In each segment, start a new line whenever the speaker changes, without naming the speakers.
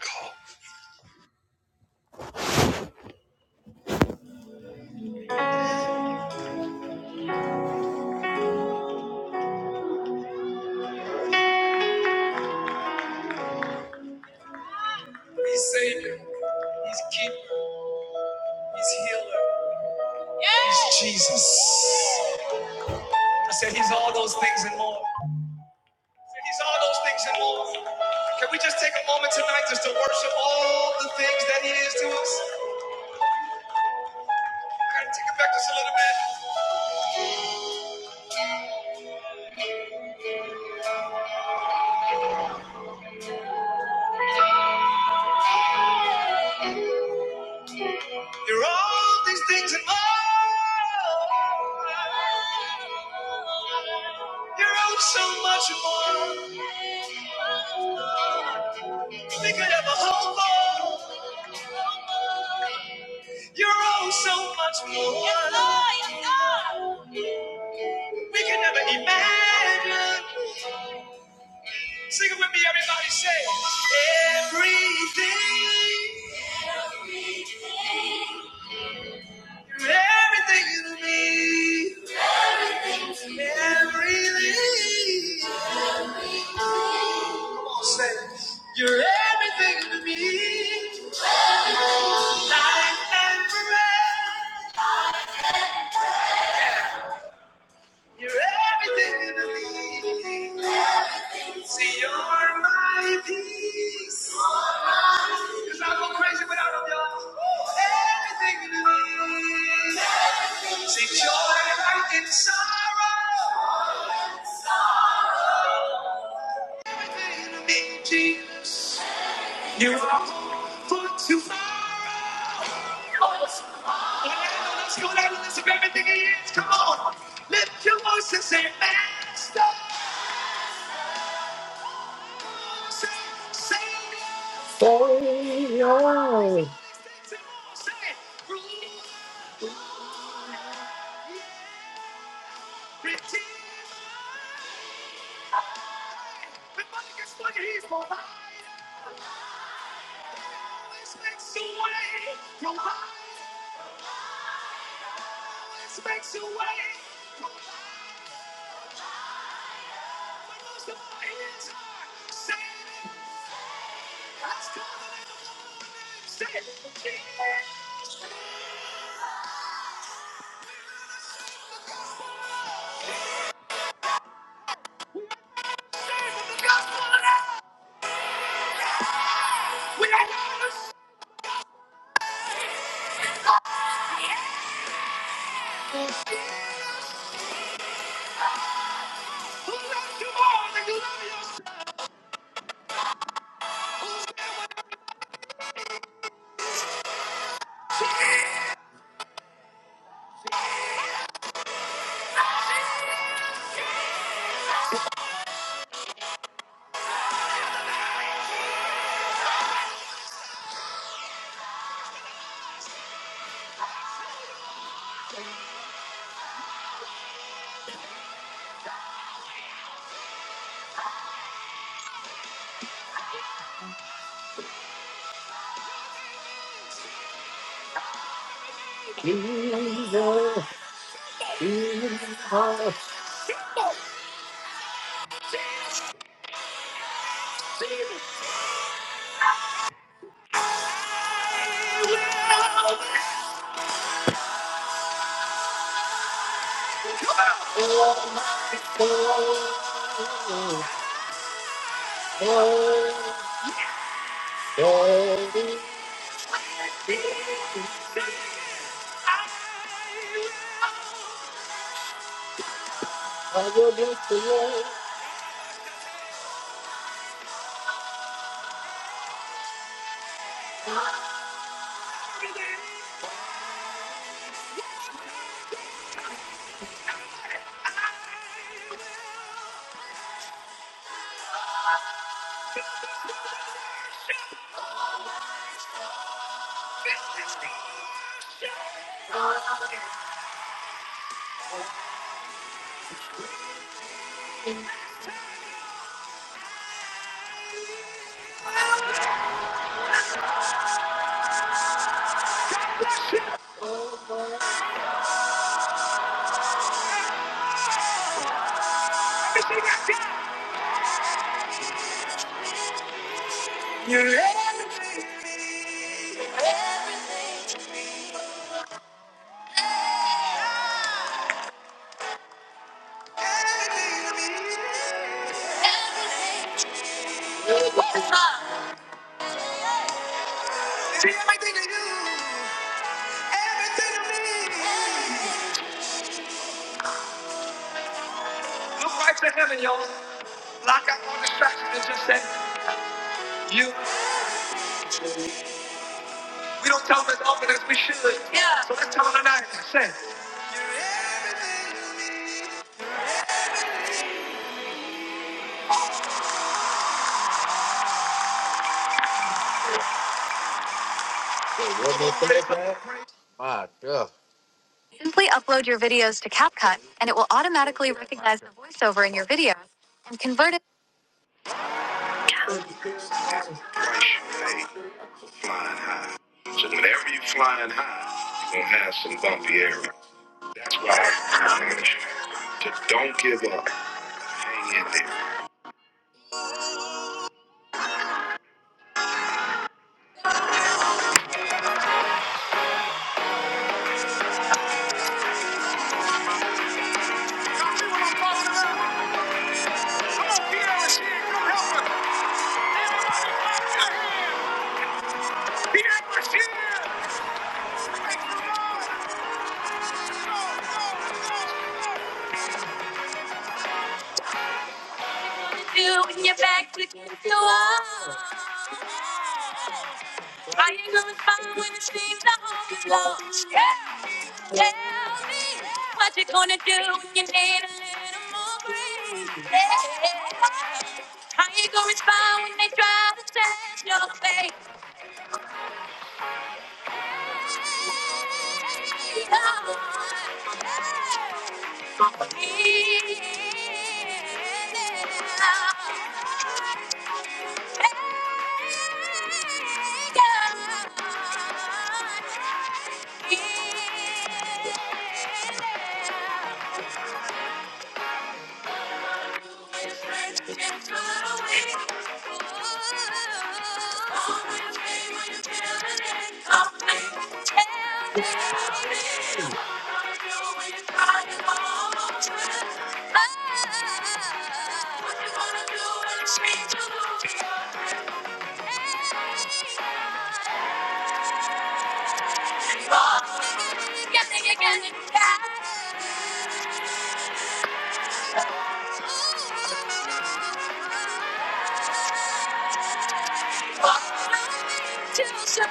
Call He's Savior. He's Keeper. He's Healer. He's Jesus. I said He's all those things and more. I said He's all those things and more. Can we just take a moment tonight just to worship all the things that He is to us? Kind of take it back just a little bit. You're all these things and more. You're all so much more. We could have a whole ball. You're all so much more. Yes, yes, We can never imagine. Sing it with me, everybody. Say everything. everything you need, everything. Come on, say, you're everything to me, life and forever. You're everything to me. See, you're my peace. Cause I go crazy without them, y'all. Everything to me. See, joy light in sorrow. Everything to me, Jesus. You are hope for tomorrow. Orlando, let's go down the list of everything he is. Come on. Lift your voice and say, Master. Say, say, Savior. Say, Ruler. Redeemer. Everybody gets funny. He's provider. Always makes a way. Provider. makes a way. When most of our hands are saving, let's call Say, it. Yeah. We are those who love you more than you love yourself. Jesus, Jesus, Oh, Jesus, Jesus. We will oh my soul, oh, baby, be I I will bless the Lord. will. You're everything to me. Everything to me. See everything to you. Everything to me. Look right to heaven, y'all. Lock out all distractions and just say, you. We don't tell them as often as we should. Yeah. So let's tell them tonight. Say. One more thing, man. My God. Simply upload your videos to CapCut, and it will automatically recognize the voiceover in your video and convert it. Hey, flying high. So whenever you flying high, you're gonna have some bumpy areas. That's why I encourage you to don't give up. Hang in there. I ain't gonna find when it seems the hope is lost. Yeah. Tell me what you gonna do when you need a little more grief. Yeah. I ain't gonna respond when they try to test your faith. Hey, Lord. Hey, now. Too soon.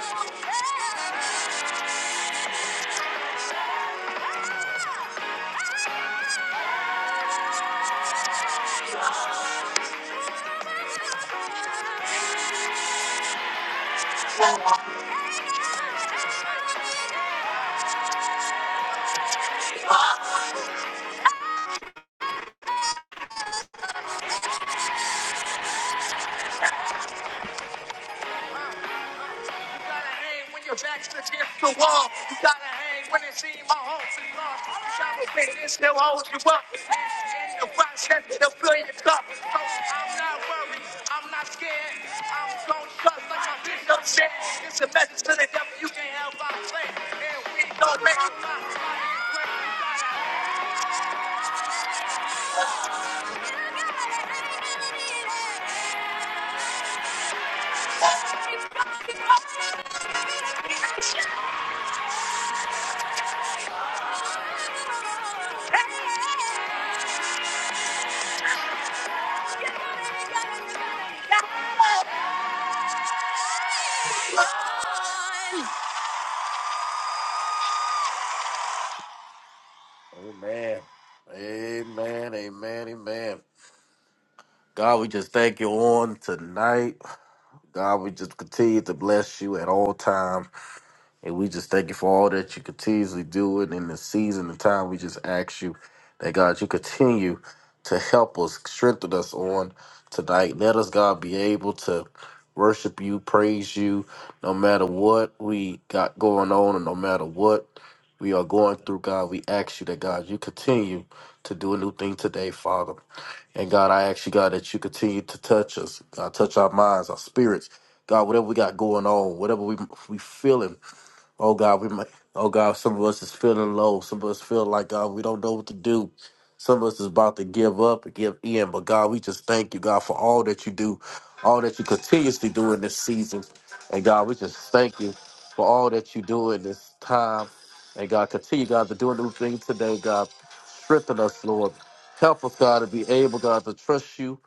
You gotta hang when your back's against the wall. You gotta hang when it seems all hope's lost. You gotta still holds you up. In the process, they'll fill your cup. So I'm not worried. I'm not scared. I'm gonna trust like my bishop said. It's a message to the devil. You can't help our play. And we don't make it. up. Amen. Amen. Amen. Amen. God, we just thank you on tonight. God, we just continue to bless you at all time. And we just thank you for all that you continuously do it in the season and time. We just ask you that God, you continue to help us, strengthen us on tonight. Let us, God, be able to worship you, praise you, no matter what we got going on and no matter what we are going through, God. We ask you that, God, you continue to do a new thing today, Father. And God, I ask you, God, that you continue to touch us, God, touch our minds, our spirits, God, whatever we got going on, whatever we we feeling. Oh God, we might. Oh God, some of us is feeling low. Some of us feel like God, we don't know what to do. Some of us is about to give up and give in. But God, we just thank you, God, for all that you do, all that you continuously do in this season. And God, we just thank you for all that you do in this time. And God, continue, God, to do a new thing today, God. Strengthen us, Lord. Help us, God, to be able, God, to trust you.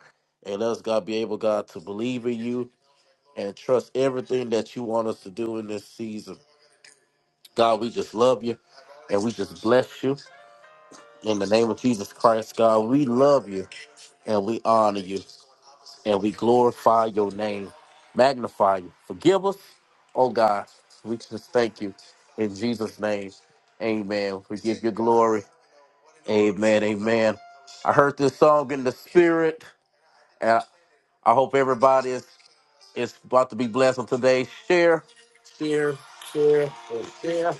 And us, God, be able, God, to believe in you and trust everything that you want us to do in this season. God, we just love you and we just bless you. In the name of Jesus Christ, God, we love you and we honor you and we glorify your name, magnify you. Forgive us, oh God. We just thank you in Jesus' name. Amen. We give you glory. Amen. Amen. I heard this song in the spirit, and I hope everybody is, is about to be blessed on today. Share, share, share, and share.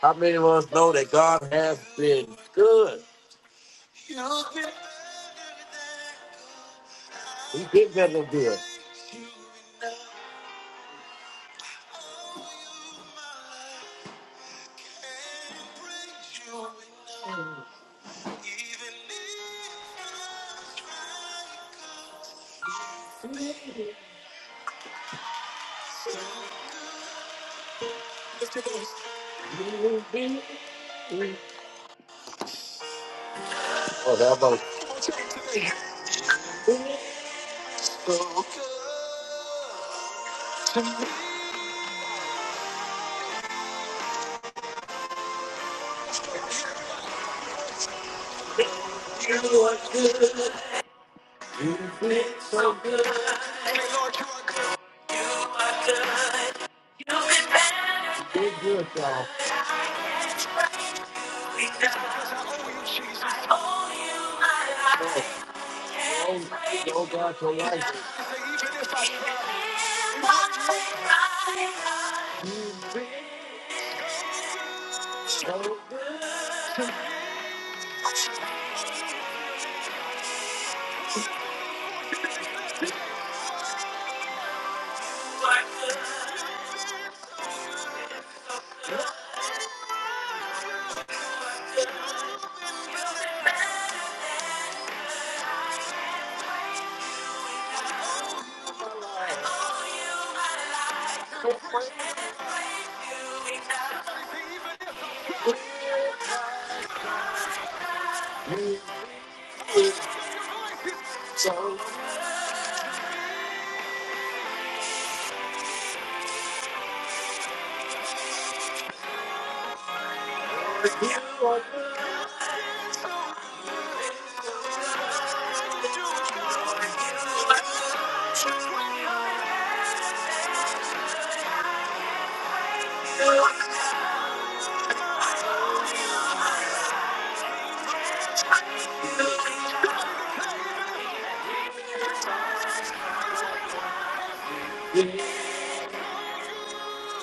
How many of us know that God has been good? He did better good. Oh, that about you did be good, y'all. Oh, oh God, your life is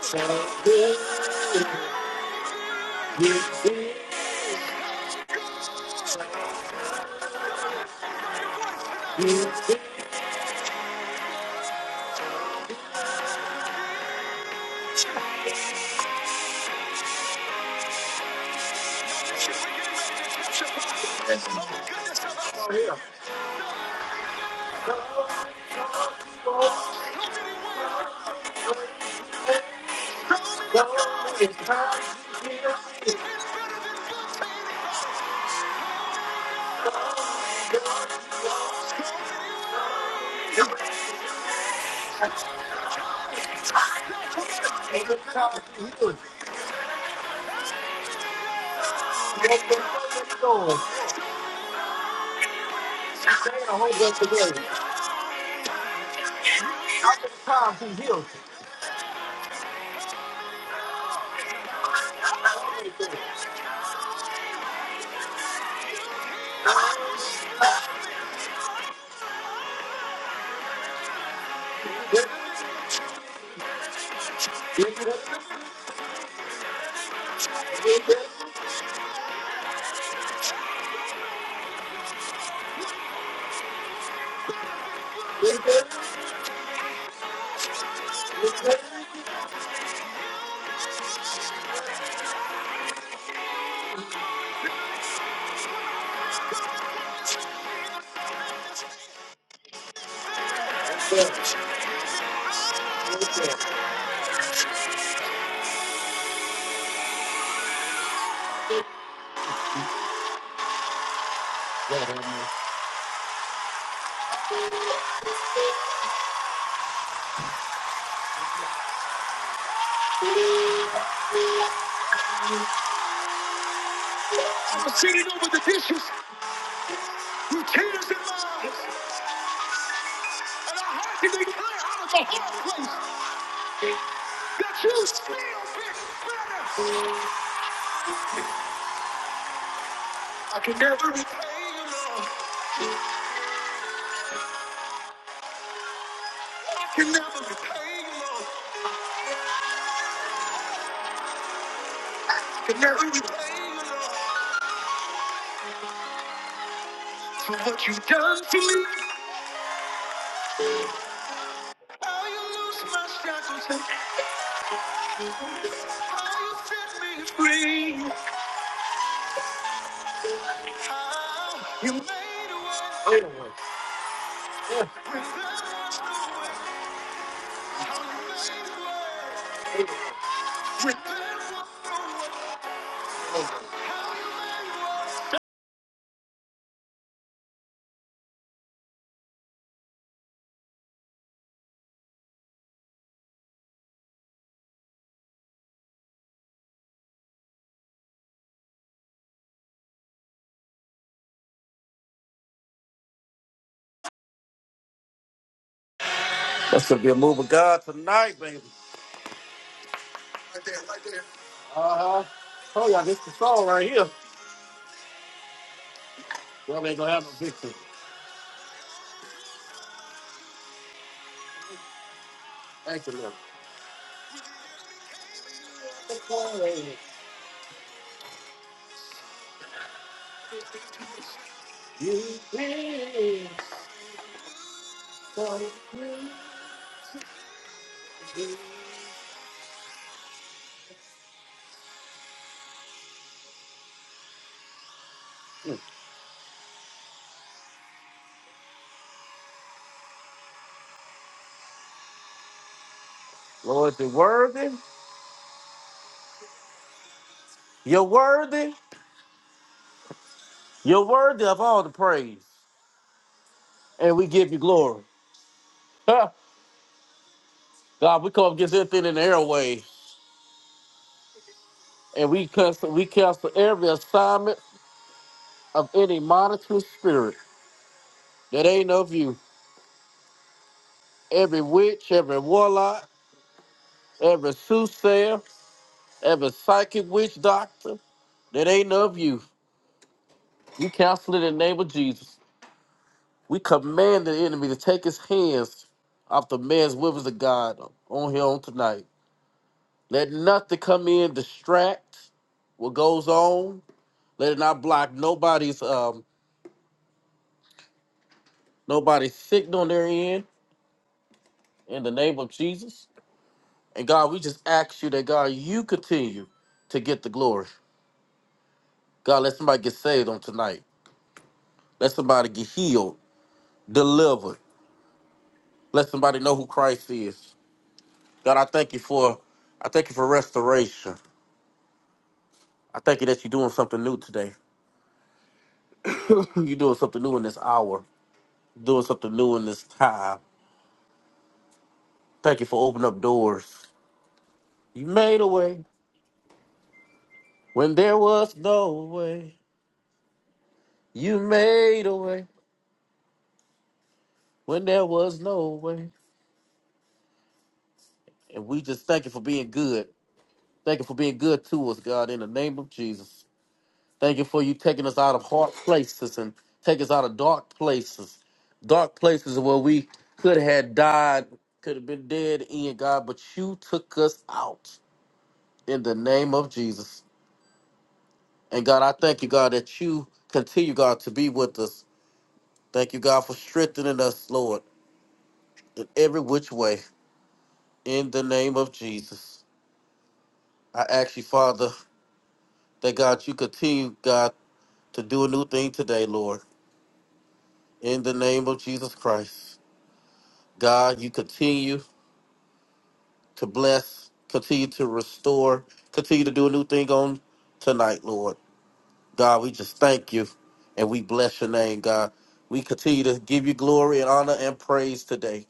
so good. You did, you did. God, it's time, it's time to heal. You open up the door. You say a whole bunch of words. It's time to heal. Get yes, yes, get yes, yes, get yes, yes. Lord have I'm sitting over the dishes with tears in my and I have to declare out of the hard place. That you still feel better. I can never repay you, love. I can never repay you, love. I can never repay you, love. For what you've done for me. How you lose my shackles and how you set me free. How you made a way. Oh, no. When there was no way. How you made a way. When there was no way. That should be a move of God tonight, baby. Uh huh. Oh, yeah, this is the song right here. Y'all ain't gonna have no victory. Thank you, Lord. Lord, you're worthy. You're worthy. You're worthy of all the praise. And we give you glory. Huh. God, we come up against everything in the airway. And we cancel, we cancel every assignment of any monitoring spirit that ain't of you. Every witch, every warlock, every soothsayer, every psychic witch doctor that ain't of you. We cancel it in the name of Jesus. We command the enemy to take his hands off the man's weapons of God on here on tonight. Let nothing come in, distract what goes on. Let it not block nobody's um nobody's signal on their end in the name of Jesus. And God, we just ask you that God, you continue to get the glory. God, let somebody get saved on tonight. Let somebody get healed, delivered. Let somebody know who Christ is. God, I thank you for I thank you for restoration. I thank you that you're doing something new today. You're doing something new in this hour, doing something new in this time. Thank you for opening up doors. You made a way when there was no way. You made a way when there was no way. And we just thank you for being good. Thank you for being good to us, God, in the name of Jesus. Thank you for you taking us out of hard places and take us out of dark places. Dark places where we could have died, could have been dead in, God, but you took us out. in the name of Jesus. And God, I thank you, God, that you continue, God, to be with us. Thank you, God, for strengthening us, Lord, in every which way. In the name of Jesus. I ask you, Father, that God, you continue, God, to do a new thing today, Lord. In the name of Jesus Christ. God, you continue to bless, continue to restore, continue to do a new thing on tonight, Lord. God, we just thank you and we bless your name, God. We continue to give you glory and honor and praise today.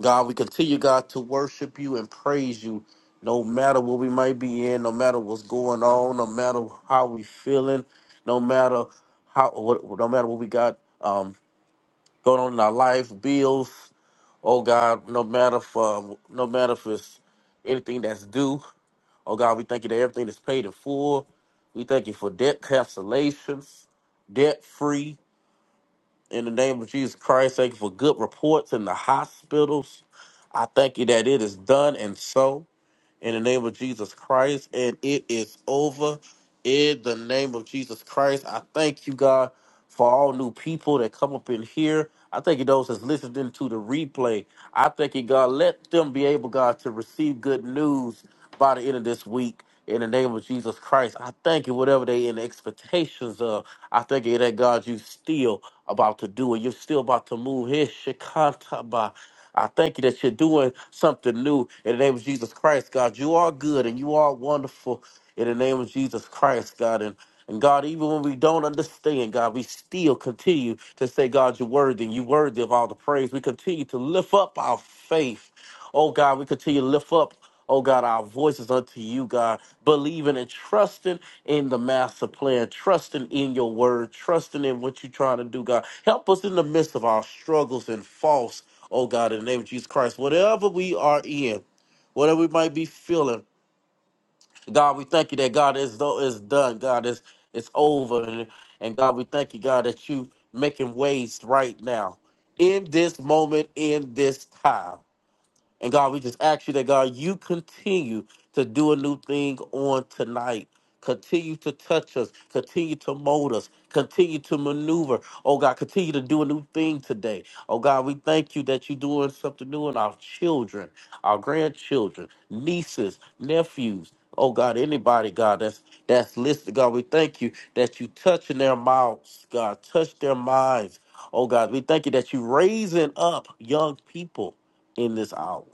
God, we continue, God, to worship you and praise you no matter what we might be in, no matter what's going on, no matter how we feeling, no matter how what no matter what we got um going on in our life, bills, oh God, no matter for no matter if it's anything that's due. Oh God, we thank you that everything is paid in full. We thank you for debt cancellations, debt free. In the name of Jesus Christ, thank you for good reports in the hospitals. I thank you that it is done and so in the name of Jesus Christ, and it is over in the name of Jesus Christ. I thank you, God, for all new people that come up in here. I thank you, those that's listening to the replay. I thank you, God, let them be able, God, to receive good news by the end of this week in the name of Jesus Christ. I thank you, whatever they in expectations of. I thank you that God, you still about to do it. You're still about to move here, Shikantaba. I thank you that you're doing something new in the name of Jesus Christ, God. You are good and you are wonderful in the name of Jesus Christ, God. And and God, even when we don't understand, God, we still continue to say, God, you're worthy. You're worthy of all the praise. We continue to lift up our faith. Oh, God, we continue to lift up. Oh God, our voices unto you, God, believing and trusting in the master plan, trusting in your word, trusting in what you're trying to do, God. Help us in the midst of our struggles and faults, oh God, in the name of Jesus Christ. Whatever we are in, whatever we might be feeling, God, we thank you that God is though is done, God, is it's over. And, and God, we thank you, God, that you making ways right now. In this moment, in this time. And God, we just ask you that, God, you continue to do a new thing on tonight. Continue to touch us. Continue to mold us. Continue to maneuver. Oh, God, continue to do a new thing today. Oh, God, we thank you that you're doing something new in our children, our grandchildren, nieces, nephews. Oh, God, anybody, God, that's that's listed. God, we thank you that you touching their mouths, God, touch their minds. Oh, God, we thank you that you raising up young people in this hour.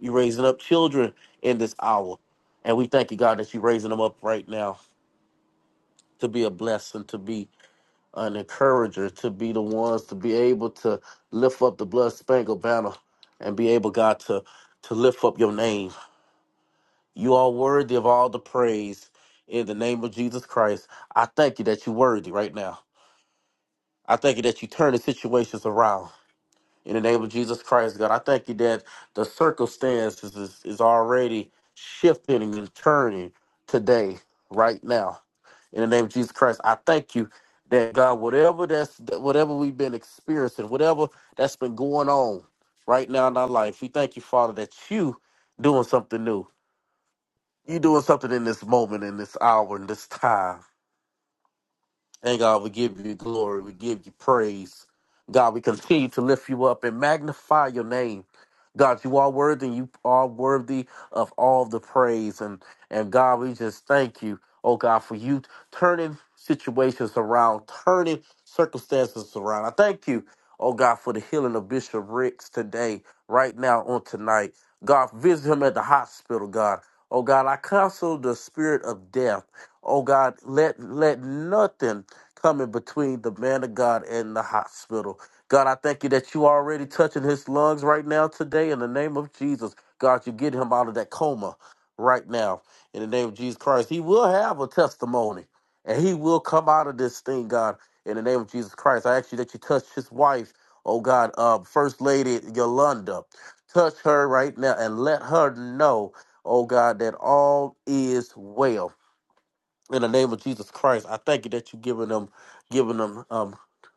You're raising up children in this hour. And we thank you, God, that you're raising them up right now to be a blessing, to be an encourager, to be the ones to be able to lift up the blood spangled banner and be able, God, to, to lift up your name. You are worthy of all the praise in the name of Jesus Christ. I thank you that you're worthy right now. I thank you that you turn the situations around. In the name of Jesus Christ, God, I thank you that the circumstances is, is already shifting and turning today, right now. In the name of Jesus Christ, I thank you that God, whatever that's that whatever we've been experiencing, whatever that's been going on right now in our life, we thank you, Father, that you doing something new. You doing something in this moment, in this hour, in this time. And God, we give you glory. We give you praise. God, we continue to lift you up and magnify your name. God, you are worthy. You are worthy of all the praise. And and God, we just thank you, oh God, for you turning situations around, turning circumstances around. I thank you, oh God, for the healing of Bishop Ricks today, right now, on tonight. God, visit him at the hospital, God. Oh God, I counsel the spirit of death. Oh God, let let nothing coming between the man of God and the hospital. God, I thank you that you are already touching his lungs right now today in the name of Jesus. God, you get him out of that coma right now in the name of Jesus Christ. He will have a testimony and he will come out of this thing, God, in the name of Jesus Christ. I ask you that you touch his wife, oh God, uh, First Lady Yolanda. Touch her right now and let her know, oh God, that all is well in the name of Jesus Christ, I thank you that you're giving them, giving them um,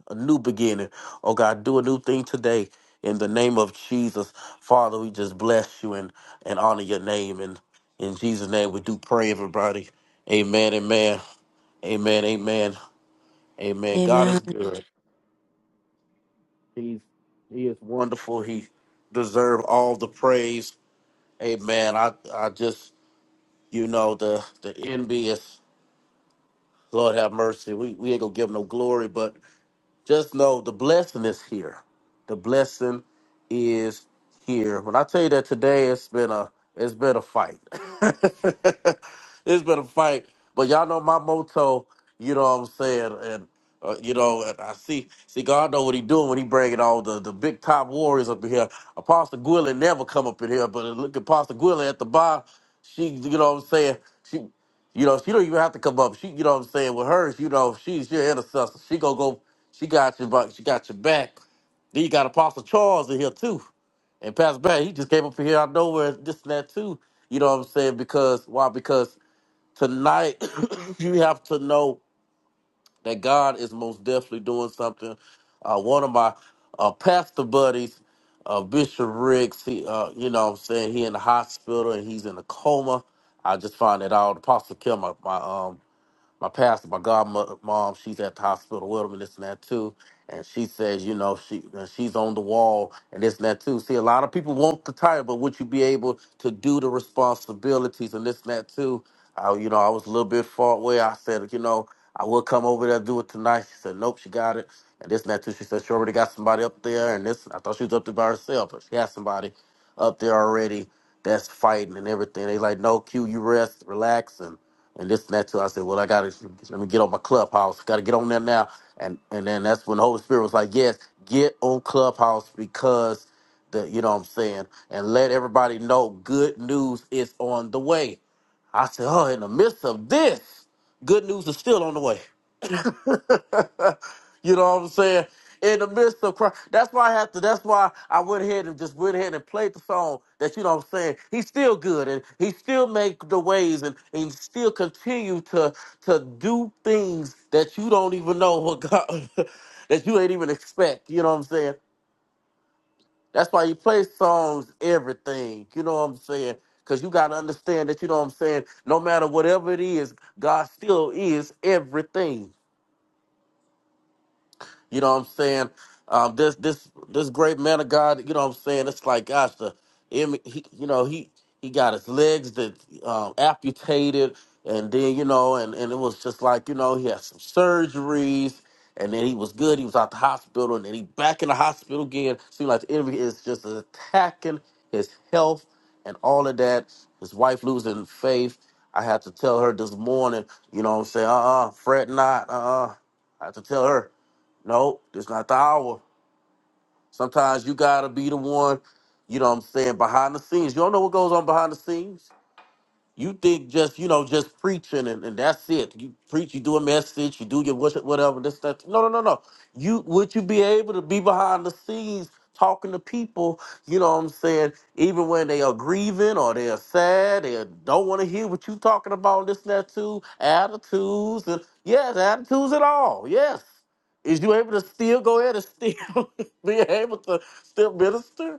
a new beginning. Oh God, do a new thing today in the name of Jesus, Father. We just bless you and and honor your name, and in Jesus' name we do pray, everybody. Amen, amen, amen, amen, amen. God
Amen.
is good. He's he is wonderful. He deserves all the praise. Amen. I I just you know the the envious. Lord have mercy. We we ain't gonna give him no glory, but Just know the blessing is here. The blessing is here. When I tell you that today, it's been a it's been a fight. it's been a fight, but y'all know my motto. You know what I'm saying, and uh, you know, and I see see God know what he doing when he bringing all the the big top warriors up in here. Apostle Gwilyn never come up in here, but look at Apostle Gwilyn at the bar. She, you know what I'm saying, she. You know, she don't even have to come up. She, you know what I'm saying, with hers, you know, she's your intercessor. She gonna go, she got your back, she got your back. Then you got Apostle Charles in here too. And Pastor Barry, he just came up here out of nowhere, this and that too. You know what I'm saying? Because why? Because tonight you have to know that God is most definitely doing something. Uh, one of my uh, pastor buddies, uh, Bishop Riggs, he, uh, you know what I'm saying, he in the hospital and he's in a coma. I just found that out. Apostle Kim, my, my um my pastor, my godmother, mom, she's at the hospital with him and this and that too. And she says, you know, she and she's on the wall and this and that too. See, a lot of people want the title, but would you be able to do the responsibilities and this and that too? I, you know, I was a little bit far away. I said, you know, I will come over there and do it tonight. She said, nope, she got it. And this and that too. She said she already got somebody up there, and this. I thought she was up there by herself, but she had somebody up there already that's fighting and everything. They like, no, Q, you rest, relax, and and this and that too. I said, well, I gotta let me get on my clubhouse. Gotta get on there now. And and then that's when the Holy Spirit was like, yes, get on clubhouse because the you know what I'm saying, and let everybody know good news is on the way. I said, oh, in the midst of this, good news is still on the way. you know what I'm saying? In the midst of crying. That's why I have to that's why I went ahead and just went ahead and played the song that you know what I'm saying. He's still good and he still make the ways and, and still continue to to do things that you don't even know what God that you ain't even expect. You know what I'm saying? That's why you play songs, everything. You know what I'm saying? Cause you gotta understand that you know what I'm saying. No matter whatever it is, God still is everything. You know what I'm saying? Um, this this this great man of God. You know what I'm saying? It's like gosh, the im- he, you know he he got his legs that um, amputated, and then you know, and and it was just like you know he had some surgeries. And then he was good. He was out the hospital, and then he back in the hospital again. Seemed like the enemy is just attacking his health and all of that. His wife losing faith. I had to tell her this morning, you know what I'm saying? Uh uh fret not. Uh uh I had to tell her. No, it's not the hour. Sometimes you gotta be the one, you know what I'm saying, behind the scenes. You don't know what goes on behind the scenes. You think just you know just preaching and, and that's it. You preach, you do a message, you do your worship, whatever. This that. No, no, no, no. You would you be able to be behind the scenes talking to people? You know what I'm saying? Even when they are grieving or they are sad, they don't want to hear what you talking about. This that too. Attitudes and yes, attitudes at all. Yes, is you able to still go ahead and still be able to still minister?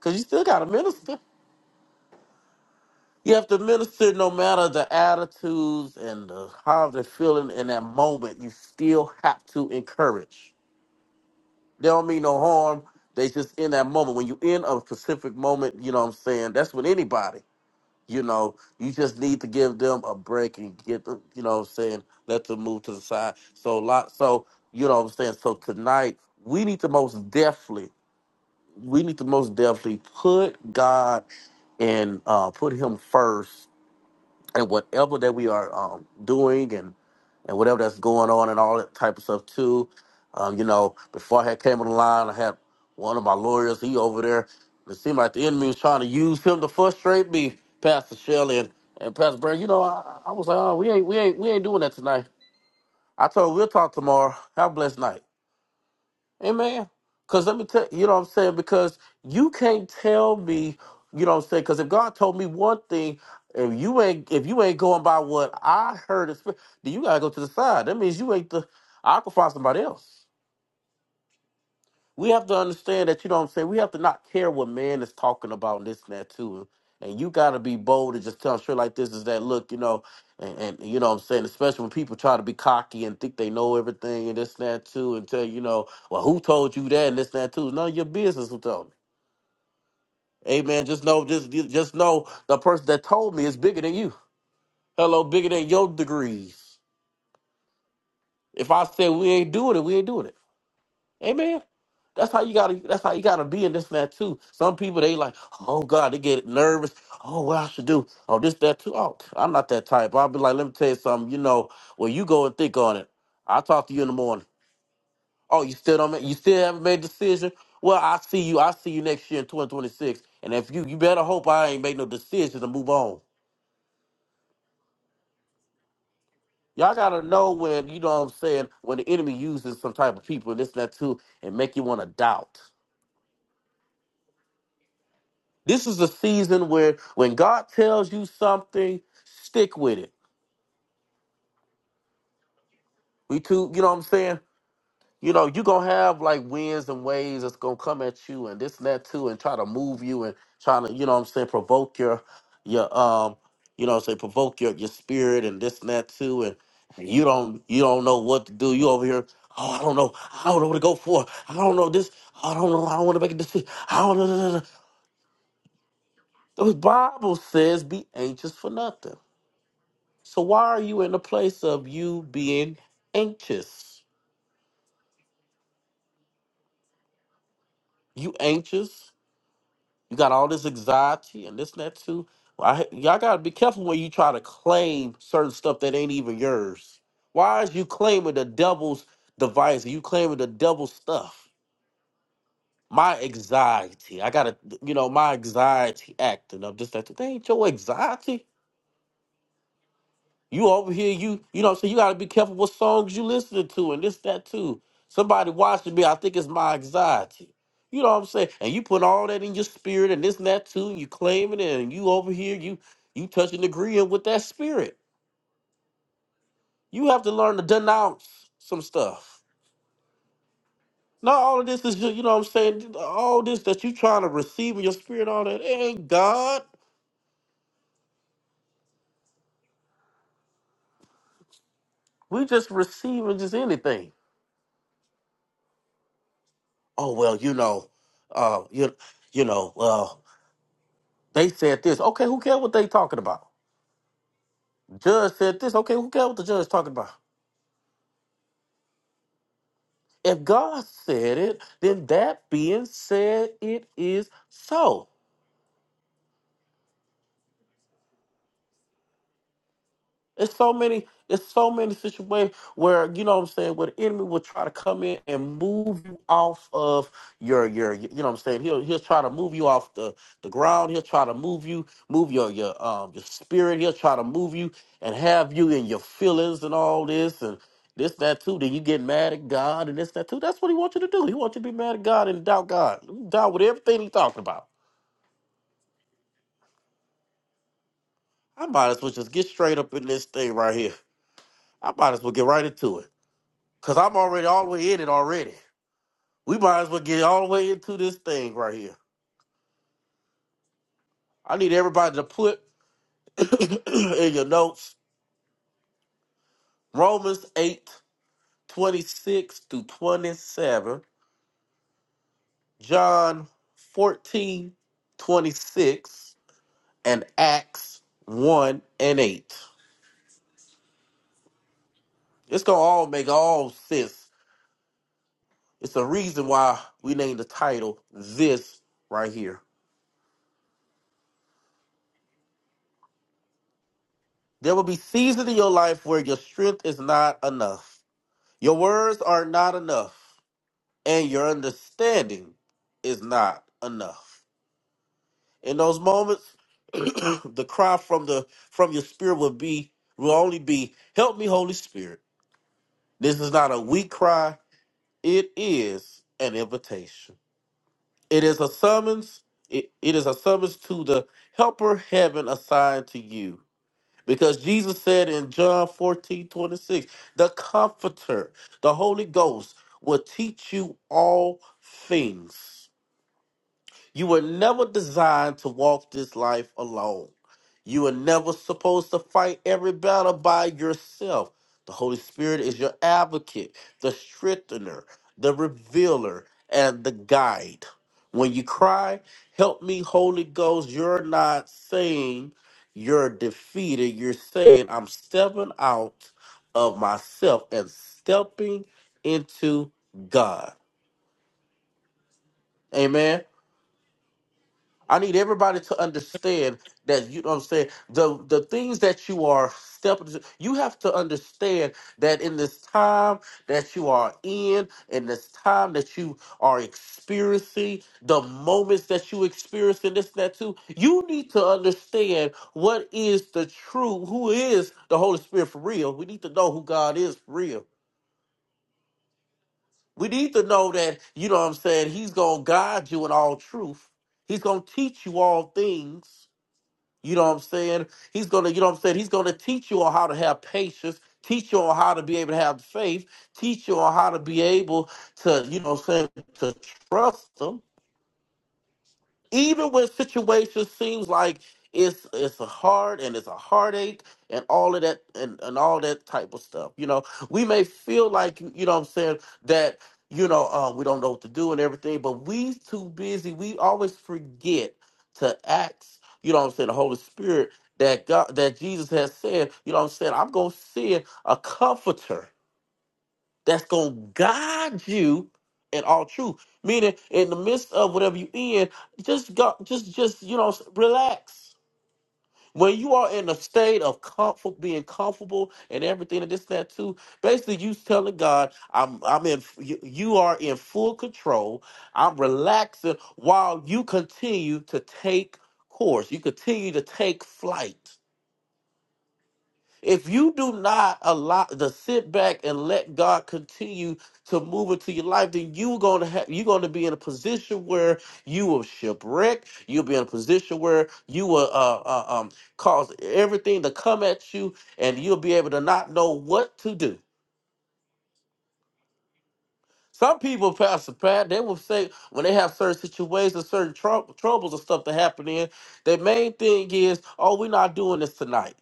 Cause you still got to minister. You have to minister no matter the attitudes and the, how they're feeling in that moment. You still have to encourage. They don't mean no harm. They just in that moment. When you in a specific moment, you know what I'm saying? That's with anybody. You know, you just need to give them a break and get them, you know what I'm saying? Let them move to the side. So, lot, so you know what I'm saying? So tonight, we need to most definitely, we need to most definitely put God and uh, put him first and whatever that we are um, doing and and whatever that's going on and all that type of stuff too. Um, you know, before I had came on the line, I had one of my lawyers. He over there. It seemed like the enemy was trying to use him to frustrate me, Pastor Shelley and, and Pastor Brand. You know, I, I was like, oh, we ain't we ain't we ain't doing that tonight. I told him we'll talk tomorrow. Have a blessed night. Amen. Because let me tell you, know what I'm saying? Because you can't tell me, you know what I'm saying? Because if God told me one thing, if you ain't if you ain't going by what I heard, it's- then you gotta go to the side. That means you ain't the I can find somebody else we have to understand that you know what I'm saying. We have to not care what man is talking about and this and that too. And you gotta be bold and just tell them shit like this is that look, you know, and, and you know what I'm saying, especially when people try to be cocky and think they know everything and this and that too, and tell you you know, well, who told you that and this and that too? It's none of your business who told me. Hey man, just know just just know the person that told me is bigger than you. Hello, bigger than your degrees. If I said we ain't doing it, we ain't doing it. Amen. That's how you gotta. That's how you gotta be in this and that too. Some people they like, oh God, they get nervous. Oh, what I should do? Oh, this that too. Oh, I'm not that type. I'll be like, let me tell you something. You know, well, you go and think on it. I'll talk to you in the morning. Oh, you still don't. Make, you still haven't made a decision. Well, I see you. I see you next year in 2026. And if you, you better hope I ain't made no decisions to move on. Y'all gotta know when you know what I'm saying. When the enemy uses some type of people, this and that too, and make you want to doubt. This is a season where when God tells you something, stick with it. We too, you know what I'm saying? You know, you're gonna have like winds and waves that's gonna come at you and this and that too, and try to move you and trying to, you know what I'm saying, provoke your your um, you know what I'm saying, provoke your your spirit and this and that too, and you don't you don't know what to do. You over here, oh I don't know, I don't know what to go for. I don't know this, I don't know, I don't wanna make a decision. I don't know. no, no, no, no. The Bible says be anxious for nothing. So why are you in a place of you being anxious? You anxious? You got all this anxiety and this and that too. Well, I, y'all gotta be careful when you try to claim certain stuff that ain't even yours. Why is you claiming the devil's device? You claiming the devil's stuff? My anxiety. I gotta, you know, my anxiety acting up. This that. That ain't your anxiety. You over here, you you know what I'm saying? You gotta be careful what songs you listening to and this, that too. Somebody watching me, I think it's my anxiety. You know what I'm saying? And you put all that in your spirit and this and that too, and you claiming it, and you over here, you you touching agreeing with that spirit. You have to learn to denounce some stuff. Not all of this is just, you know what I'm saying, all this that you trying to receive in your spirit, all that it ain't God. We just receiving just anything. Oh well, you know, uh, you you know, well. They said this. Okay, who cares what they talking about? Judge said this. Okay, who cares what the judge talking about? If God said it, then that being said, it is so. It's so many, it's so many situations where, you know what I'm saying, where the enemy will try to come in and move you off of your your you know what I'm saying? He'll he'll try to move you off the, the ground, he'll try to move you, move your your um your spirit, he'll try to move you and have you in your feelings and all this and this, that too. Then you get mad at God and this, that too. That's what he wants you to do. He wants you to be mad at God and doubt God. Doubt with everything he's talking about. I might as well just get straight up in this thing right here. I might as well get right into it. Cause I'm already all the way in it already. We might as well get all the way into this thing right here. I need everybody to put in your notes Romans eight twenty six through 27, John 14 26, and Acts 1 and 8. It's gonna all make all sense. It's the reason why we named the title this right here. There will be seasons in your life where your strength is not enough. Your words are not enough, and your understanding is not enough. In those moments, the cry from the from your spirit will be will only be, "Help me, Holy Spirit." This is not a weak cry; it is an invitation. It is a summons. It, it is a summons to the helper heaven assigned to you Because Jesus said in John 14 26, the Comforter, the Holy Ghost, will teach you all things you were never designed to walk this life alone. You were never supposed to fight every battle by yourself. The Holy Spirit is your advocate, the strengthener, the revealer, and the guide. When you cry, Help me, Holy Ghost, you're not saying you're defeated. You're saying, I'm stepping out of myself and stepping into God. Amen. I need everybody to understand that you know what I'm saying the the things that you are stepping into- you have to understand that in this time that you are in, in this time that you are experiencing, the moments that you experience in this and that too, you need to understand what is the true, who is the Holy Spirit for real. We need to know who God is for real. We need to know that, you know what I'm saying, He's gonna guide you in all truth. He's gonna teach you all things. You know what I'm saying? He's gonna, you know what I'm saying? He's gonna teach you on how to have patience, teach you on how to be able to have faith, teach you on how to be able to, you know what I'm saying, to trust him even when situations seems like it's it's a hard and it's a heartache and all of that and, and all that type of stuff you know we may feel like you know what i'm saying that you know uh, we don't know what to do and everything but we too busy we always forget to ask you know what i'm saying the holy spirit that god that jesus has said you know what i'm saying i'm gonna send a comforter that's gonna guide you in all truth. Meaning, in the midst of whatever you in, just go, just, just you know, relax. When you are in a state of comfort, being comfortable, and everything, and this, that, too, basically, you telling God, "I'm, I'm in. You you are in full control. I'm relaxing while you continue to take course. You continue to take flight." If you do not allow to sit back and let God continue to move into your life, then you're gonna have you're gonna be in a position where you will shipwreck. You'll be in a position where you will uh, uh, um, cause everything to come at you, and you'll be able to not know what to do. Some people, Pastor Pat, they will say when they have certain situations, certain trou- troubles and stuff that happen in, their main thing is, oh, we're not doing this tonight.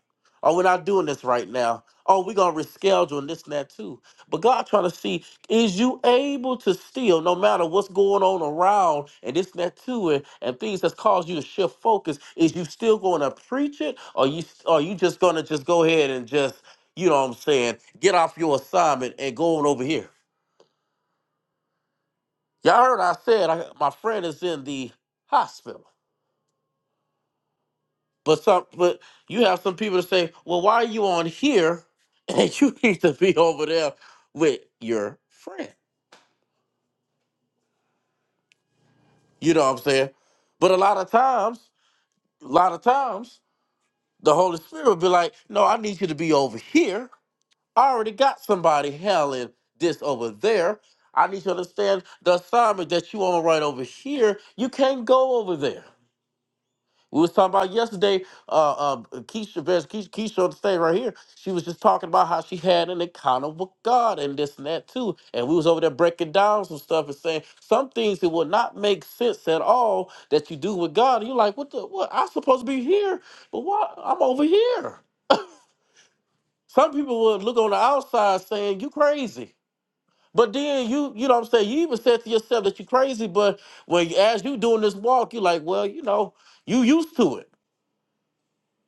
Oh, we're not doing this right now. Oh, we're going to reschedule and this and that too. But God trying to see, is you able to still, no matter what's going on around and this and that too, and, and things that's caused you to shift focus, is you still going to preach it or you, or you just going to just go ahead and just, you know what I'm saying, get off your assignment and go on over here? Y'all heard I said I, my friend is in the hospital. But some, but you have some people to say, well, why are you on here and you need to be over there with your friend? You know what I'm saying? But a lot of times, a lot of times, the Holy Spirit will be like, no, I need you to be over here. I already got somebody helling this over there. I need you to understand the assignment that you on right over here. You can't go over there. We was talking about yesterday, uh, uh, Keisha, Vez, Keisha, Keisha on the stage right here. She was just talking about how she had an encounter with God and this and that too. And we was over there breaking down some stuff and saying some things that would not make sense at all that you do with God. And you're like, what the, what, I'm supposed to be here, but why, I'm over here. Some people would look on the outside saying, you crazy. But then you, you know what I'm saying, you even said to yourself that you crazy, but when as you doing this walk, you're like, well, you know, you used to it.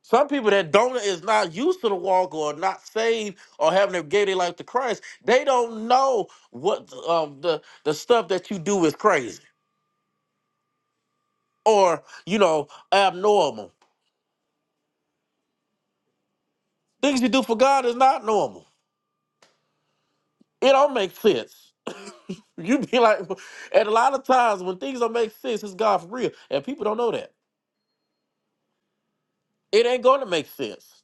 Some people that don't is not used to the walk or not saved or having to gave their life to Christ, they don't know what um, the the stuff that you do is crazy or you know abnormal. Things you do for God is not normal. It don't make sense. You be like, and a lot of times when things don't make sense, it's God for real, and people don't know that it ain't going to make sense.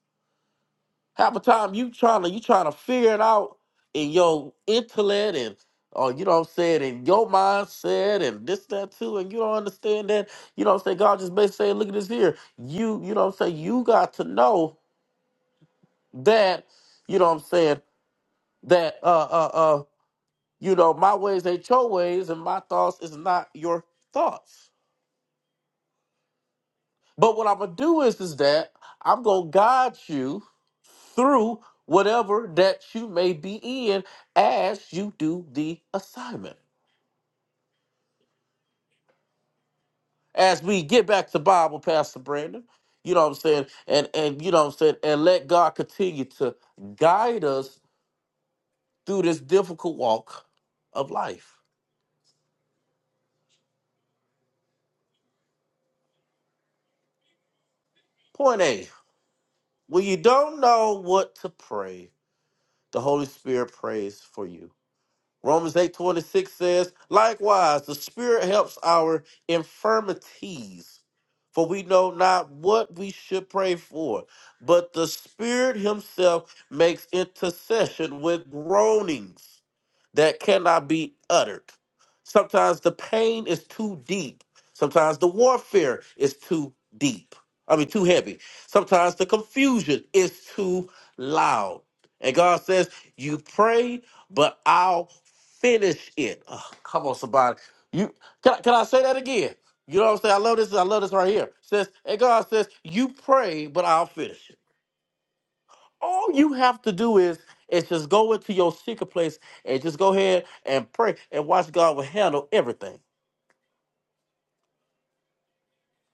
Half the time you trying to you trying to figure it out in your intellect and or you know what I'm saying, in your mindset and this, that too, and you don't understand that, you know what I'm saying? God just basically saying, look at this here. You you know what I'm saying, you got to know that, you know what I'm saying, that uh uh uh, you know, my ways ain't your ways and my thoughts is not your thoughts. But what I'm gonna do is is that I'm gonna guide you through whatever that you may be in as you do the assignment. As we get back to Bible, Pastor Brandon, you know what I'm saying, and and you know what I'm saying, and let God continue to guide us through this difficult walk of life. Point A: When you don't know what to pray, the Holy Spirit prays for you. Romans eight twenty six says, Likewise, the Spirit helps our infirmities, for we know not what we should pray for, but the Spirit Himself makes intercession with groanings that cannot be uttered. Sometimes the pain is too deep. Sometimes the warfare is too deep. I mean, too heavy. Sometimes the confusion is too loud. And God says, You pray, but I'll finish it. Ugh, come on, somebody. You can, I- can I say that again? You know what I'm saying? I love this. I love this right here. Says, and God says, You pray, but I'll finish it all you have to do is is just go into your secret place and just go ahead and pray and watch God will handle everything.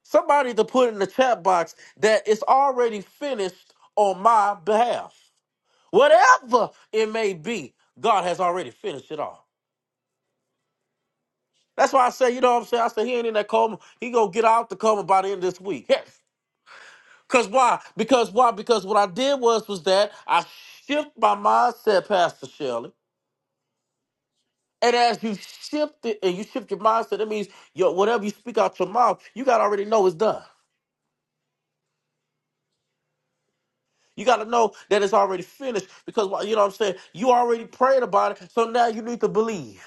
Somebody to put in the chat box that it's already finished on my behalf. Whatever it may be, God has already finished it all. That's why I say, you know what I'm saying? I say he ain't in that coma. He gonna get out the coma by the end of this week. Yes. Cause why? Because why? Because what I did was was that I shift my mindset, Pastor Shelley. And as you shift it and you shift your mindset, that means your whatever you speak out your mouth, you gotta already know it's done. You gotta know that it's already finished because why- you know what I'm saying. You already prayed about it, so now you need to believe.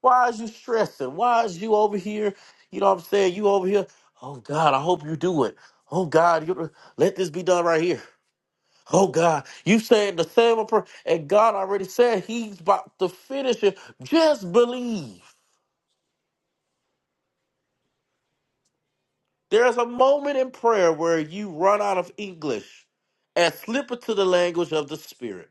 Why is you stressing? Why is you over here? You know what I'm saying. You over here. Oh God, I hope you do it. Oh God, you let this be done right here. Oh God, you saying the same prayer, and God already said He's about to finish it. Just believe. There's a moment in prayer where you run out of English and slip into the language of the Spirit.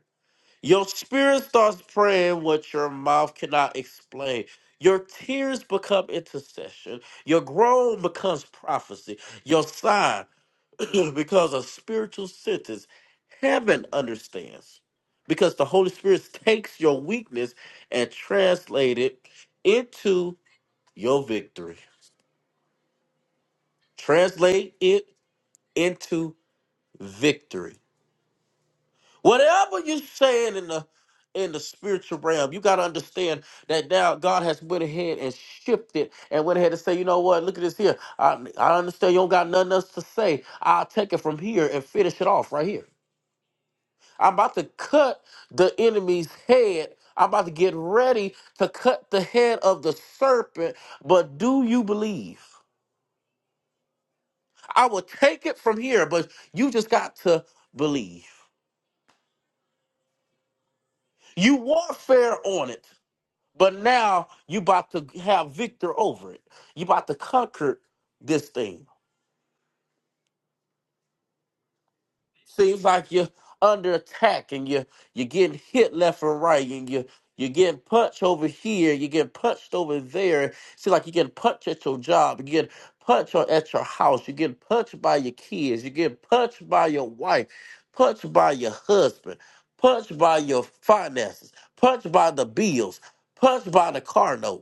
Your spirit starts praying what your mouth cannot explain. Your tears become intercession. Your groan becomes prophecy. Your sigh becomes a spiritual sentence. Heaven understands because the Holy Spirit takes your weakness and translate it into your victory. Translate it into victory. Whatever you're saying in the in the spiritual realm, you gotta understand that now God has went ahead and shifted and went ahead and say, you know what, look at this here. I I understand you don't got nothing else to say. I'll take it from here and finish it off right here. I'm about to cut the enemy's head. I'm about to get ready to cut the head of the serpent, but do you believe? I will take it from here, but you just got to believe. You warfare on it. But now you about to have victor over it. You about to conquer this thing. Seems like you're under attack and you you're getting hit left and right and you you're getting punched over here, you're getting punched over there. Seems like you're getting punched at your job, you're getting punched on- at your house, you're getting punched by your kids, you're getting punched by your wife, punched by your husband, punched by your finances, punched by the bills, punched by the car note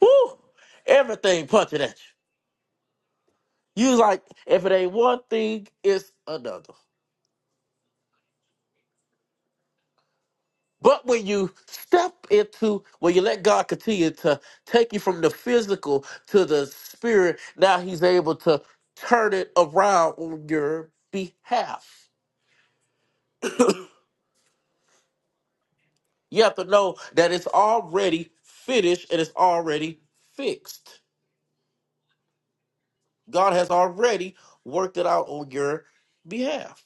Woo! Everything punching at you. You like, if it ain't one thing, it's another. But when you step into, when you let God continue to take you from the physical to the spirit, now He's able to turn it around on your behalf. You have to know that it's already finished and it's already fixed. God has already worked it out on your behalf.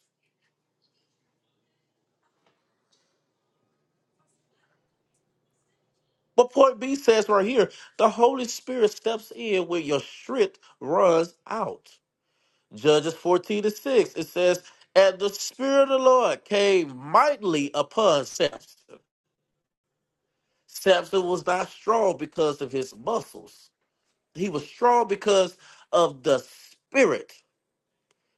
But point B says right here, the Holy Spirit steps in when your strength runs out. Judges 14 to 6, it says, And the Spirit of the Lord came mightily upon Samson. Samson was not strong because of his muscles, he was strong because of the Spirit.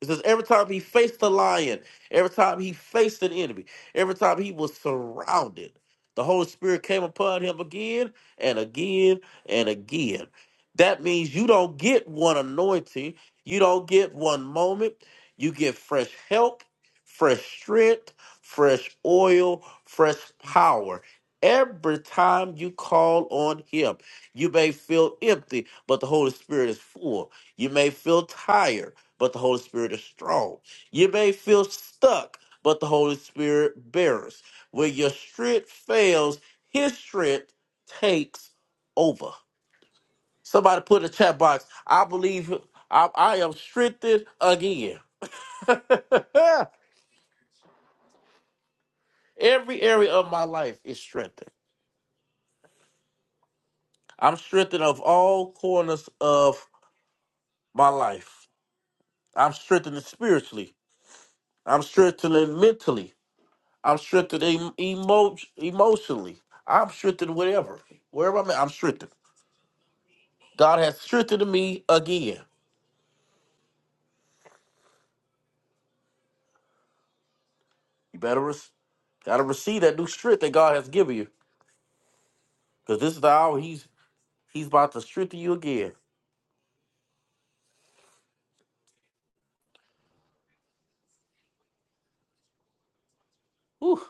It says every time he faced a lion, every time he faced an enemy, every time he was surrounded, the Holy Spirit came upon him again and again and again. That means you don't get one anointing, you don't get one moment. You get fresh help, fresh strength, fresh oil, fresh power. Every time you call on him, you may feel empty, but the Holy Spirit is full. You may feel tired, but the Holy Spirit is strong. You may feel stuck, but the Holy Spirit bears. When your strength fails, His strength takes over. Somebody put in the chat box. I believe I, I am strengthened again. Every area of my life is strengthened. I'm strengthened of all corners of my life. I'm strengthened spiritually. I'm strengthened mentally. I'm strengthened em- emo- emotionally. I'm strengthened whatever. Wherever I'm at, I'm strengthened. God has strengthened me again. You better re- gotta receive that new strength that God has given you. Because this is the hour He's He's about to strengthen you again. Whew.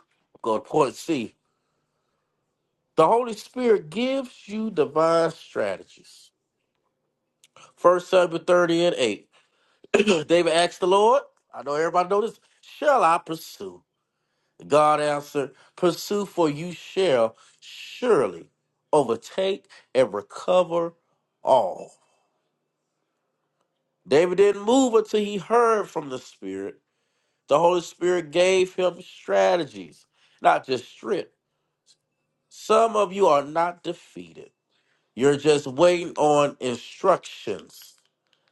Go to point C. The Holy Spirit gives you divine strategies. First Samuel 30 and 8. David asked the Lord, I know everybody know this, shall I pursue? God answered, Pursue, for you shall surely overtake and recover all. David didn't move until he heard from the Spirit. The Holy Spirit gave him strategies, not just strength. Some of you are not defeated. You're just waiting on instructions.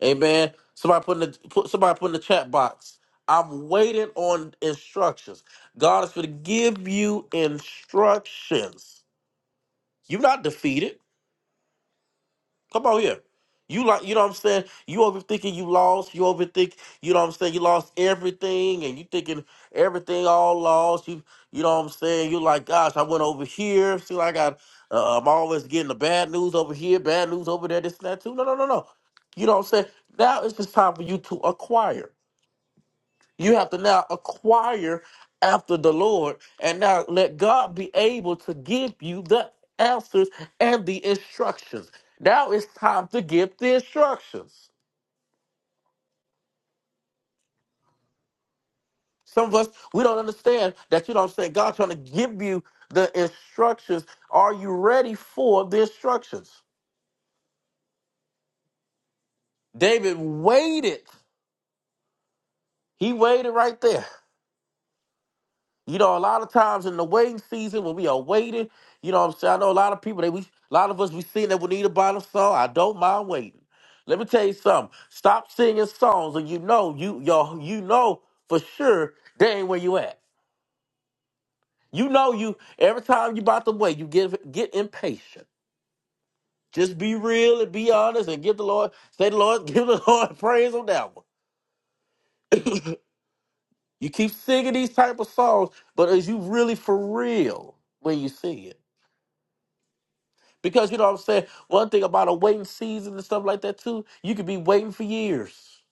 Amen. Somebody put in the put somebody put in the chat box. I'm waiting on instructions. God is going to give you instructions. You're not defeated. Come on here. You like you know what I'm saying? You overthinking you lost. You overthink you know what I'm saying, you lost everything and you thinking everything all lost. You you know what I'm saying? You like, gosh, I went over here. See like I got uh, I'm always getting the bad news over here, bad news over there, this and that too. No, no, no, no. You know what I'm saying? Now it's just time for you to acquire. You have to now acquire after the Lord and now let God be able to give you the answers and the instructions. Now it's time to give the instructions. Some of us, we don't understand that you don't say God's trying to give you the instructions. Are you ready for the instructions? David waited. He waited right there. You know, a lot of times in the waiting season when we are waiting, you know what I'm saying? I know a lot of people, they we a lot of us we sing that we need a bottle song. I don't mind waiting. Let me tell you something. Stop singing songs and you know you you you know for sure they ain't where you at. You know you every time you about to wait, you get get impatient. Just be real and be honest and give the Lord, say the Lord, give the Lord praise on that one. You keep singing these type of songs, but is you really for real when you sing it? Because you know what I'm saying? One thing about a waiting season and stuff like that too, you could be waiting for years.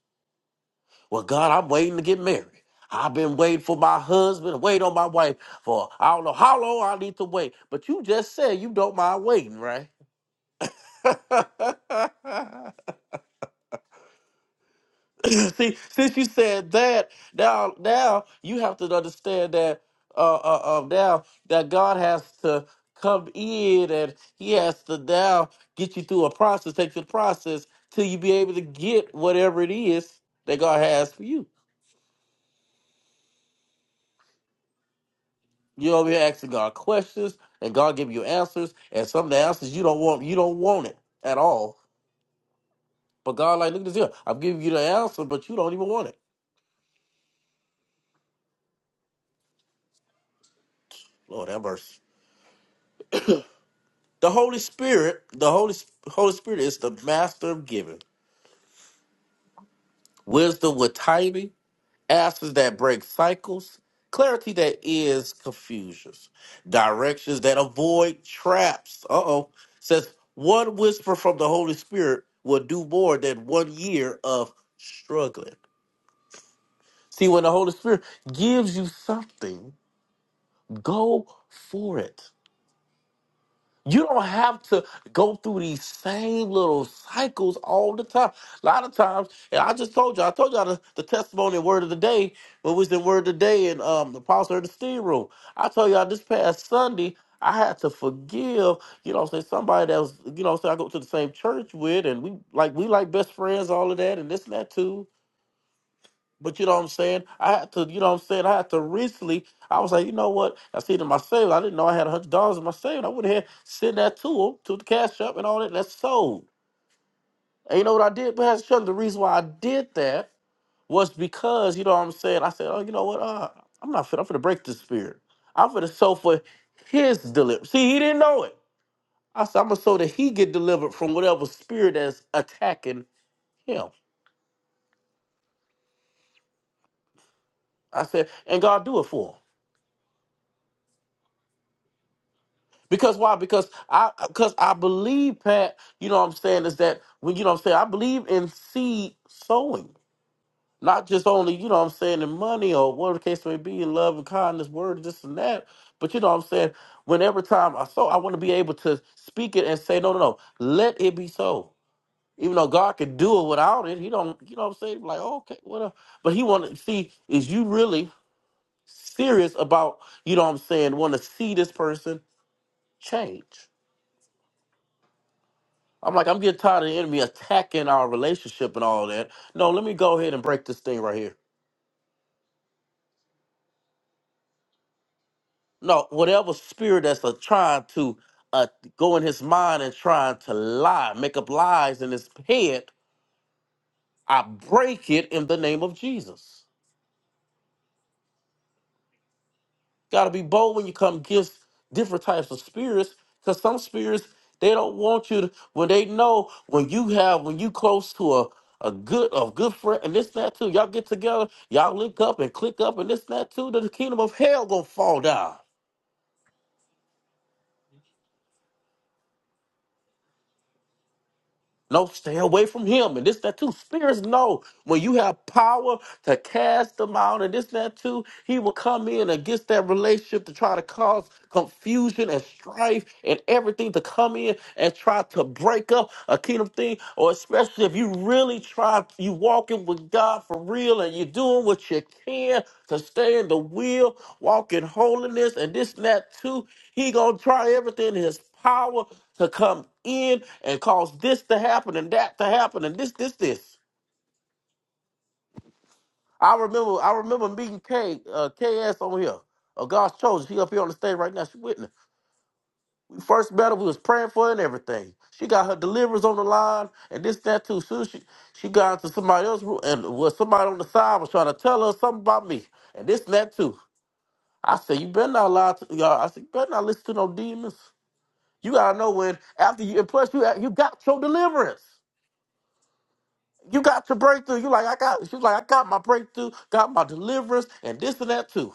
Well, God, I'm waiting to get married. I've been waiting for my husband, wait on my wife for I don't know how long I need to wait. But you just said you don't mind waiting, right? See, since you said that, now now you have to understand that uh, uh, uh now that God has to come in and He has to now get you through a process, take you through the process till you be able to get whatever it is that God has for you. You over here asking God questions, and God give you answers, and some of the answers you don't want, you don't want it at all. But God, like, look at this here. I'm giving you the answer, but you don't even want it. Lord have mercy. The Holy Spirit, the Holy Holy Spirit is the master of giving. Wisdom with timing, answers that break cycles, clarity that is confusions, directions that avoid traps. Uh oh. Says one whisper from the Holy Spirit will do more than one year of struggling. See, when the Holy Spirit gives you something, go for it. You don't have to go through these same little cycles all the time. A lot of times, and I just told you, I told y'all the, the testimony and word of the day, what was the word of the day in um, the pastor in the steam room. I told y'all this past Sunday, I had to forgive, you know, say somebody that was, you know, say I go to the same church with, and we like we like best friends, all of that, and this and that too. But you know what I'm saying? I had to, you know what I'm saying? I had to recently, I was like, you know what? I see it in my savings. I didn't know I had one hundred dollars in my savings. I went ahead, sent that to him, to the cash up and all that. That's sold. And you know what I did? But that's the reason why I did that was because, you know what I'm saying? I said, oh, you know what? Uh, I'm not fit. I'm finna break this spirit. I'm finna sow for his deliver. See, he didn't know it. I said, I'm gonna sow that he get delivered from whatever spirit that's attacking him. I said, and God do it for him. Because why? Because I because I believe, Pat, you know what I'm saying, is that when you know what I'm saying, I believe in seed sowing. Not just only, you know what I'm saying, in money or whatever the case may be, in love and kindness, word, this and that. But you know what I'm saying, whenever time I sow, I want to be able to speak it and say, No, no, no, let it be so. Even though God can do it without it, he don't, you know what I'm saying? Like, okay, whatever. But he wanna see, is you really serious about, you know what I'm saying, wanna see this person change? I'm like, I'm getting tired of the enemy attacking our relationship and all that. No, let me go ahead and break this thing right here. No, whatever spirit that's uh, trying to uh, go in his mind and trying to lie, make up lies in his head, I break it in the name of Jesus. Got to be bold when you come against different types of spirits, because some spirits they don't want you to. When they know when you have when you close to a a good a good friend and this and that too. Y'all get together, y'all link up and click up and this and that too. Then the kingdom of hell gonna fall down. No, stay away from him. And this, that, too. Spirits know when you have power to cast them out and this, that, too, he will come in against that relationship to try to cause confusion and strife and everything to come in and try to break up a kingdom thing. Or especially if you really try, you walking with God for real and you're doing what you can to stay in the will, walk in holiness and this, and that, too. He going to try everything in his power to come in and cause this to happen and that to happen and this, this, this. I remember, I remember meeting K, uh, KS on here. Oh, God's chosen. She up here on the stage right now. She witness. We first met her. We was praying for her and everything. She got her deliverance on the line and this, that too. Soon as she she got into somebody else room and was somebody on the side was trying to tell her something about me and this, and that too. I said, you better not lie to y'all. I said, you better not listen to no demons. You gotta know when after you and plus you you got your deliverance. You got your breakthrough. You like, I got she was like, I got my breakthrough, got my deliverance, and this and that too.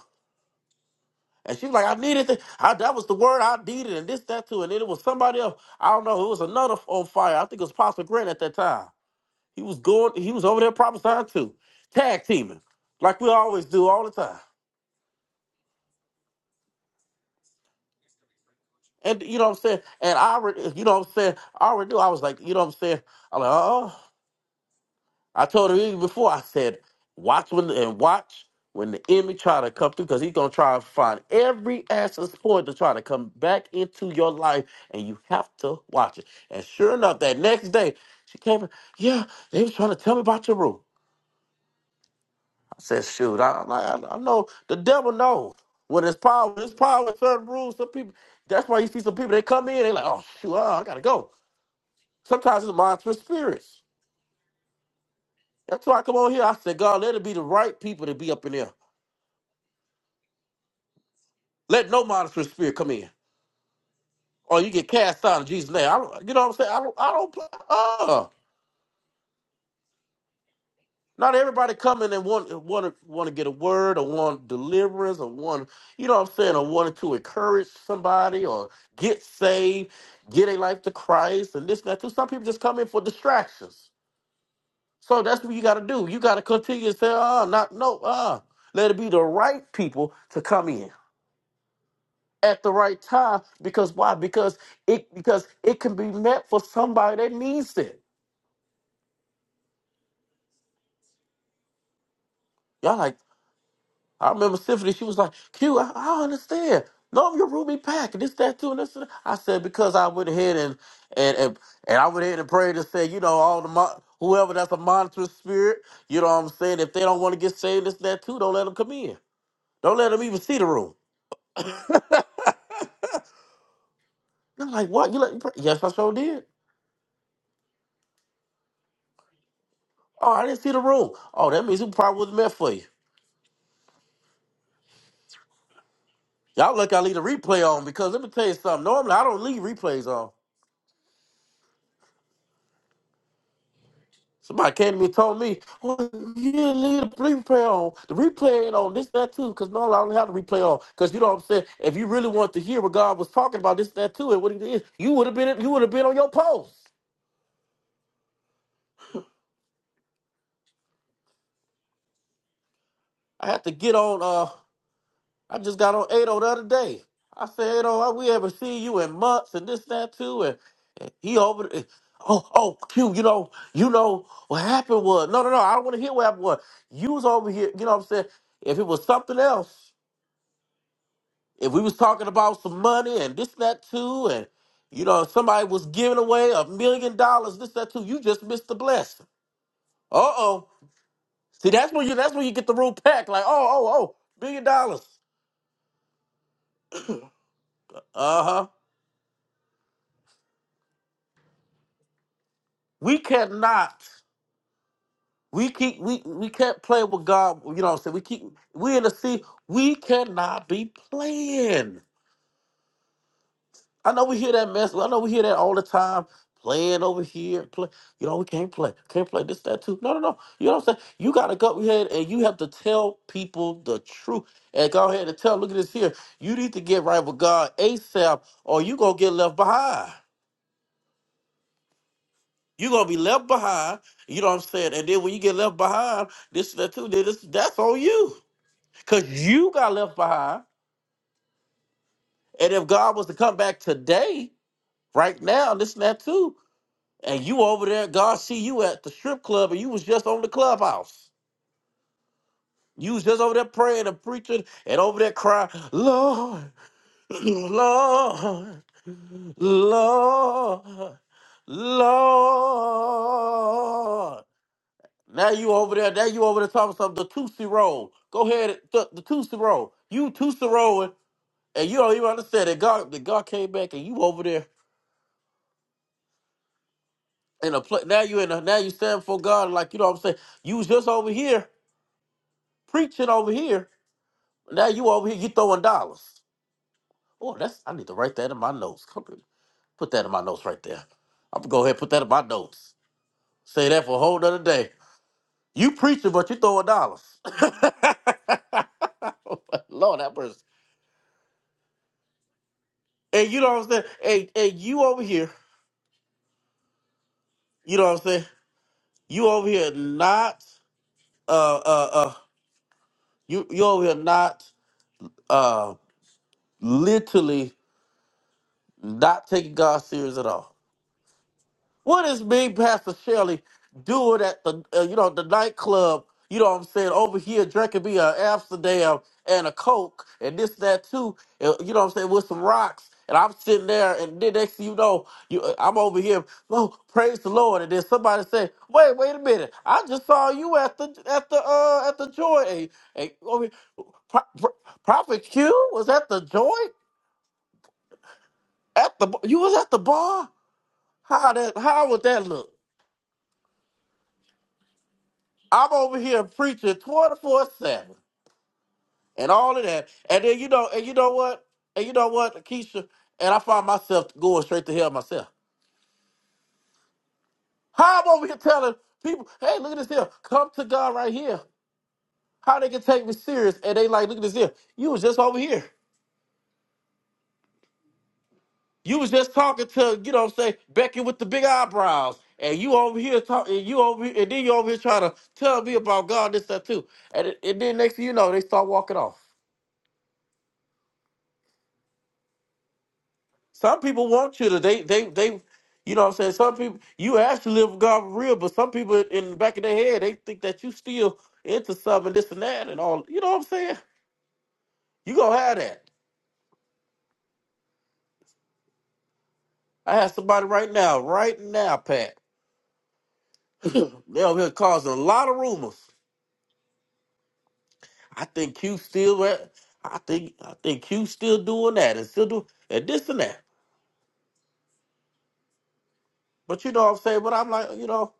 And she was like, I needed that. I, that was the word I needed, and this, that too. And then it was somebody else. I don't know. It was another on fire. I think it was Pastor Grant at that time. He was going, he was over there prophesying too. Tag teaming. Like we always do all the time. And you know what I'm saying? And I already, you know what I'm saying? I already knew. I was like, you know what I'm saying? I'm like, uh-oh. I told her even before. I said, watch when and watch when the enemy try to come through, because he's gonna try to find every access point to try to come back into your life, and you have to watch it. And sure enough, that next day she came. in, Yeah, they was trying to tell me about your room. I said, shoot, I, I, I know the devil knows when it's power. It's power with certain rules. Some people. That's why you see some people. They come in. They like, oh shoot, oh, I gotta go. Sometimes it's mind for spirits. That's why I come on here. I said, God, let it be the right people to be up in there. Let no monster spirit come in, or you get cast out in Jesus' name. I don't, you know what I'm saying? I don't. I don't. Play, uh, not everybody coming and want want to want to get a word or want deliverance or want you know what I'm saying or wanted to encourage somebody or get saved, get a life to Christ and this and that too. Some people just come in for distractions. So that's what you got to do. You got to continue to say, "Ah, not no, ah." Let it be the right people to come in. at the right time because why? Because it because it can be met for somebody that needs it. Y'all like I remember Symphony. She was like, "Q, I, I don't understand. No, I'm your Ruby Pack. and This, that, too, and this." And that." I said because I went ahead and and and, and I went ahead and prayed and said, you know, all the mon- whoever that's a monstrous spirit, you know what I'm saying. If they don't want to get saved, this, that, too, don't let them come in. Don't let them even see the room. And I'm like, what? You let? me pray? Yes, I sure did. Oh, I didn't see the room. Oh, that means it probably wasn't meant for you. Y'all lucky I leave the replay on because let me tell you something. Normally I don't leave replays on. Somebody came to me and told me, well, you didn't leave the replay on. The replay ain't on this, that, too, because normally I don't have the replay on. Because you know what I'm saying? If you really want to hear what God was talking about, this, that, too, and what it is, you would have been you would have been on your post. I had to get on uh I just got on 80 the other day. I said, 8 oh, we haven't seen you in months and this, that, too. and. He over. the- Oh, oh, Q. You know, you know what happened was. No, no, no. I don't want to hear what happened was. You was over here. You know what I'm saying? If it was something else, if we was talking about some money and this, that, too, and you know somebody was giving away a million dollars, this, that, too, you just missed the blessing. Uh oh. See, that's when you. That's when you get the real pack. Like, oh, oh, oh, million dollars. Uh huh. We cannot. We keep we we can't play with God. You know what I'm saying? We keep we in the sea. We cannot be playing. I know we hear that mess. I know we hear that all the time. Playing over here, play. You know we can't play. Can't play this, that, too. No, no, no. You know what I'm saying? You gotta go ahead and you have to tell people the truth. And go ahead and tell. Look at this here. You need to get right with God ASAP, or you gonna get left behind. You gonna be left behind. You know what I'm saying? And then when you get left behind, this, that, too. Then this, that's on you. Because you got left behind. And if God was to come back today, right now, this and that too, and you over there, God see you at the strip club and you was just on the clubhouse. You was just over there praying and preaching and over there crying, Lord, Lord, Lord, Lord. Now you over there, now you over there talking something, the Tootsie Roll. Go ahead, the, the Tootsie Roll. You Tootsie rolling. and you don't even understand that God that God came back and you over there in a place now you in a now you stand for God like you know what I'm saying you was just over here preaching over here now you over here you throwing dollars oh that's I need to write that in my notes come here. put that in my notes right there I'm gonna go ahead and put that in my notes say that for a whole nother day you preaching but you throwing dollars Lord that person and you know what I'm saying and, and you over here you know what I'm saying you over here not uh uh uh. You you over here not uh literally not taking God serious at all. What is me, Pastor Shirley, doing at the uh, you know the nightclub? You know what I'm saying? Over here drinking me a Amsterdam and a Coke and this that too. And, you know what I'm saying with some rocks. And I'm sitting there, and then next thing you know, you, uh, I'm over here. Oh, praise the Lord! And then somebody say, "Wait, wait a minute! I just saw you at the at the uh at the joint. Hey, hey, over here, Pro- Pro- Prophet Q was at the joint at the you was at the bar. How that? How would that look? I'm over here preaching 24 7 and all of that. And then, you know, and you know what? And you know what, Keisha? And I find myself going straight to hell myself. How I'm over here telling people, hey, look at this here. Come to God right here. How they can take me serious. And they like, look at this here. You was just over here. You was just talking to, you know what I'm saying, Becky with the big eyebrows. And you over here talking, and you over here, and then you over here trying to tell me about God, this, that, too. And, it- and then next thing you know, they start walking off. Some people want you to. They they they. You know what I'm saying? Some people you ask to live with God for real, but some people in the back of their head they think that you still into something this and that and all. You know what I'm saying? You gonna have that. I have somebody right now, right now, Pat. They over here causing a lot of rumors. I think Q still. at- I think I think Q still doing that and still do and this and that. But you know what I'm saying? But I'm like, you know,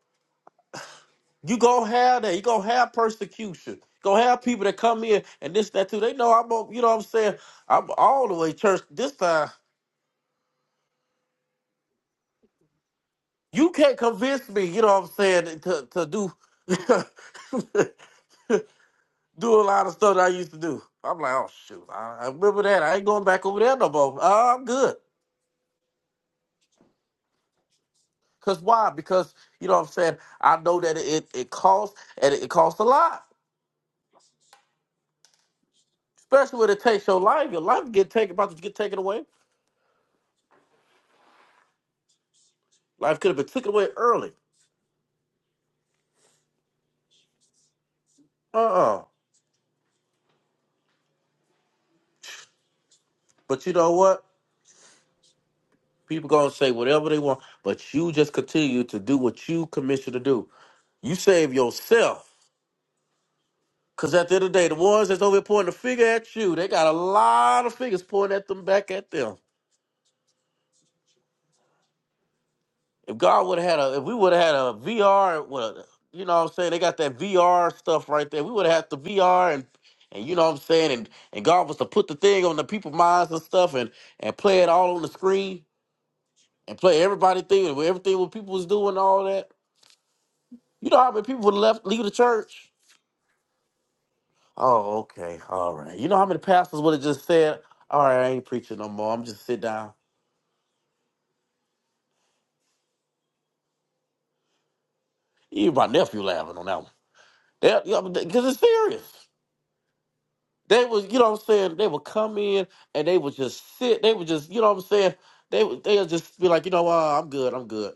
You gonna have that. You gonna have persecution. Gonna have people that come in and this, that, too. They know I'm, a- you know what I'm saying? I'm all the way church this time. You can't convince me, you know what I'm saying, to, to do do a lot of stuff that I used to do. I'm like, oh shoot, I, I remember that. I ain't going back over there no more. Uh, I'm good. Cause why? Because you know what I'm saying. I know that it it costs and it, costs a lot, especially when it takes your life. Your life get taken about to get taken away. Life could have been taken away early. Uh uh But you know what? People gonna say whatever they want, but you just continue to do what you commissioned to do. You save yourself. Cause at the end of the day, the ones that's over here pointing the finger at you, they got a lot of fingers pointing at them back at them. If God would have had a if we would have had a VR, well, you know what I'm saying? They got that VR stuff right there. We would have had the VR and and you know what I'm saying, and, and God was to put the thing on the people's minds and stuff and and play it all on the screen and play everybody thing and everything what people was doing, all that You know how many people would have left, leave the church? Oh, okay. All right. You know how many pastors would have just said, all right, I ain't preaching no more. I'm just sit down. Even my nephew laughing on that one. Because it's serious. They was, you know what I'm saying? They would come in and they would just sit. They would just, you know what I'm saying? They would they'll just be like, you know what, I'm good, I'm good.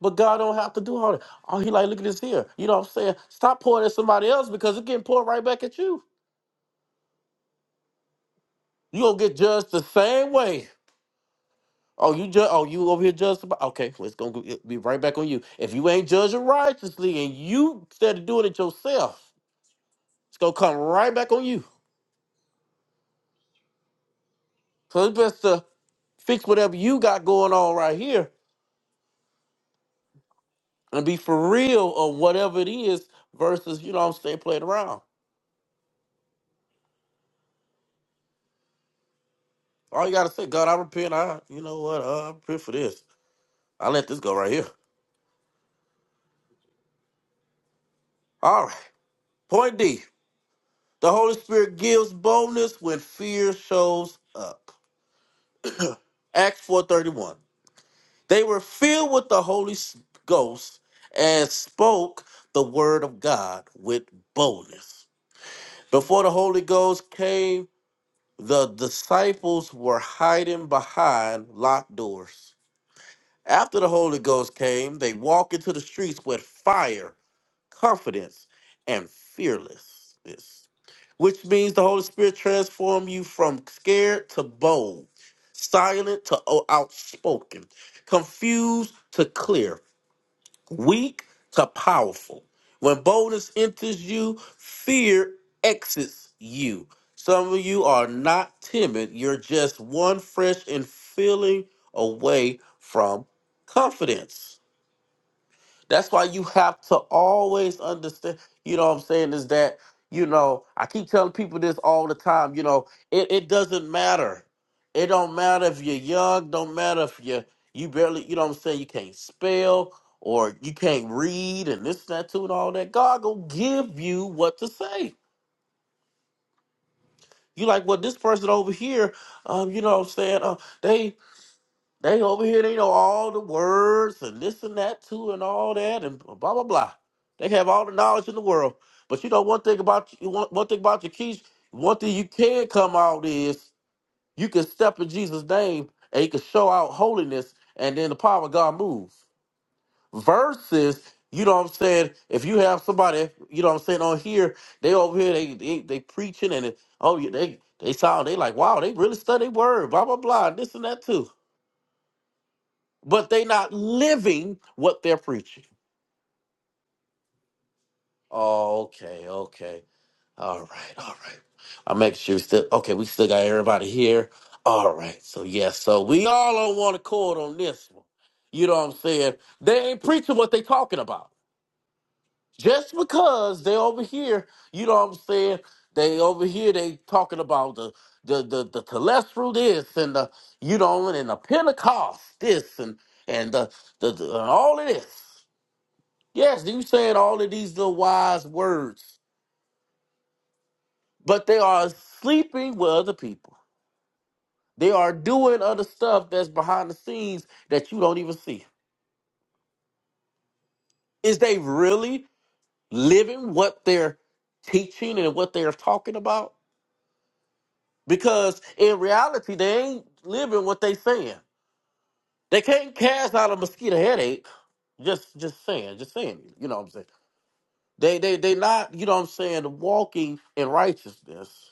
But God don't have to do all that. Oh, he like, look at this here. You know what I'm saying? Stop pouring at somebody else because it's getting poured right back at you. you gonna get judged the same way. Oh, you judge. Oh, you over here judge somebody. Okay, well, it's gonna go- it'll be right back on you. If you ain't judging righteously and you instead of doing it yourself, it's gonna come right back on you. So it's best to fix whatever you got going on right here and be for real of whatever it is versus you know what I'm saying playing around. All you gotta say, God, I repent. I you know what? Uh, I repent for this. I let this go right here. All right. Point D. The Holy Spirit gives boldness when fear shows up. Acts 4:31. They were filled with the Holy S- Ghost and spoke the word of God with boldness. Before the Holy Ghost came, the disciples were hiding behind locked doors. After the Holy Ghost came, they walked into the streets with fire, confidence, and fearlessness, which means the Holy Spirit transformed you from scared to bold, silent to o- outspoken, confused to clear weak to powerful. When boldness enters you, fear exits you. Some of you are not timid, you're just one fresh and feeling away from confidence. That's why you have to always understand, you know what I'm saying, is that, you know, I keep telling people this all the time, you know, it, it doesn't matter. It don't matter if you're young, don't matter if you you barely, you know what I'm saying, you can't spell or you can't read and this, that, too, and all that. God gonna give you what to say. You like, well, this person over here, um, you know what I'm saying, uh, they they over here, they know all the words and this and that too, and all that, and blah blah blah. They have all the knowledge in the world. But you know one thing about you, one, one thing about your keys, one thing you can come out is you can step in Jesus' name and you can show out holiness, and then the power of God moves. Versus, you know what I'm saying? If you have somebody, you know what I'm saying, on here, they over here, they they, they preaching and it, oh yeah, they they sound they like wow, they really study word, blah blah blah, this and that too but they not living what they're preaching. Oh, okay, okay. All right, all right. I make sure we still okay, we still got everybody here. All right. So yes, so we all on one accord on this one. You know what I'm saying? They ain't preaching what they talking about. Just because they over here, you know what I'm saying? They over here they talking about the the the, the telestial this and the you know and the Pentecost this and and the the, the and all of this. Yes, you saying all of these little wise words, but they are sleeping with other people. They are doing other stuff that's behind the scenes that you don't even see. Is they really living what they're teaching and what they're talking about? Because in reality, they ain't living what they saying. They can't cast out a mosquito headache. Just just saying, just saying, you know what I'm saying? They they they not, you know what I'm saying, walking in righteousness.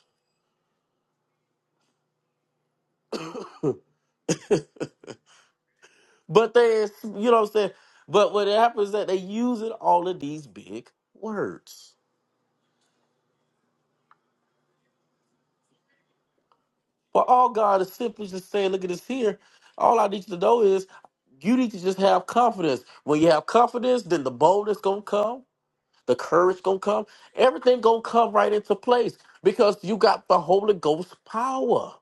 But they, you know what I'm saying? But what happens is that they using all of these big words. But all God is simply just saying, look at this here. All I need you to know is you need to just have confidence. When you have confidence, then the boldness gonna come, the courage gonna come, everything gonna come right into place because you got the Holy Ghost power.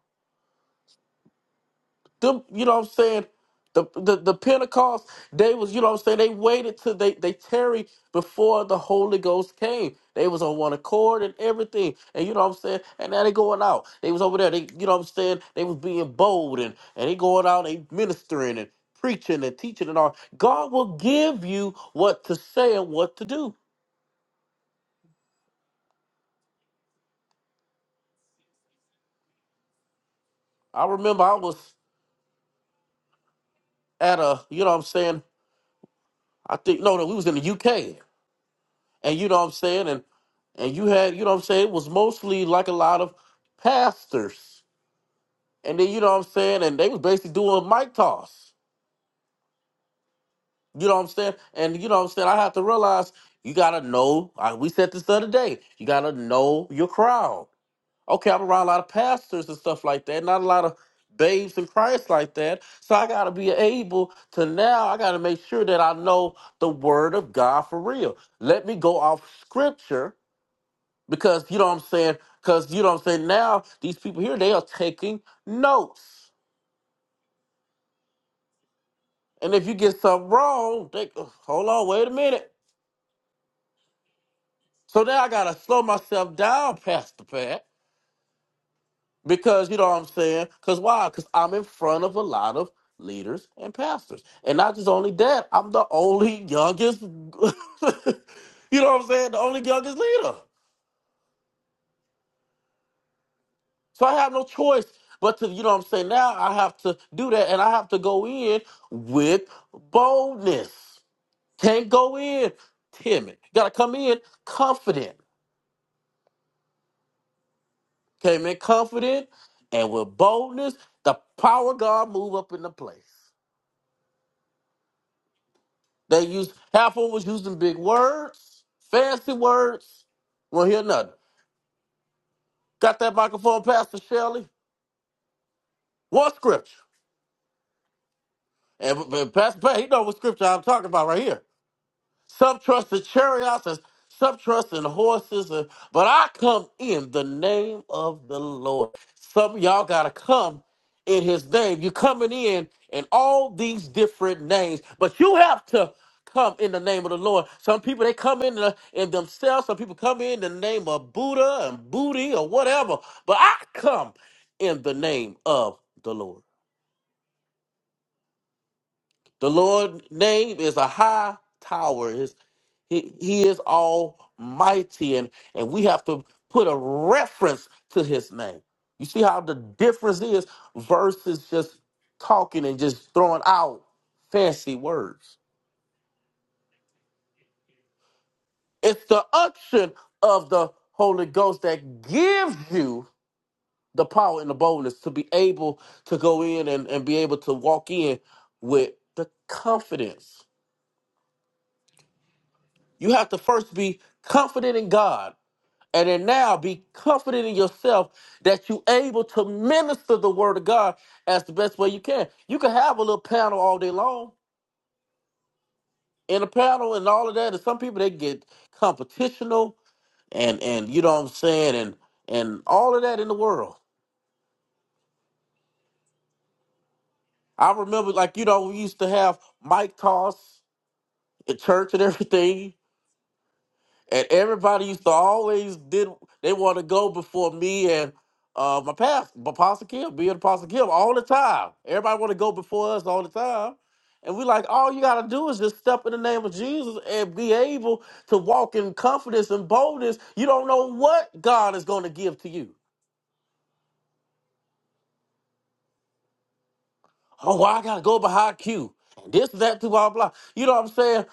Them, you know what I'm saying? The, the the Pentecost, they was, you know what I'm saying, they waited till they they tarried before the Holy Ghost came. They was on one accord and everything. And you know what I'm saying? And now they going out. They was over there, they you know what I'm saying, they was being bold and and they going out, they ministering and preaching and teaching and all. God will give you what to say and what to do. I remember I was at a, you know what I'm saying, I think no no, we was in the UK and you know what I'm saying, and and you had you know what I'm saying, it was mostly like a lot of pastors, and then you know what I'm saying, and they was basically doing mic toss, you know what I'm saying, and you know what I'm saying, I have to realize you gotta know. I, we said this the other day, you gotta know your crowd. Okay, I'm around a lot of pastors and stuff like that, not a lot of babes in Christ like that. So I gotta be able to now. I gotta make sure that I know the word of God for real. Let me go off scripture Because you know what I'm saying? Because you know what I'm saying? Now these people here, they are taking notes. And if you get something wrong, they ugh, hold on, wait a minute. So now I gotta slow myself down, Pastor Pat. Because you know what I'm saying? Because why? Because I'm in front of a lot of leaders and pastors. And not just only that, I'm the only youngest you know what I'm saying? The only youngest leader. So I have no choice but to, you know what I'm saying? Now I have to do that and I have to go in with boldness. Can't go in timid. Gotta come in confident. Came in confident and with boldness, the power of God move up in the place. They used half of them was using big words, fancy words. Won't hear nothing. Got that microphone, Pastor Shelley? One scripture. And, and Pastor Pat, he know what scripture I'm talking about right here. Some trust in chariots and some trust in horses. And, but I come in the name of the Lord. Some of y'all got to come in his name. you are coming in in all these different names, but you have to come in the name of the Lord. Some people, they come in, the, in themselves. Some people come in the name of Buddha and Booty or whatever. But I come in the name of the Lord. The Lord name is a high tower. His, he, he is almighty. And, and we have to put a reference to his name. You see how the difference is versus just talking and just throwing out fancy words. It's the unction of the Holy Ghost that gives you the power and the boldness to be able to go in and, and be able to walk in with the confidence You have to first be confident in God, and then now be confident in yourself that you're able to minister the word of God as the best way you can. You can have a little panel all day long, in a panel and all of that. And some people they get competitional and and you know what I'm saying and and all of that in the world. I remember like you know we used to have mic toss at church and everything. and everybody used to always did they want to go before me and uh my past apostle kim being apostle kim all the time everybody want to go before us all the time and we like all you gotta do is just step in the name of jesus and be able to walk in confidence and boldness you don't know what god is going to give to you oh well, i gotta go behind q and this that too, blah blah you know what i'm saying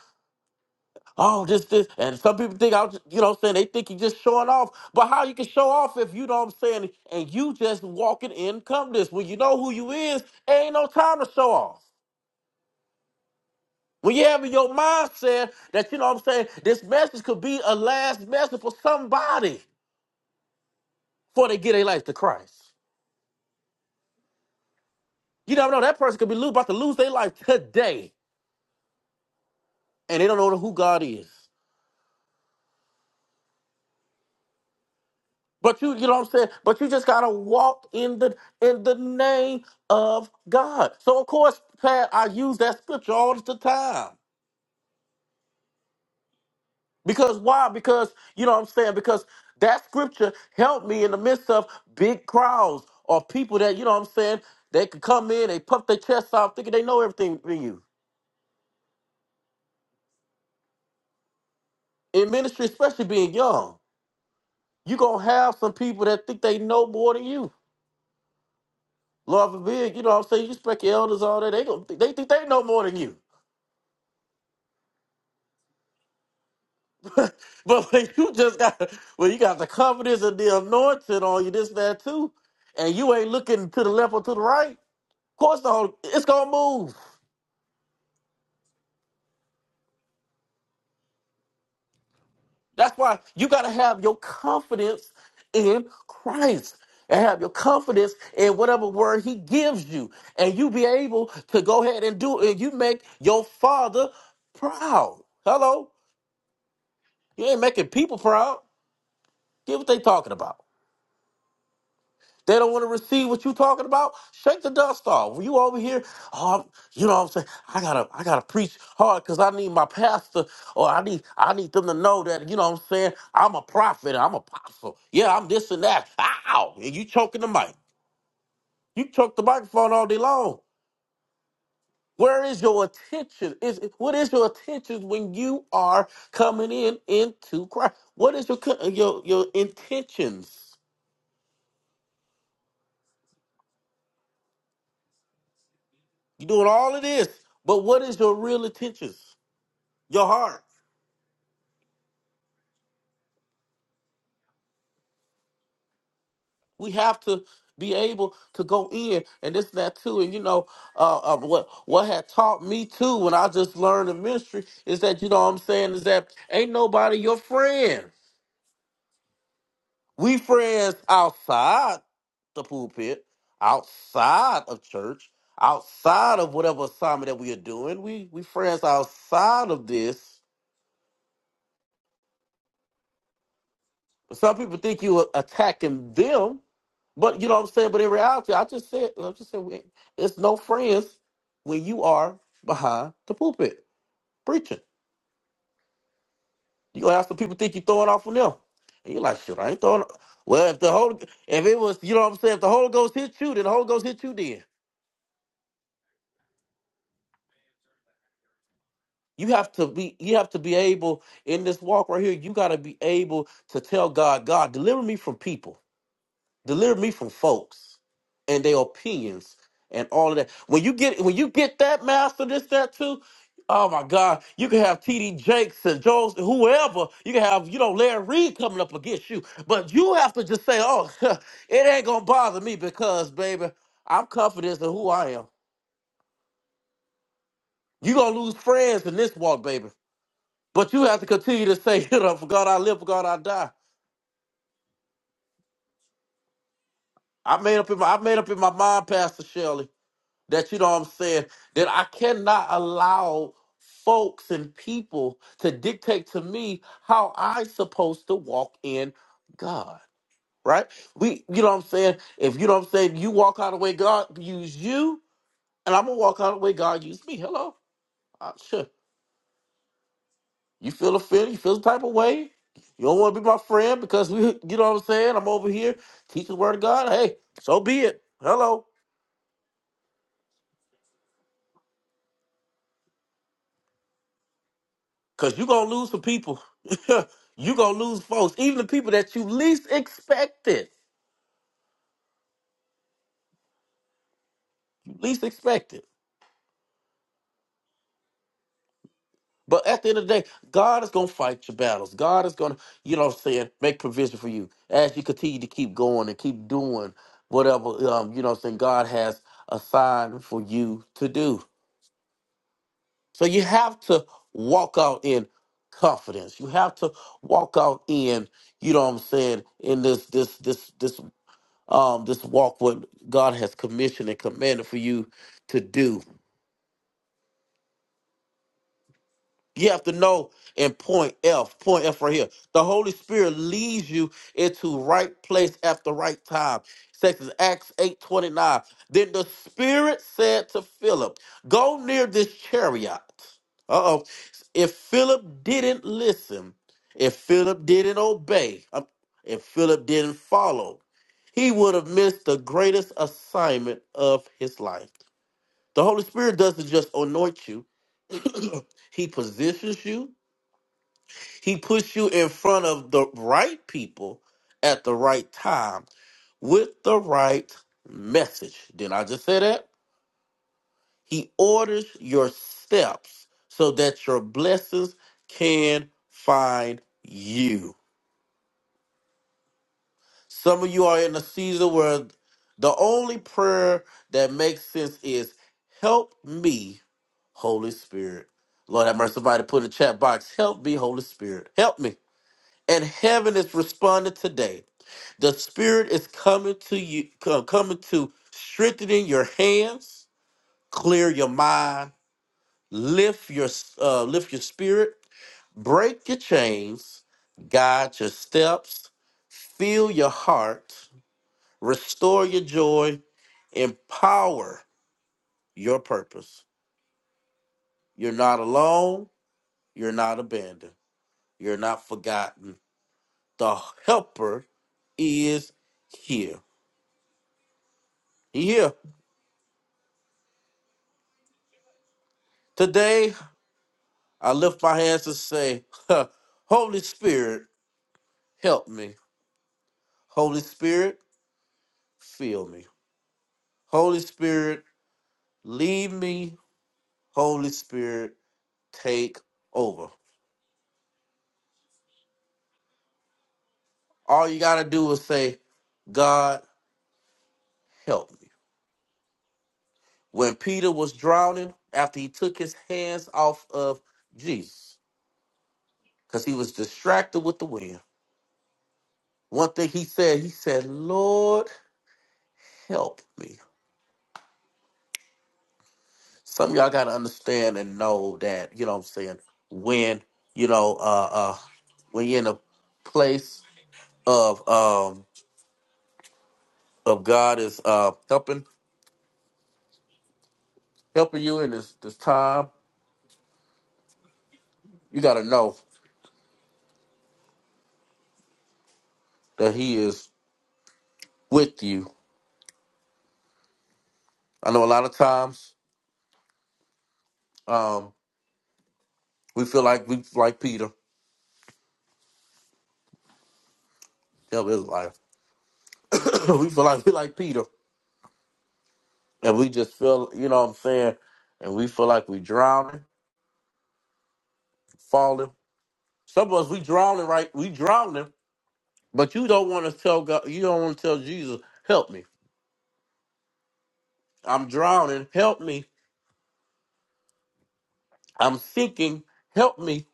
Oh, this, this, and some people think I'm, you know, what I'm saying they think you just showing off. But how you can show off if you know what I'm saying, and you just walking in this when you know who you is, ain't no time to show off. When you have in your mindset that you know what I'm saying, this message could be a last message for somebody before they give their life to Christ. You never know that person could be lo- about to lose their life today, and they don't know who God is. But you, you know what I'm saying? But you just gotta walk in the in the name of God. So of course, Pat, I use that scripture all the time. Because why? Because you know what I'm saying? Because that scripture helped me in the midst of big crowds or people that, you know what I'm saying, they could come in, they puff their chests out thinking they know everything from you. In ministry, especially being young, you're gonna have some people that think they know more than you. Lord forbid, you know what I'm saying? You respect your elders all that, they gonna think, they think they know more than you. But when you just got well, you got the confidence and the anointing on you, this, that too, and you ain't looking to the left or to the right, of course the whole it's gonna move. That's why you gotta have your confidence in Christ and have your confidence in whatever word he gives you. And you be able to go ahead and do it. And you make your father proud. Hello. You ain't making people proud. Get what they talking about. They don't want to receive what you talking about. Shake the dust off. You over here, oh, you know what I'm saying? I gotta, I gotta preach hard because I need my pastor, or I need, I need them to know that you know what I'm saying. I'm a prophet. I'm apostle. Yeah, I'm this and that. Ow! And you choking the mic. You choke the microphone all day long. Where is your attention? Is what is your attention when you are coming in into Christ? What is your co- your your intentions? You're doing all of this, but what is your real intentions? your heart. We have to be able to go in and this and that too. And you know, uh, uh, what what had taught me too when I just learned the ministry is that you know what I'm saying is that ain't nobody your friend. We friends outside the pulpit, outside of church, outside of whatever assignment that we are doing. We we friends outside of this. Some people think you are attacking them But you know what I'm saying. But in reality, I just said, I just said, we- it's no friends when you are behind the pulpit preaching. You gonna have some people think you're throwing off on them, and you're like, shit, I ain't throwing. Well, if the Holy, if it was, you know what I'm saying, if the Holy Ghost hit you, then the Holy Ghost hit you. Then you have to be, you have to be able in this walk right here. You got to be able to tell God, God, deliver me from people. Deliver me from folks and their opinions and all of that. When you get when you get that master, this, that too, oh my God, you can have T D Jakes and Jones, whoever, you can have, you know, Larry Reed coming up against you. But you have to just say, Oh, it ain't gonna bother me because baby, I'm confident in who I am. You're gonna lose friends in this walk, baby. But you have to continue to say, you know, for God I live, for God I die. I made up in my I made up in my mind, Pastor Shelley. that you know what I'm saying, that I cannot allow folks and people to dictate to me how I supposed to walk in God. Right? We you know what I'm saying? If you know what I'm saying, you walk out of the way God use you, and I'm gonna walk out of the way God used me. Hello. Uh, sure. You feel offended, you feel the type of way. You don't want to be my friend because we you know what I'm saying? I'm over here teaching the word of God. Hey, so be it. Hello. Cause you gonna lose some people. you gonna lose folks, even the people that you least expected. You least expected. But at the end of the day, God is gonna fight your battles. God is gonna, you know what I'm saying, make provision for you as you continue to keep going and keep doing whatever um, you know what I'm saying, God has assigned for you to do. So you have to walk out in confidence. You have to walk out in, you know what I'm saying, in this this this this um, this walk what God has commissioned and commanded for you to do. You have to know in point F, point F right here. The Holy Spirit leads you into right place at the right time. Sex is Acts 8 29. Then the Spirit said to Philip, Go near this chariot. Uh oh. If Philip didn't listen, if Philip didn't obey, um, if Philip didn't follow, he would have missed the greatest assignment of his life. The Holy Spirit doesn't just anoint you, He positions you he puts you in front of the right people at the right time with the right message. Didn't I just say that? He orders your steps so that your blessings can find you. Some of you are in a season where the only prayer that makes sense is help me, Holy Spirit. Lord have mercy, somebody put in the chat box, help me, Holy Spirit. Help me. and heaven is responding today. The Spirit is coming to you, co- coming to strengthening your hands, clear your mind, lift your s- uh, lift your spirit, break your chains, guide your steps, fill your heart, restore your joy, empower your purpose. You're not alone. You're not abandoned. You're not forgotten. The Helper is here. He here. Today, I lift my hands to say, Holy Spirit, help me. Holy Spirit, fill me. Holy Spirit, lead me. Holy Spirit, take over. All you got to do is say, God, help me. When Peter was drowning, after he took his hands off of Jesus, because he was distracted with the wind, one thing he said, he said, Lord, help me. some of y'all gotta understand and know that you know what i'm saying when you know uh uh when you're in a place of um of god is uh helping helping you in this this time you gotta know that he is with you i know a lot of times um we feel like we like peter help his life we feel like we like peter and we just feel you know what i'm saying and we feel like we drowning falling some of us we drowning right we drowning But you don't want to tell God, you don't want to tell Jesus, help me. I'm drowning, help me. I'm sinking, help me.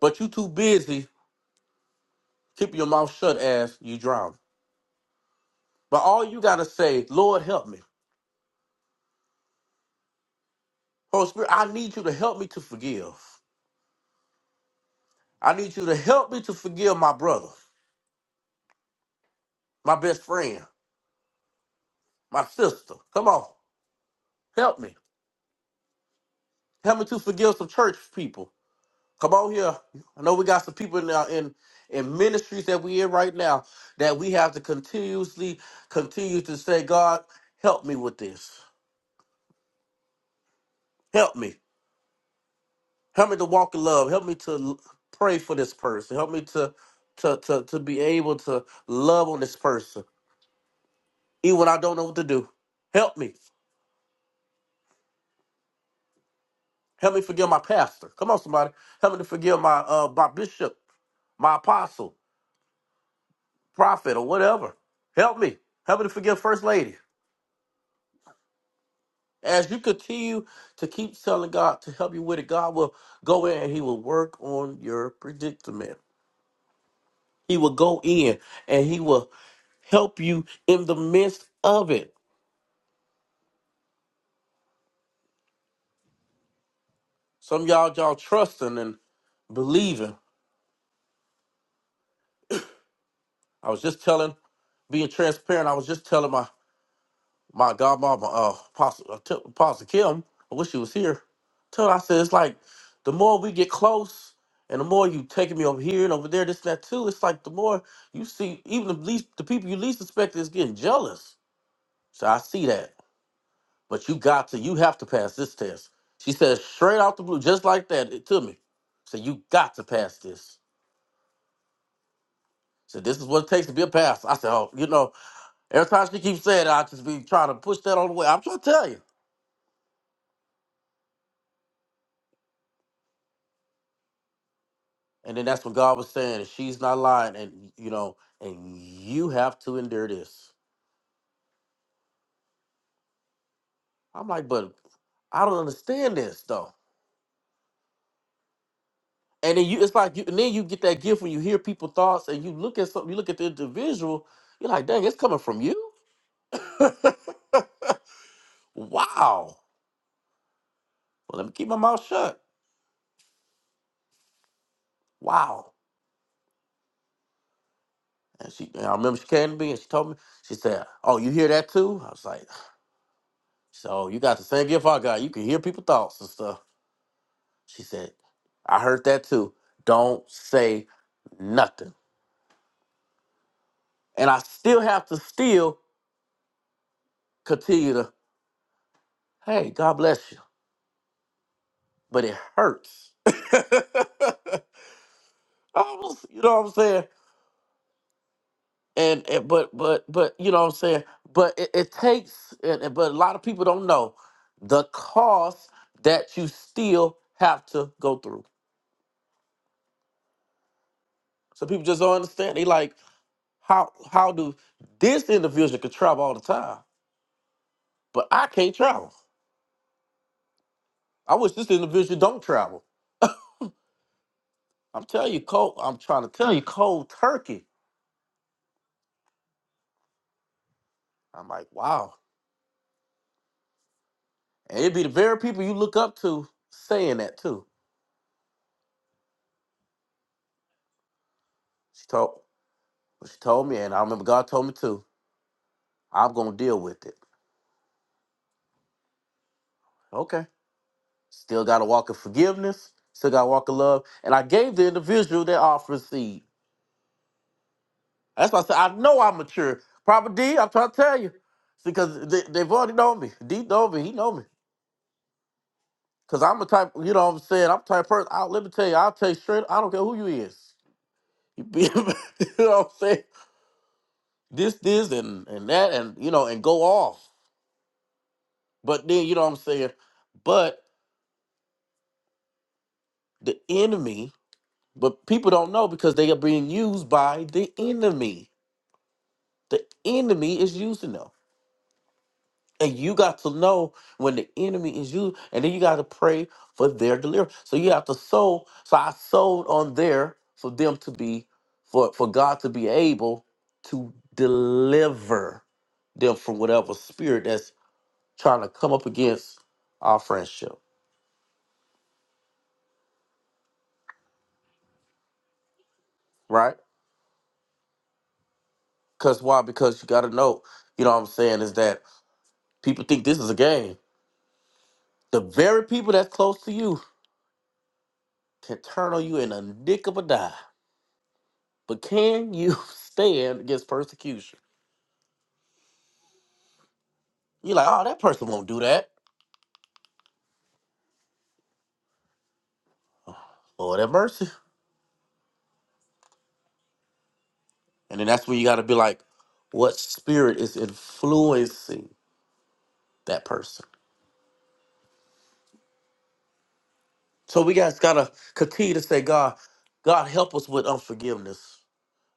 But you too busy, keep your mouth shut as you drown. But all you gotta say, Lord help me. Holy Spirit, I need you to help me to forgive. I need you to help me to forgive my brother, my best friend, my sister. Come on, help me. Help me to forgive some church people. Come on here. I know we got some people now in in ministries that we in right now that we have to continuously continue to say, God, help me with this. Help me. Help me to walk in love. Help me to l- pray for this person. Help me to to to to be able to love on this person, even when I don't know what to do. Help me. Help me forgive my pastor. Come on, somebody. Help me to forgive my uh my bishop, my apostle, prophet, or whatever. Help me. Help me to forgive first lady. As you continue to keep telling God to help you with it, God will go in and He will work on your predicament. He will go in and He will help you in the midst of it. Some of y'all, y'all trusting and believing. I was just telling, being transparent, I was just telling my my godmama, uh, Pastor, uh, T- Kim, I wish she was here. Tell her I said, it's like the more we get close and the more you taking me over here and over there, this and that too, it's like the more you see, even the least, the people you least suspect is getting jealous. So I see that. But you got to, you have to pass this test. She said straight out the blue, just like that it, to me. Said, you got to pass this. Said, this is what it takes to be a pastor. I said, oh, you know, every time she keeps saying it, I just be trying to push that on the way. I'm trying to tell you. And then that's what God was saying. She's not lying, and you know, and you have to endure this. I'm like, but I don't understand this though. And then you, it's like, you, and then you get that gift when you hear people thoughts, and you look at something, you look at the individual, you're like, dang, it's coming from you. Wow. Well, let me keep my mouth shut. Wow. And she, and I remember she came to me and she told me, she said, "Oh, you hear that too?" I was like, "So you got the same gift I got. You can hear people thoughts and stuff." She said, I heard that too. Don't say nothing. And I still have to still continue to, hey, God bless you. But it hurts. Almost, you know what I'm saying? And, and but but but you know what I'm saying? But it, it takes and, and- but a lot of people don't know the cost that you still have to go through. So people just don't understand. They like, how how do this individual could travel all the time, but I can't travel. I wish this individual don't travel. I'm telling you, cold. I'm trying to tell you, cold turkey. I'm like, wow. And it'd be the very people you look up to saying that too. She told, she told me, and I remember God told me too. I'm gonna deal with it. Okay. Still got to walk in forgiveness. Still got to walk in love. And I gave the individual that offering seed. That's why I said I know I'm mature. Proper D, I'm trying to tell you, because they, they've already known me. D know me. He know me. Cause I'm a type, you know what I'm saying? I'm type person. I, let me tell you, I'll tell you straight, I don't care who you is. You, be, you know what I'm saying? This, this, and and that, and you know, and go off. But then you know what I'm saying? But the enemy, but people don't know because they are being used by the enemy. The enemy is using them. And you got to know when the enemy is you, and then you got to pray for their deliverance. So you have to sow. So I sowed on there for them to be, for, for God to be able to deliver them from whatever spirit that's trying to come up against our friendship, right? Because why? Because you got to know, you know what I'm saying, is that people think this is a game. The very people that's close to you can turn on you in a nick of a dime. But can you stand against persecution? You're like, oh, that person won't do that. Lord have mercy. And then that's when you got to be like, what spirit is influencing that person? So we guys got to continue to say, God, God, help us with unforgiveness.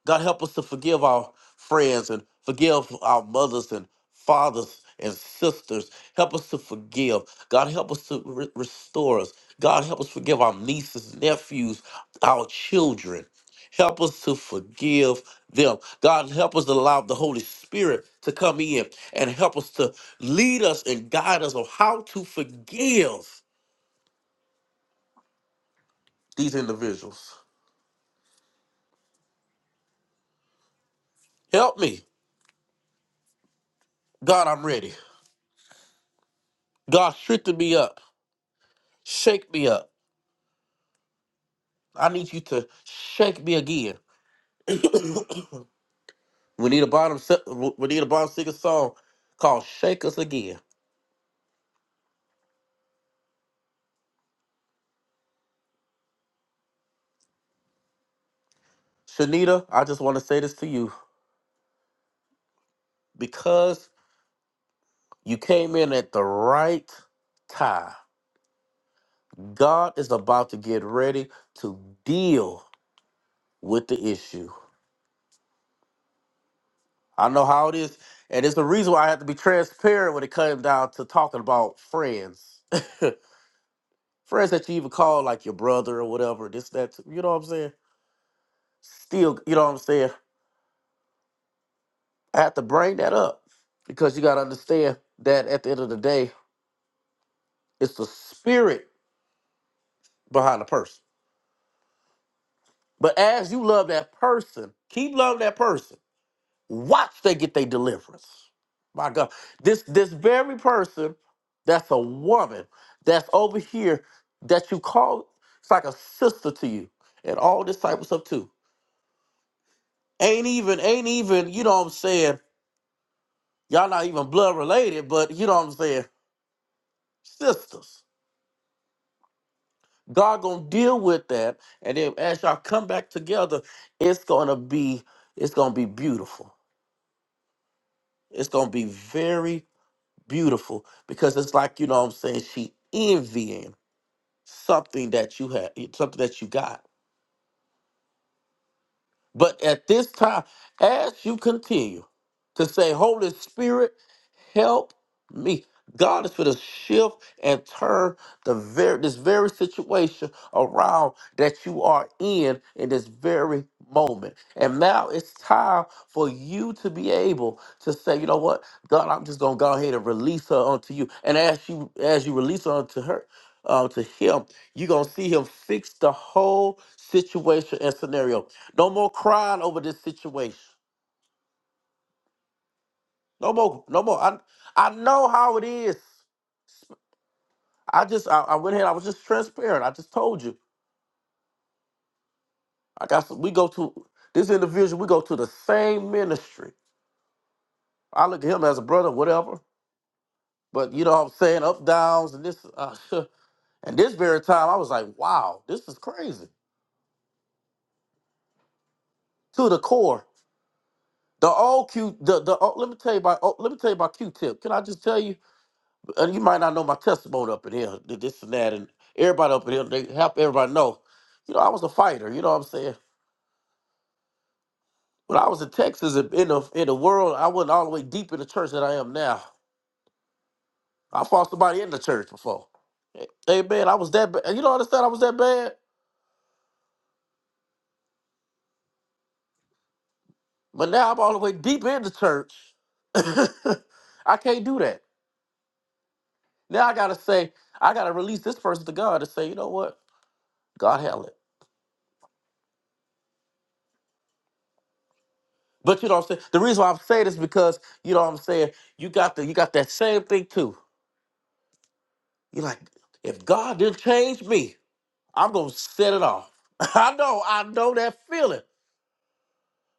God, help us to forgive our friends and forgive our mothers and fathers and sisters. Help us to forgive. God, help us to re- restore us. God, help us forgive our nieces, nephews, our children. Help us to forgive them. God, help us to allow the Holy Spirit to come in and help us to lead us and guide us on how to forgive these individuals. Help me. God, I'm ready. God, strengthen me up. Shake me up. I need you to shake me again. We need a bottom. se- We need a bottom singer song called "Shake Us Again." Shanita, I just want to say this to you because you came in at the right time. God is about to get ready to deal with the issue. I know how it is, and it's the reason why I have to be transparent when it comes down to talking about friends. friends that you even call like your brother or whatever, this, that, you know what I'm saying? Still, you know what I'm saying? I have to bring that up because you got to understand that at the end of the day, it's the spirit behind the person. But as you love that person, keep loving that person. Watch they get their deliverance. My God, this this very person that's a woman that's over here that you call it's like a sister to you and all disciples up too. Ain't even ain't even you know what I'm saying. Y'all not even blood related, but you know what I'm saying. Sisters. God gonna deal with that, and then as y'all come back together, it's gonna be it's gonna be beautiful. It's gonna be very beautiful because it's like you know what I'm saying she envying something that you had, something that you got. But at this time, as you continue to say, Holy Spirit. help me. God is going to shift and turn the very this very situation around that you are in in this very moment. And now it's time for you to be able to say, you know what, God, I'm just gonna go ahead and release her unto you. And as you as you release her unto her, uh, to him, you're gonna see him fix the whole situation and scenario. No more crying over this situation. No more, no more. I I know how it is. I just I, I went ahead. I was just transparent. I just told you. I got some, we go to this individual. We go to the same ministry. I look at him as a brother, whatever. But you know what I'm saying? Up downs and this uh, and this very time, I was like, wow, this is crazy to the core. The old Q, the the oh, let me tell you about oh, let me tell you about Q-Tip. Can I just tell you? And you might not know my testimony up in here, th- this and that, and everybody up in here. They help everybody know. You know, I was a fighter. You know what I'm saying? When I was in Texas, in in the in the world, I wasn't all the way deep in the church that I am now. I fought somebody in the church before. Hey man, I was that bad. You don't understand? I was that bad. But now I'm all the way deep in the church. I can't do that. Now I gotta say, I gotta release this person to God and say, you know what? God held it. But you know what I'm saying? The reason why I'm saying this is because you know what I'm saying, you got the you got that same thing too. You're like, if God didn't change me, I'm gonna set it off. I know, I know that feeling.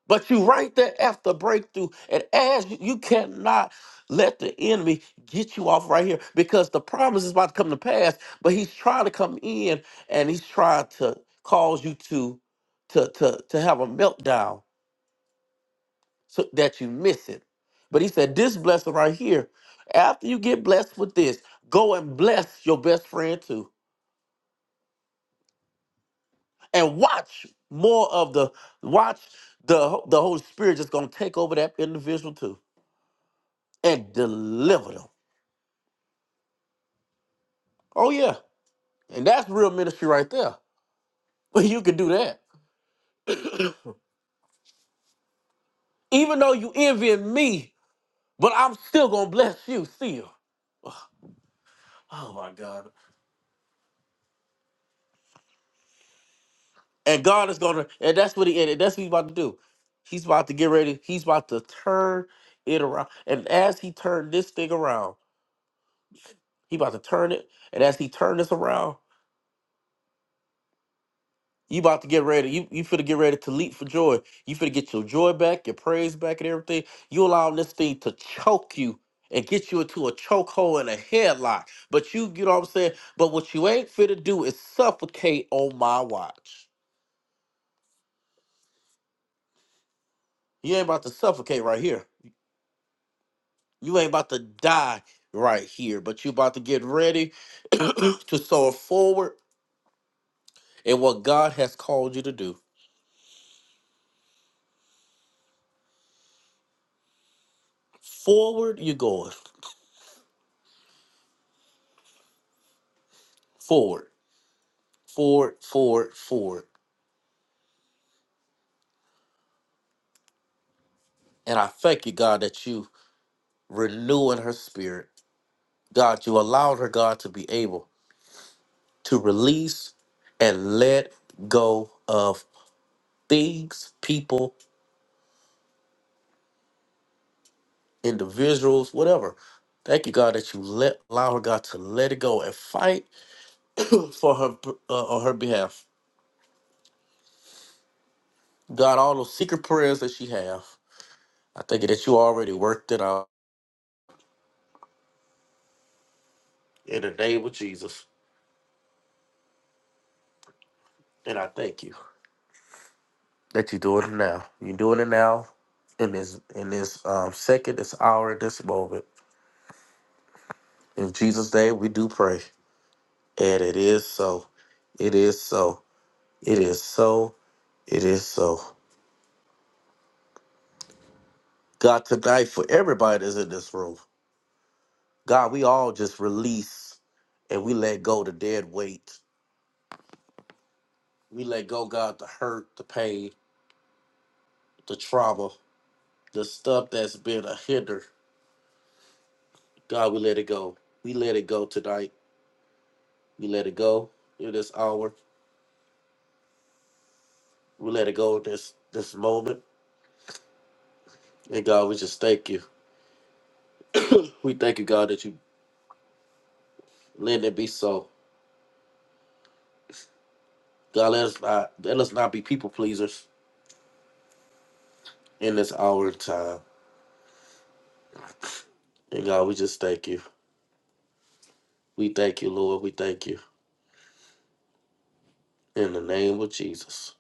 But you right there after breakthrough. And as you, you cannot let the enemy get you off right here because the promise is about to come to pass, but he's trying to come in and he's trying to cause you to to to to have a meltdown so that you miss it. But he said, This blessing right here, after you get blessed with this, go and bless your best friend too. And watch more of the watch the the Holy Spirit just gonna take over that individual too and deliver them. Oh yeah, and that's real ministry right there. But you can do that, even though you envy me, but I'm still gonna bless you still. Oh my God! And God is gonna, and that's what he, and that's what he's about to do. He's about to get ready. He's about to turn it around, and as he turned this thing around, he about to turn it, and as he turned this around. You about to get ready. You you finna get ready to leap for joy. You finna get your joy back, your praise back, and everything. You allow this thing to choke you and get you into a chokehold and a headlock. But you, you know what I'm saying? But what you ain't finna do is suffocate on my watch. You ain't about to suffocate right here. You ain't about to die right here. But you about to get ready to soar forward in what God has called you to do. Forward you're going. Forward. Forward, forward, forward. And I thank you, God, that you renew in her spirit. God, you allowed her, God, to be able to release and let go of things, people, individuals, whatever. Thank you, God, that you let allow her, God, to let it go and fight for her uh, on her behalf. God, all those secret prayers that she have, I thank you that you already worked it out in the name of Jesus, and I thank you. that you're doing it now. You're doing it now in this in this um, second, this hour, this moment. In Jesus' name, we do pray, and it is so. It is so. It is so. It is so. God, tonight for everybody that's in this room, God, we all just release and we let go the dead weight. We let go, God, the hurt, the pain, the trauma, the stuff that's been a hinder. God, we let it go. We let it go tonight. We let it go in this hour. We let it go at this this moment. And God, we just thank you. We thank you, God, that you let it be so. God, let us not let us not be people pleasers in this hour and time. And God, we just thank you. We thank you, Lord. We thank you. In the name of Jesus.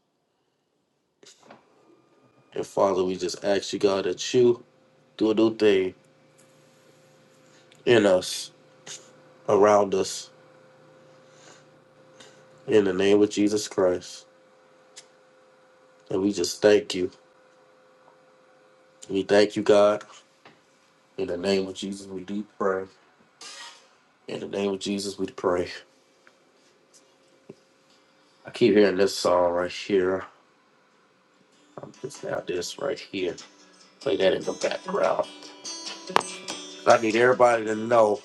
And Father, we just ask you, God, that you do a new thing in us, around us, in the name of Jesus Christ. And we just thank you. We thank you, God. In the name of Jesus, we do pray. In the name of Jesus, we pray. I keep hearing this song right here. I'm just now this right here. Play that in the background. I need everybody to know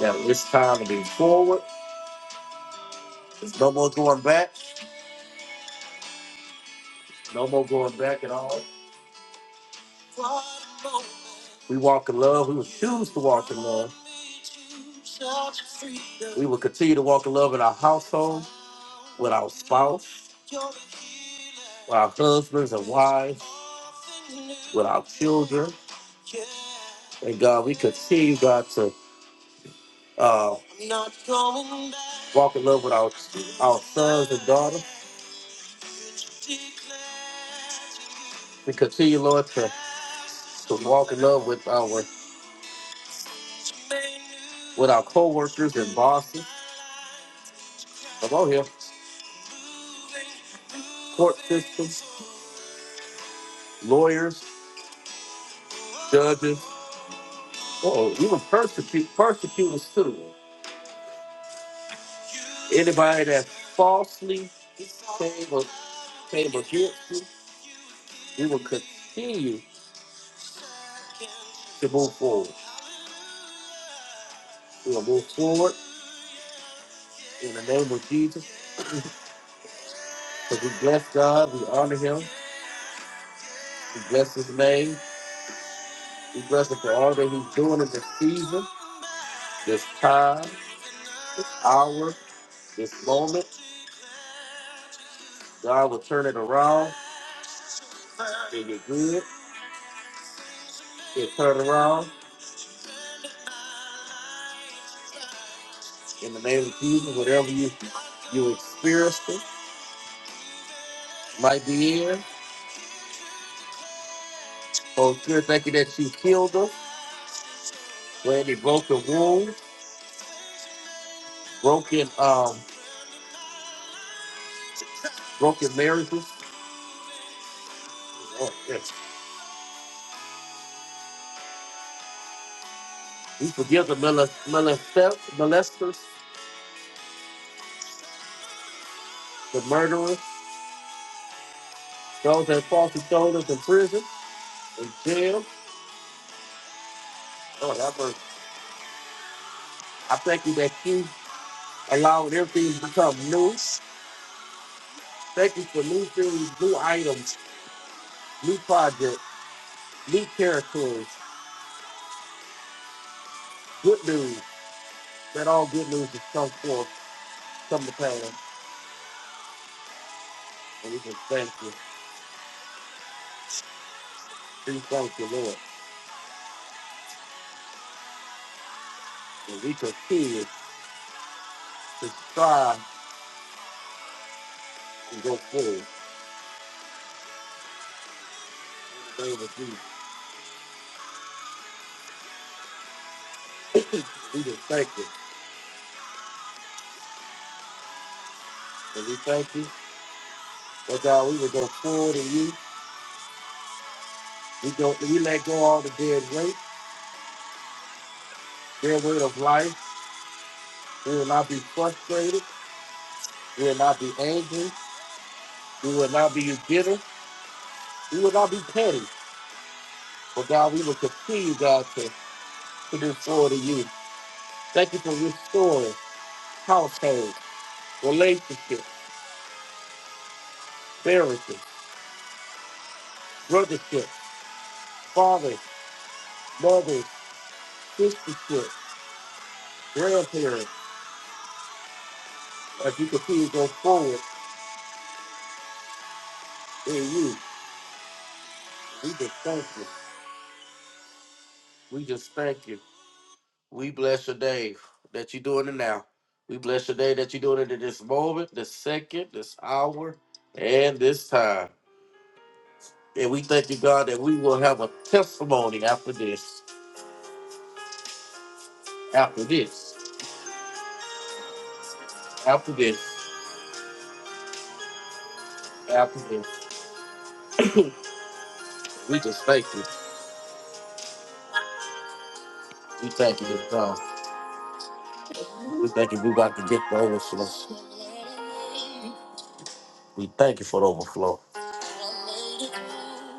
that it's time to be forward. There's no more going back. No more going back at all. We walk in love. We will choose to walk in love. We will continue to walk in love in our household, with our spouse, with our husbands and wives, with our children. And God, we continue, God, to uh, walk in love with our, our sons and daughters. We continue, Lord, to, to walk in love with our with our co-workers and bosses. Come on here, court systems, lawyers, judges, oh, even persecute persecutors too. Anybody that falsely came, a- came against you, we will continue to move forward. We will move forward in the name of Jesus. Because we bless God, we honor Him, we bless His name. We bless him for all that he's doing in this season, this time, this hour, this moment. God will turn it around in your good. He'll turn it around in the name of Jesus. Whatever you you experienced it, might be here. Oh, good. Thank you that you healed us. When you broke the wound, broken um, broken marriages. Oh, yes. We forgive the molest, molest, molesters, the murderers, those that falsely told us in prison, in jail. Oh, have mercy. I thank you that you allowed everything to become new. Thank you for new things, new items, new projects, new territories, good news, that all good news has come forth, come to pass. And we just thank you. We thank you, Lord. And we continue to strive and go forward. In the name of Jesus. we just thank you. And we thank you. But God, we will go forward in you. We go we let go all the dead weight, dead weight of life. We will not be frustrated. We will not be angry. We will not be bitter. We will not be petty. But God, we will continue, God, to, to do forward to you. Thank you for restoring households, relationships, marriages, brothership, fathers, mothers, sistership, grandparents. As we continue to go forward in you, we just thank you. We just thank you. We bless your day that you're doing it now. We bless your day that you're doing it in this moment, this second, this hour, and this time. And we thank you, God, that we will have a testimony after this, after this, after this, after this. We just thank you. We thank you, God. We thank you. We're about to get the overflow. We thank you for the overflow.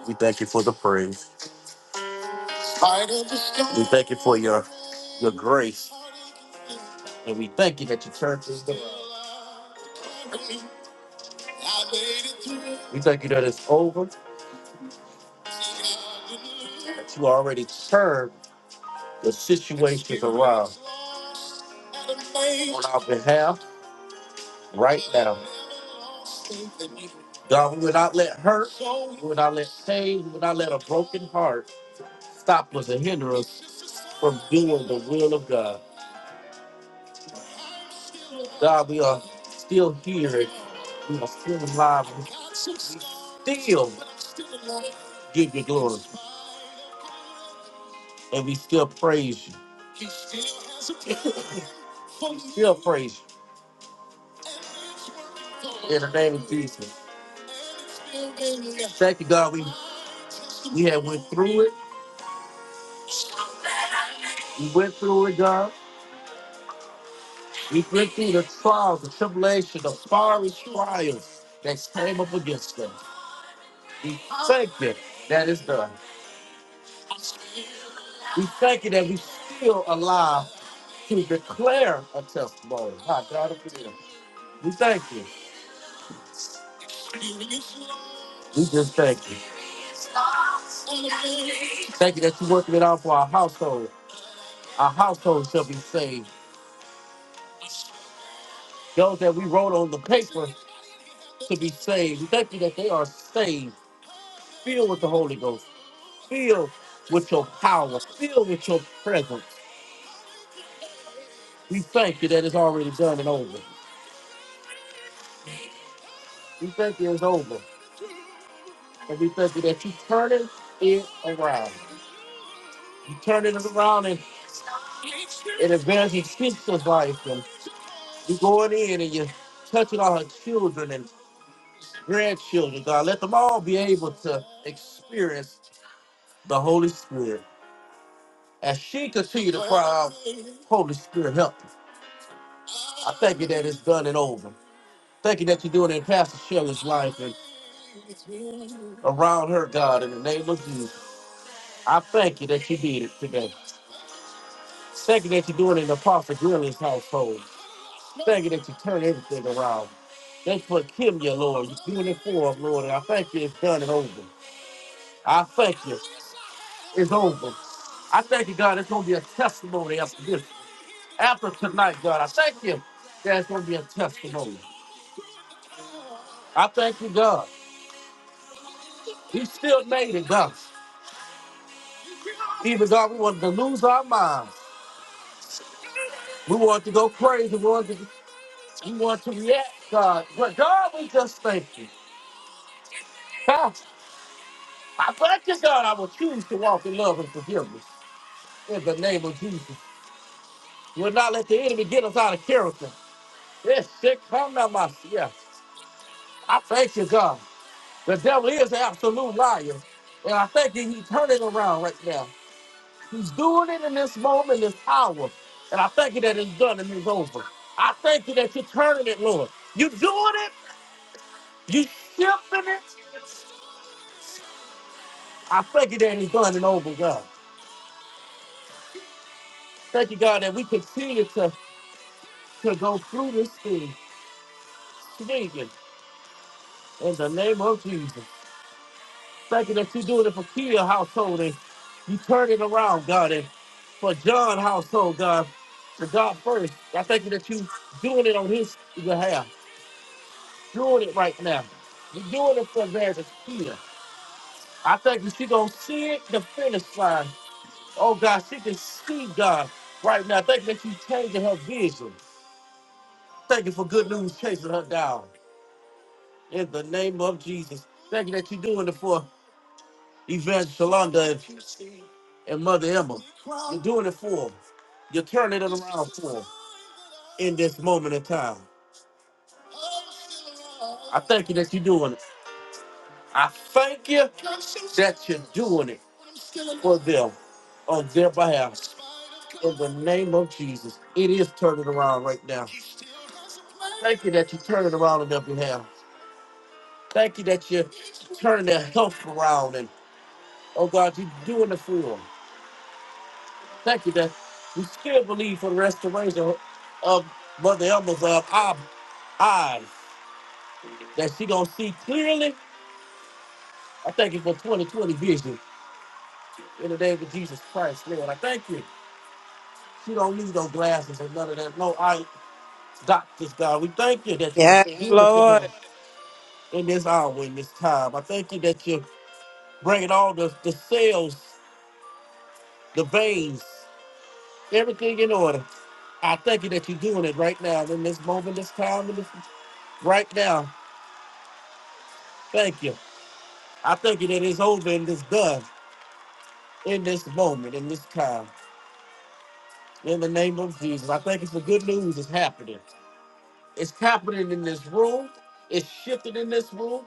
We thank you for the praise. We thank you for your your grace. And we thank you that your church is done. We thank you that it's over, that you already turned the situations around on our behalf right now. God, we will not let hurt, we will not let shame, we will not let a broken heart stop us and hinder us from doing the will of God. God, we are still here. We are still alive. We still give you glory. And we still praise you. we still praise you in the name of Jesus. Thank you, God. We, we have went through it. We went through it, God. We went through the trials, the tribulation, the fiery trials that came up against us. We thank you. That is done. We thank you that we still alive to declare a testimony. My God, of it is. we thank you. We just thank you. Thank you that you're working it out for our household. Our household shall be saved. Those that we wrote on the paper to be saved. We thank you that they are saved, filled with the Holy Ghost, filled with your power, filled with your presence. We thank you that it's already done and over. We thank you it's over. And we thank you that you're turning it around. You're turning it around and. and embarrassing sister's life and you are going in and you're touching all her children and grandchildren, God. Let them all be able to experience the Holy Spirit. As she continue to cry out, Holy Spirit, help me. I thank you that it's done and over. Thank you that you're doing it in Pastor Shelley's life and around her, God, in the name of Jesus. I thank you that you did it today. Thank you that you're doing it in Apostle Greeley's household. Thank you that you turn everything around. Thank you for killing you, Lord. You're doing it for us, Lord. And I thank you. It's done and over. I thank you. It's over. I thank you, God. It's going to be a testimony after this. After tonight, God. I thank you that it's going to be a testimony. I thank you, God. You still made it, God. Even God, we wanted to lose our minds. We wanted to go crazy. We wanted to, we wanted to react, God. But God, we just thank you. I thank you, God. I will choose to walk in love and forgiveness. in the name of Jesus. We'll not let the enemy get us out of character. Yes, shit, come now, my yeah. I thank you, God. The devil is an absolute liar. And I thank you, he's turning around right now. He's doing it in this moment, this hour. And I thank you that it's done and it's over. I thank you that you're turning it, Lord. You're doing it. You're shifting it. I thank you that it's done and over, God. Thank you, God, that we continue to, to go through this thing, swinging in the name of Jesus. Thank you that you're doing it for Kia household and you turn it around, God, and for John household, God, for God first. I thank you that you doing it on his behalf, doing it right now. You're doing it for Evangelist Kia. I thank you she gonna see it, the finish line. Oh God, she can see God right now. Thank you that you changing her vision. Thank you for good news chasing her down. In the name of Jesus. Thank you that you're doing it for Evangelist Shalonda and Mother Emma. You're doing it for them. 'em. You're turning it around for them in this moment in time. I thank you that you're doing it. I thank you that you're doing it for them on their behalf. In the name of Jesus, it is turning around right now. Thank you that you're turning around on their behalf. Thank you that you're turning their health around. And oh God, you're doing it for them. Thank you that we still believe for the restoration of Mother Emma's uh, eye- eyes. that she gonna see clearly. I thank you for 2020 vision in the name of Jesus Christ, Lord. I thank you. She don't need no glasses and none of that. No eye doctors, God. We thank you that you
Yes,
doing it her
Lord.
in this hour, in this time. I thank you that you're bringing all the, the cells, the veins, everything in order. I thank you that you're doing it right now in this moment, this time, in this, right now. Thank you. I thank you that it's over and it's done in this moment, in this time. in the name of Jesus. I thank you for good news. It's happening. It's happening in this room. It's shifted in this room.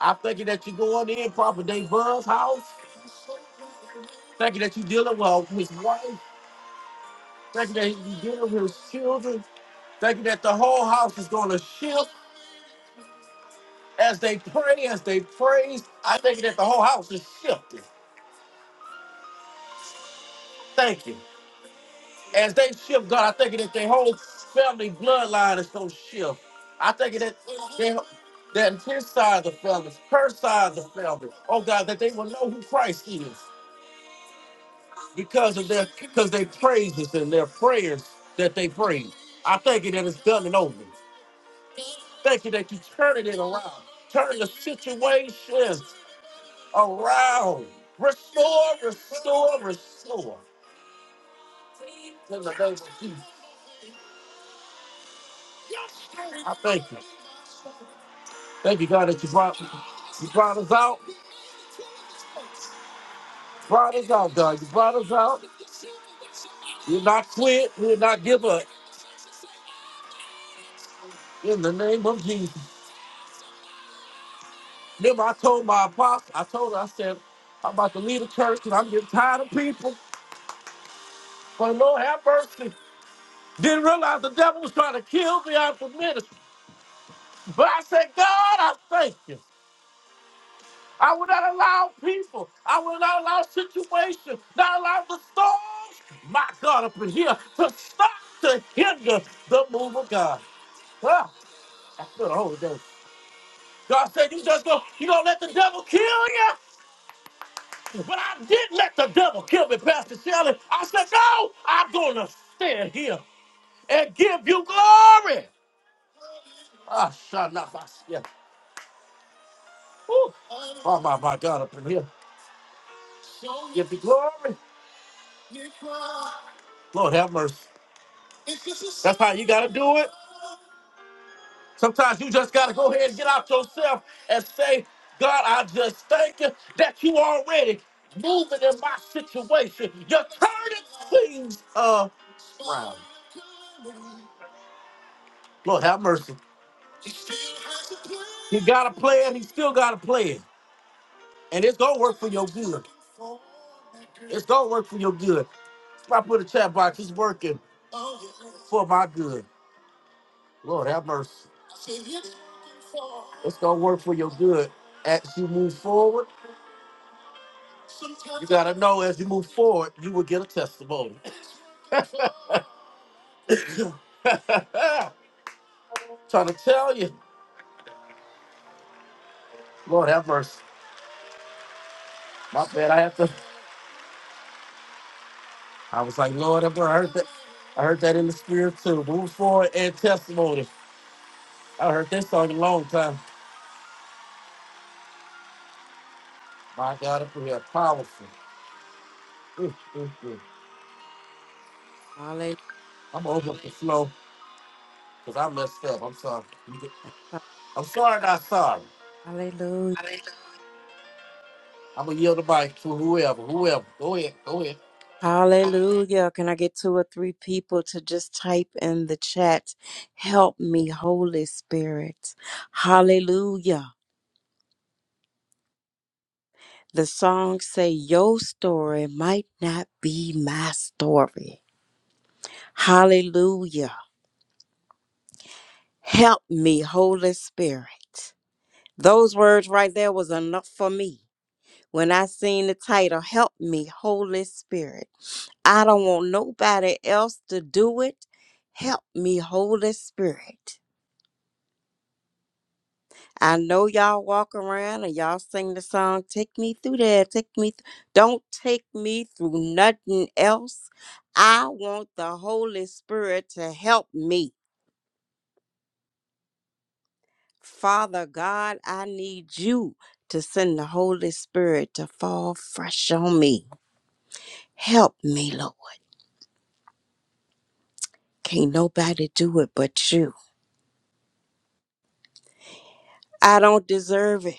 I thank you that you're going in proper Dave Buzz house. Thank you that you're dealing well with his wife. Thank you that you're dealing with his children. Thank you that the whole house is going to shift as they pray, as they praise. I thank you that the whole house is shifting. Thank you. as they shift, God, I think that their whole family bloodline is so shift. I think that they, that his side of the family, her side of the family, oh God, that they will know who Christ is because of their because they praises and their prayers that they pray. I thank you that it's done and over. Thank you that you turning it around, turning the situations around. Restore, restore, restore. In the name of Jesus, I thank you. Thank you, God, that you brought you brought us out. Brought us out, God. You brought us out. We'll not quit. We'll not give up. In the name of Jesus. Remember, I told my apostle, I told her, I said, I'm about to leave the church and I'm getting tired of people. But Lord have mercy. Didn't realize the devil was trying to kill me out of the ministry. But I said, God, I thank you. I will not allow people. I will not allow situations, not allow the storms, my God, up in here to stop, to hinder the move of God. Huh? I feel the Holy Ghost. God said, you just go, you don't let the devil kill you. But I did let the devil kill me, Pastor Shelley. I said, no, I'm going to stand here and give you glory. Ah, Shanafasya. Woo. Oh, my, my God, up in here. Give you glory. Lord, have mercy. That's how you got to do it. Sometimes you just got to go ahead and get out yourself and say, God, I just thank you that you already moving in my situation. You're turning things around. Lord, have mercy. He got a plan. He still got a plan. And it's going to work for your good. It's going to work for your good. I put a chat box. It's working for my good. Lord, have mercy. It's going to work for your good as you move forward. You got to know as you move forward, you will get a testimony. Trying to tell you. Lord have mercy. My bad. I have to. I was like, Lord, have mercy. I heard that. I heard that in the spirit too. Move forward and testimony. I heard this song a long time. My God, up here, powerful. Mm, mm, mm.
Hallelujah.
I'm gonna open up the flow because I messed up. I'm sorry. You get- I'm sorry, not sorry.
Hallelujah.
I'm gonna yield the mic to whoever, whoever. Go ahead, go ahead.
Hallelujah. Can I get two or three people to just type in the chat? Help me, Holy Spirit. Hallelujah. The song say your story might not be my story. Hallelujah. Help me, Holy Spirit. Those words right there was enough for me. When I seen the title, Help Me, Holy Spirit, I don't want nobody else to do it. Help me, Holy Spirit. I know y'all walk around and y'all sing the song, Take Me Through There, Take Me. Th-. Don't take me through nothing else. I want the Holy Spirit to help me. Father God, I need you to send the Holy Spirit to fall fresh on me. Help me, Lord. Can't nobody do it but you. I don't deserve it.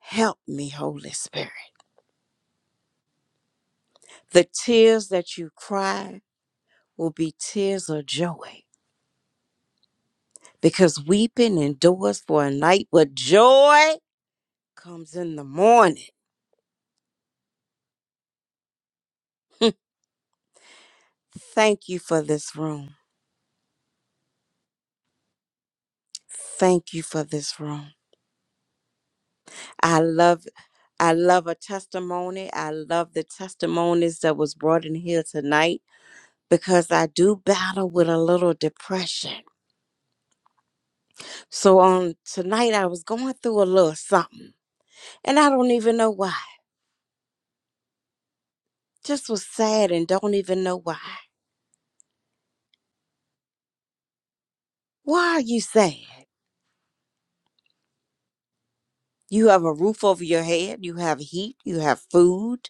Help me, Holy Spirit. The tears that you cry will be tears of joy because weeping endures for a night, but joy comes in the morning. Thank you for this room. Thank you for this room. I love I love a testimony. I love the testimonies that was brought in here tonight because I do battle with a little depression. So on tonight, I was going through a little something, and I don't even know why. Just was sad and don't even know why. Why are you sad? You have a roof over your head, you have heat, you have food,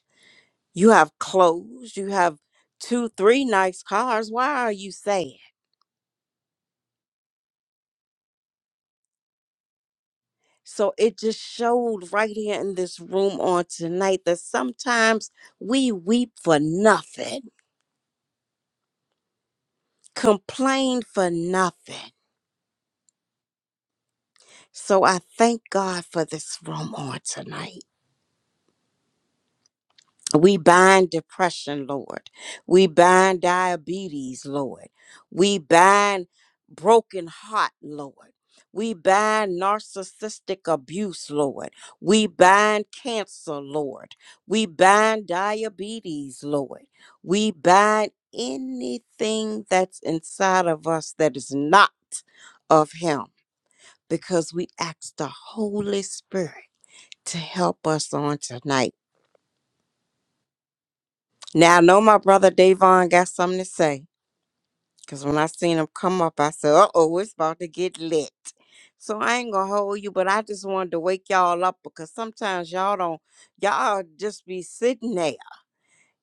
you have clothes, you have two, three nice cars. Why are you sad? So it just showed right here in this room on tonight that sometimes we weep for nothing, complain for nothing. So I thank God for this room on tonight. We bind depression, Lord. We bind diabetes, Lord. We bind broken heart, Lord. We bind narcissistic abuse, Lord. We bind cancer, Lord. We bind diabetes, Lord. We bind anything that's inside of us that is not of Him because we ask the Holy Spirit to help us on tonight Now I know my brother Davon got something to say. Cause when I seen him come up, I said, uh oh, it's about to get lit. So I ain't gonna hold you, but I just wanted to wake y'all up because sometimes y'all don't y'all just be sitting there.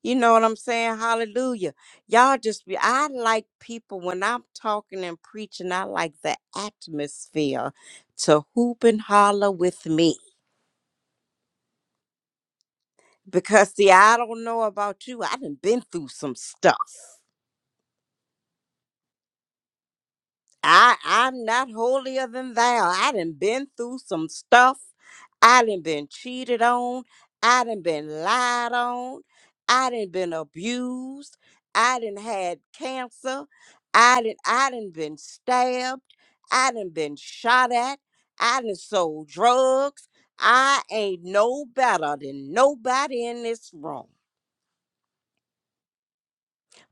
You know what I'm saying? Hallelujah. Y'all just be I like people when I'm talking and preaching, I like the atmosphere to hoop and holler with me. Because see, I don't know about you. I done been through some stuff. I I'm not holier than thou. I done been through some stuff. I done been cheated on. I done been lied on. I done been abused. I done had cancer. I done I done been stabbed. I done been shot at. I done sold drugs. I ain't no better than nobody in this room.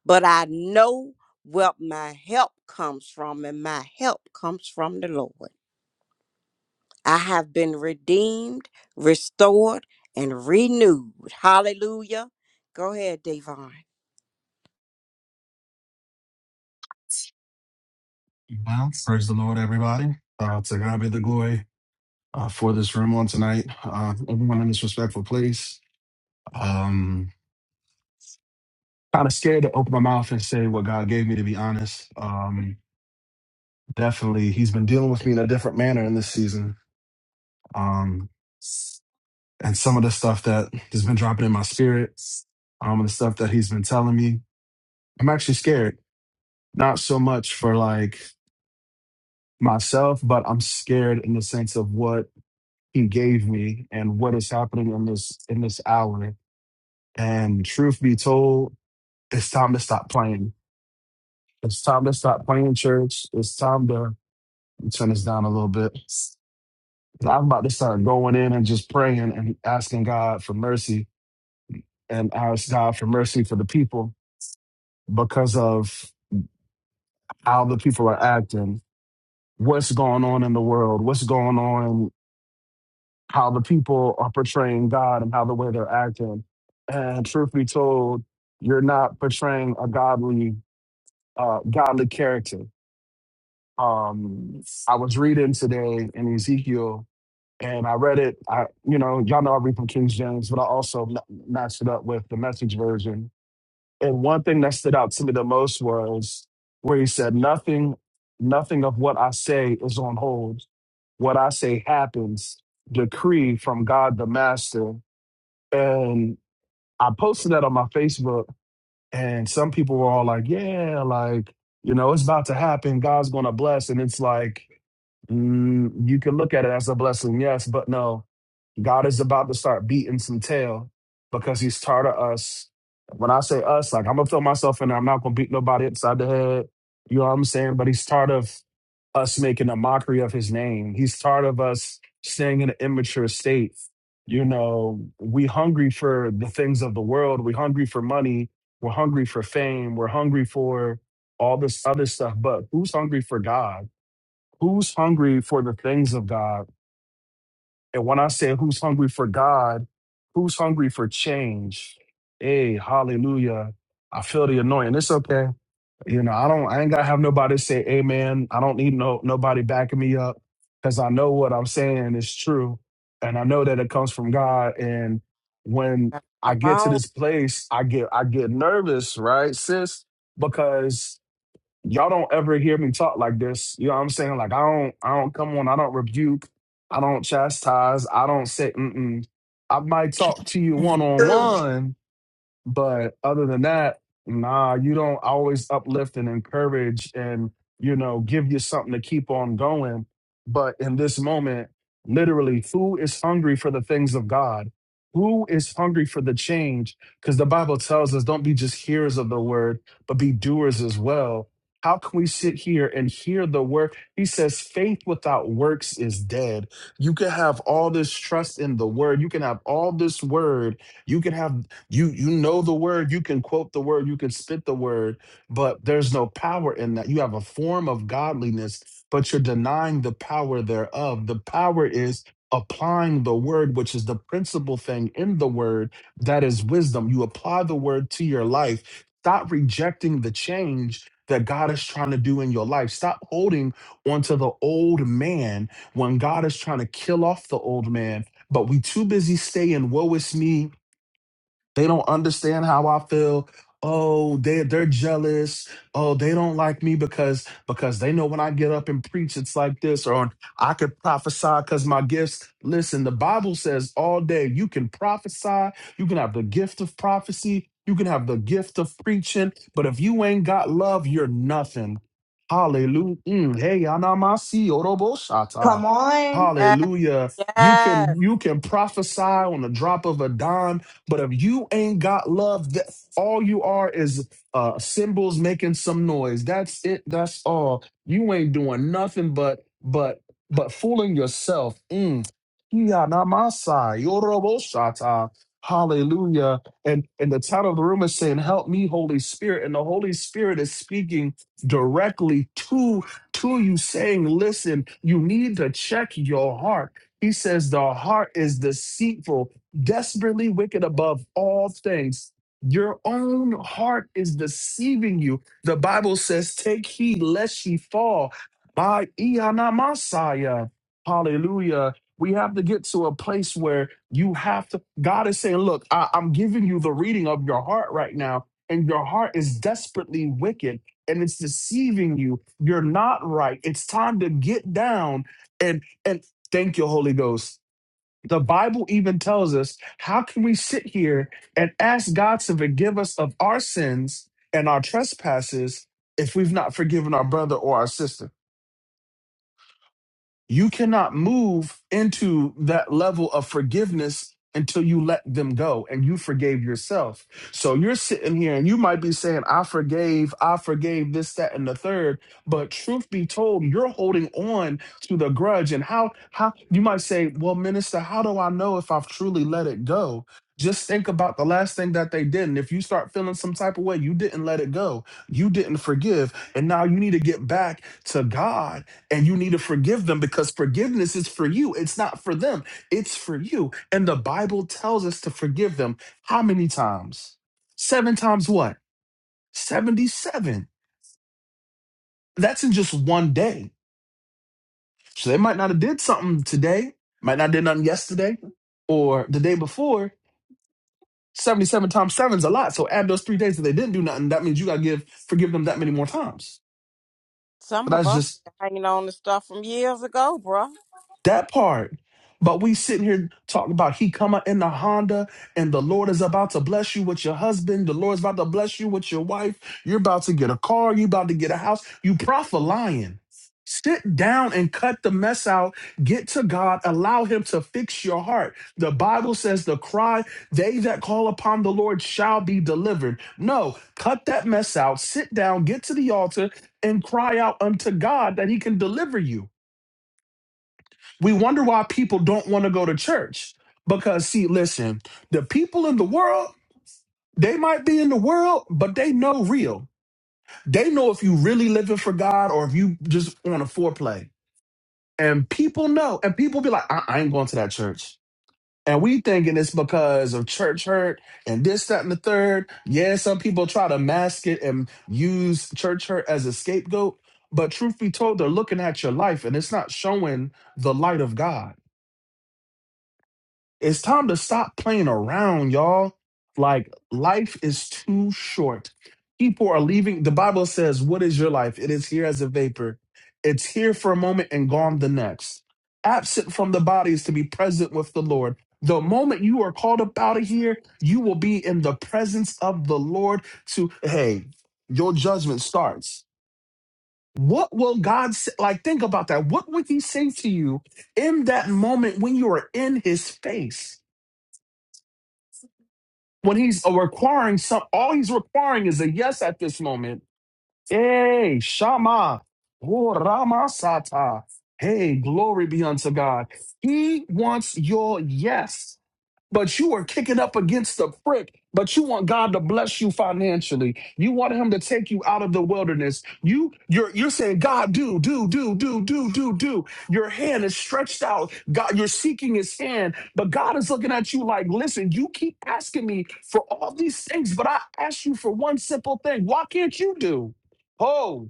But I know where my help comes from, and my help comes from the Lord. I have been redeemed, restored, and renewed. Hallelujah. Go ahead, Davon.
Well, praise the Lord, everybody. Uh, to God be the glory uh, for this room on tonight. Uh, everyone in this respectful place. Um, kind of scared to open my mouth and say what God gave me, to be honest. Um, definitely, He's been dealing with me in a different manner in this season. Um, and some of the stuff that has been dropping in my spirit, um, and the stuff that He's been telling me, I'm actually scared. Not so much for like myself, but I'm scared in the sense of what he gave me and what is happening in this in this hour. And truth be told, it's time to stop playing. It's time to stop playing church. It's time to turn this down a little bit. I'm about to start going in and just praying and asking God for mercy and ask God for mercy for the people because of how the people are acting, what's going on in the world, what's going on how the people are portraying God and how the way they're acting. And truth be told, you're not portraying a godly, uh, godly character. Um, I was reading today in Ezekiel, and I read it. I, you know, y'all know I read from King James, but I also ma- matched it up with the Message version. And one thing that stood out to me the most was where he said, "Nothing, nothing of what I say is on hold. What I say happens. Decree from God the Master." and I posted that on my Facebook. And some people were all like, yeah, like, you know, it's about to happen. God's going to bless. And it's like, mm, you can look at it as a blessing, yes, but no. God is about to start beating some tail because he's tired of us. When I say us, like, I'm going to throw myself in there. I'm not going to beat nobody inside the head. You know what I'm saying? But he's tired of us making a mockery of his name. He's tired of us staying in an immature state. You know, we hungry for the things of the world. We hungry for money we're hungry for fame. We're hungry for all this other stuff. But who's hungry for God? Who's hungry for the things of God? And when I say who's hungry for God, who's hungry for change? Hey, hallelujah. I feel the anointing. It's okay. You know, I don't I ain't gotta have nobody say amen. I don't need no nobody backing me up because I know what I'm saying is true. And I know that it comes from God. And when I
Come
get to
on.
this place, I get I get nervous, right, sis? Because y'all don't ever hear me talk like this. You know what I'm saying? Like I don't, I don't come on. I don't rebuke. I don't chastise. I don't say. Mm-mm. I might talk to you one on
True.
one, but other than that, nah, you don't always uplift and encourage and, you know, give you something to keep on going. But in this moment, literally, who is hungry for the things of God? Who is hungry for the change? Because the Bible tells us don't be just hearers of the word, but be doers as well. How can we sit here and hear the word? He says, faith without works is dead. You can have all this trust in the word. You can have all this word you can have you you know the word, you can quote the word, you can spit the word, but there's no power in that. You have a form of godliness, but you're denying the power thereof. The power is applying the word, which is the principal thing in the word, that is wisdom. You apply the word to your life. Stop rejecting the change that God is trying to do in your life. Stop holding onto the old man when God is trying to kill off the old man. But we too busy staying, woe is me, they don't understand how I feel. Oh, they they're jealous. Oh, they don't like me because because they know when I get up and preach, it's like this, or I could prophesy because my gifts. Listen, the Bible says all day you can prophesy, you can have the gift of prophecy, you can have the gift of preaching, but if you ain't got love, you're nothing. Hallelujah. Mm, Hey, anamasi oroboshata.
Yes.
Hallelujah. You can
yes.
you can prophesy on the drop of a dime but if you ain't got love, that all you are is uh cymbals making some noise. That's it. That's all. You ain't doing nothing but but but fooling yourself. Mm. Yeah, namasai, yoroboshata. Hallelujah. And and the title of the room is saying, Help me, Holy Spirit. And the Holy Spirit is speaking directly to to you, saying, Listen, you need to check your heart. He says, The heart is deceitful desperately wicked above all things. Your own heart is deceiving you. The Bible says, Take heed lest ye fall. By Iana Masaya. Hallelujah. We have to get to a place where you have to. God is saying, Look, I, I'm giving you the reading of your heart right now, and your heart is desperately wicked and it's deceiving you. You're not right. It's time to get down and and thank you, Holy Ghost the Bible even tells us how can we sit here and ask God to forgive us of our sins and our trespasses if we've not forgiven our brother or our sister? You
That's good.
cannot move into that level of forgiveness until you let them go and you forgave yourself. So you're sitting here and you might be saying, I forgave, I forgave this, that, and the third. But truth be told, you're holding on to the grudge. And how how you might say, Well, minister, how do I know if I've truly let it go? Just think about the last thing that they did. And if you start feeling some type of way, you didn't let it go. You didn't forgive. And now you need to get back to God and you need to forgive them because forgiveness is for you. It's not for them, it's for you. And the Bible tells us to forgive them how many times? Seven times what? 77. That's in just one day. So they might not have did something today, might not did nothing yesterday or the day before. 77 times seven is a lot. So add those three days that they didn't do nothing. That means you gotta give forgive them that many more times.
Some
But
of
that's
us
just
are hanging on to stuff from years ago, bro.
That part. But we sitting here talking about he come out in the Honda and the Lord is about to bless you with your husband. The Lord's about to bless you with your wife. You're about to get a car. you are about to get a house. You prophet lying. Sit down and cut the mess out. Get to God. Allow him to fix your heart. The Bible says the cry, they that call upon the Lord shall be delivered. No, cut that mess out. Sit down, get to the altar and cry out unto God that he can deliver you. We wonder why people don't want to go to church. Because, see, listen, the people in the world, they might be in the world, but they know real. They know if you really living for God or if you just on a foreplay. And people know, and people be like, I, I ain't going to that church. And we thinking it's because of church hurt and this, that, and the third. Yeah, some people try to mask it and use church hurt as a scapegoat. But truth be told, they're looking at your life and it's not showing the light of God It's time to stop playing around, y'all. Like, life is too short. People are leaving. The Bible says, What is your life? It is here as a vapor. It's here for a moment and gone the next. Absent from the body is to be present with the Lord. The moment you are called up out of here, you will be in the presence of the Lord to, hey, your judgment starts. What will God say? Like, think about that. What would He say to you in that moment when you are in His face? when he's requiring some, all he's requiring is a yes at this moment. Hey, Shama, oh, Rama Sata. Hey, glory be unto God. He wants your yes but you are kicking up against the prick. But you want God to bless you financially. You want Him to take you out of the wilderness. You, you're, you're saying, God, do, do, do, do, do, do, do. Your hand is stretched out. God, you're seeking His hand, but God is looking at you like, listen, you keep asking me for all these things, but I asked you for one simple thing. Why can't you do? Oh.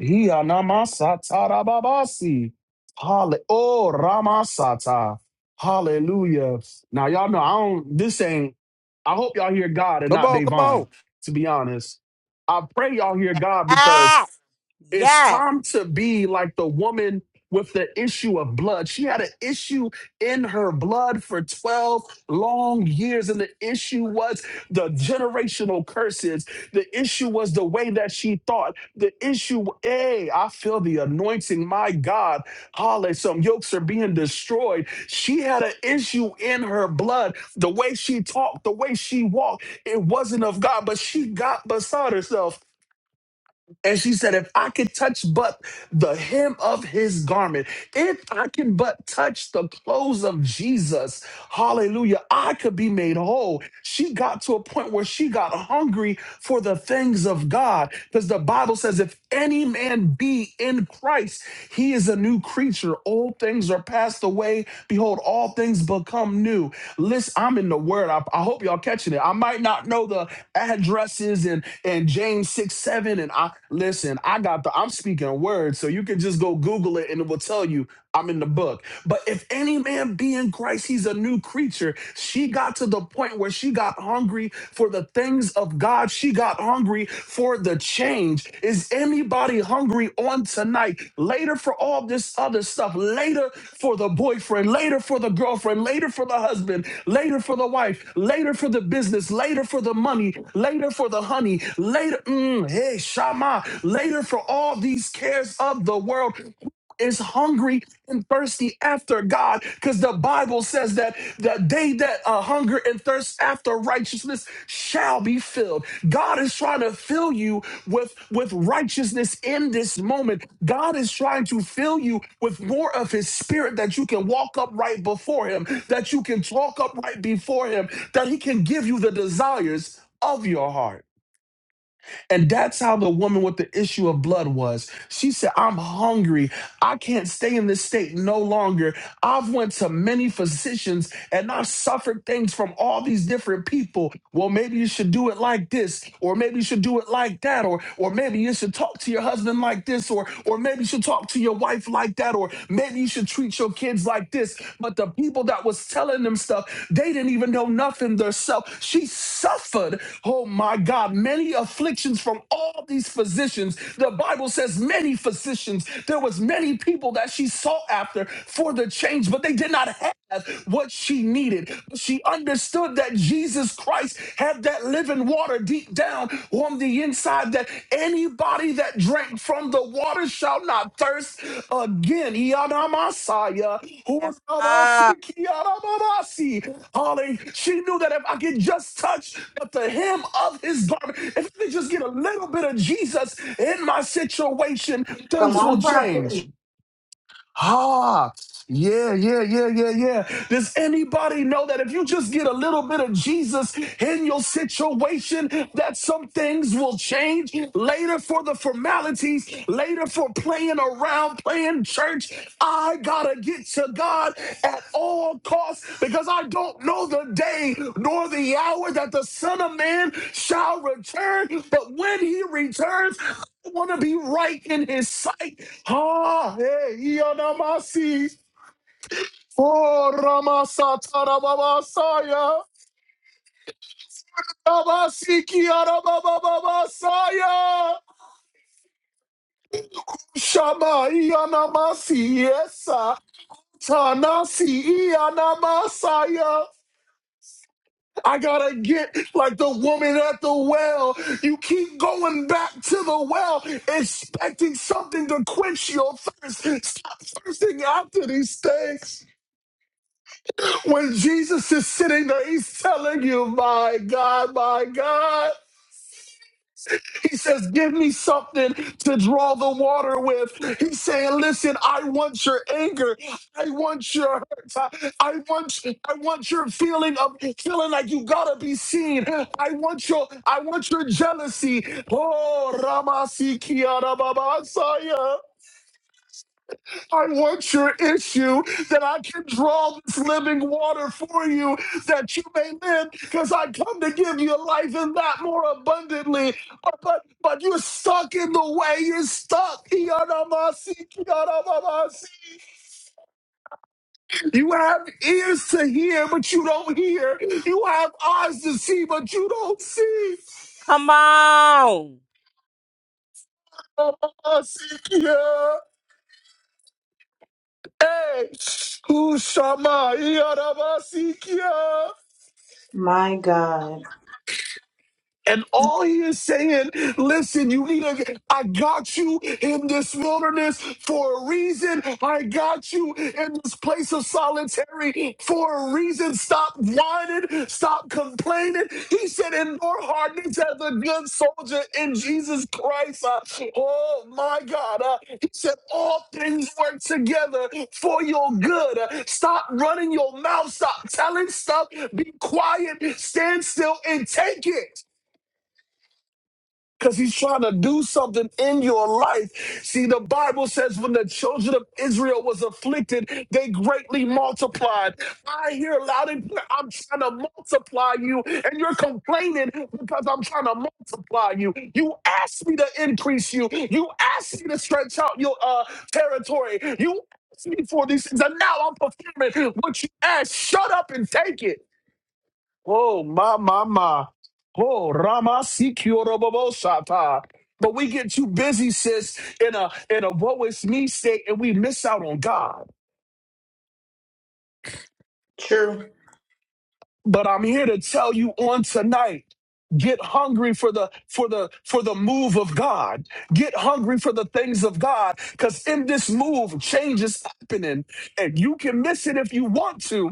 Ianamasata Rababasi, Halle- Oh, Ramasata. Hallelujah. Now, y'all know I don't, this ain't, I hope y'all hear God and
Come
not
on, come
Davon,
on.
to be honest. I pray y'all hear God
Ah,
because it's
yes.
time to be like the woman with the issue of blood. She had an issue in her blood for 12 long years, and the issue was the generational curses. The issue was the way that she thought. The issue, hey, I feel the anointing. My God, Holly, some yokes are being destroyed. She had an issue in her blood. The way she talked, the way she walked, it wasn't of God, but she got beside herself and she said, If I could touch but the hem of his garment, if I can but touch the clothes of Jesus, hallelujah, I could be made whole. She got to a point where she got hungry for the things of God because the Bible says, If any man be in Christ, he is a new creature. Old things are passed away. Behold, all things become new. Listen, I'm in the word. I, I hope y'all catching it. I might not know the addresses and and James six seven and I listen. I got the. I'm speaking words, so you can just go Google it and it will tell you I'm in the book. But if any man be in Christ, he's a new creature. She got to the point where she got hungry for the things of God. She got hungry for the change. Is anybody hungry on tonight? Later for all this other stuff, later for the boyfriend, later for the girlfriend, later for the husband, later for the wife, later for the business, later for the money, later for the honey, later, mm, hey, Shama, later for all these cares of the world is hungry and thirsty after God because the Bible says that that they that uh, hunger and thirst after righteousness shall be filled. God is trying to fill you with with righteousness in this moment. God is trying to fill you with more of his spirit that you can walk upright before him, that you can talk upright before him, that he can give you the desires of your heart. And that's how the woman with the issue of blood was. She said, I'm hungry. I can't stay in this state no longer. I've went to many physicians and I've suffered things from all these different people. Well, maybe you should do it like this, or maybe you should do it like that, or or maybe you should talk to your husband like this, or or maybe you should talk to your wife like that, or maybe you should treat your special kids like this, but the people that was telling them stuff, they didn't even know nothing themselves. She suffered, oh my God, many afflictions from all these physicians. The Bible says many physicians. There was many people that she sought after for the change, but they did not have as what she needed. She understood that Jesus Christ had that living water deep down on the inside, that anybody that drank from the water shall not thirst again. Yadamasaya,
Yes. sir.
hurabasikiyaramamasi. Holly, she knew that if I could just touch at the hem of his garment, if I could just get a little bit of Jesus in my situation,
Come
things will
on, prophet.
change. Ah, yeah, yeah, yeah, yeah, yeah. Does anybody know that if you just get a little bit of Jesus in your situation, that some things will change later for the formalities, later for playing around, playing church? I gotta get to God at all costs because I don't know the day nor the hour that the Son of Man shall return. But when he returns, I want to be right in his sight. Ha, hey, Iyanamasi, oh, Ramasa, Tarababasaya, Abasiki, Arabababasaya, Shama, Iyanamasi, yes, sir. Tanasi, Iyanamasaya. I gotta get like the woman at the well. You keep going back to the well, expecting something to quench your thirst. Stop thirsting after these things. When Jesus is sitting there, he's telling you, My God, my God. He says, Give me something to draw the water with. He's saying, Listen, I want your anger. I want your hurt. I, I want I want your feeling of feeling like you gotta be seen. I want your I want your jealousy. Oh Ramasi Kiara Baba I want your issue that I can draw this living water for you that you may live because I come to give you life and that more abundantly. But but, but you're stuck in the way. You're stuck. Iyanamasi, kiyanamamasi. You have ears to hear, but you don't hear. You have eyes to see, but you don't see.
come on.
Iyanamasi, kiya. Hey, Ushama, Iyanamasi, kiya.
My God.
And all he is saying, listen, you need a, I got you in this wilderness for a reason. I got you in this place of solitary for a reason. Stop whining, stop complaining. He said, in your heart, needs as a good soldier in Jesus Christ. Uh, oh my God. Uh, he said, all things work together for your good. Uh, stop running your mouth, stop telling stuff, be quiet, stand still, and take it because he's trying to do something in your life. See, the Bible says when the children of Israel was afflicted, they greatly multiplied. I hear loud and clear, I'm trying to multiply you, and you're complaining because I'm trying to multiply you. You asked me to increase you. You asked me to stretch out your uh, territory. You asked me for these things, and now I'm performing what you asked. Shut up and take it. Oh, ma, ma, ma. Oh, Rama Sikiorobobosata. But we get too busy, sis, in a in a woe is me state, and we miss out on God.
True.
But I'm here to tell you on tonight. Get hungry for the for the for the move of God. Get hungry for the things of God, because in this move, change is happening, and you can miss it if you want to.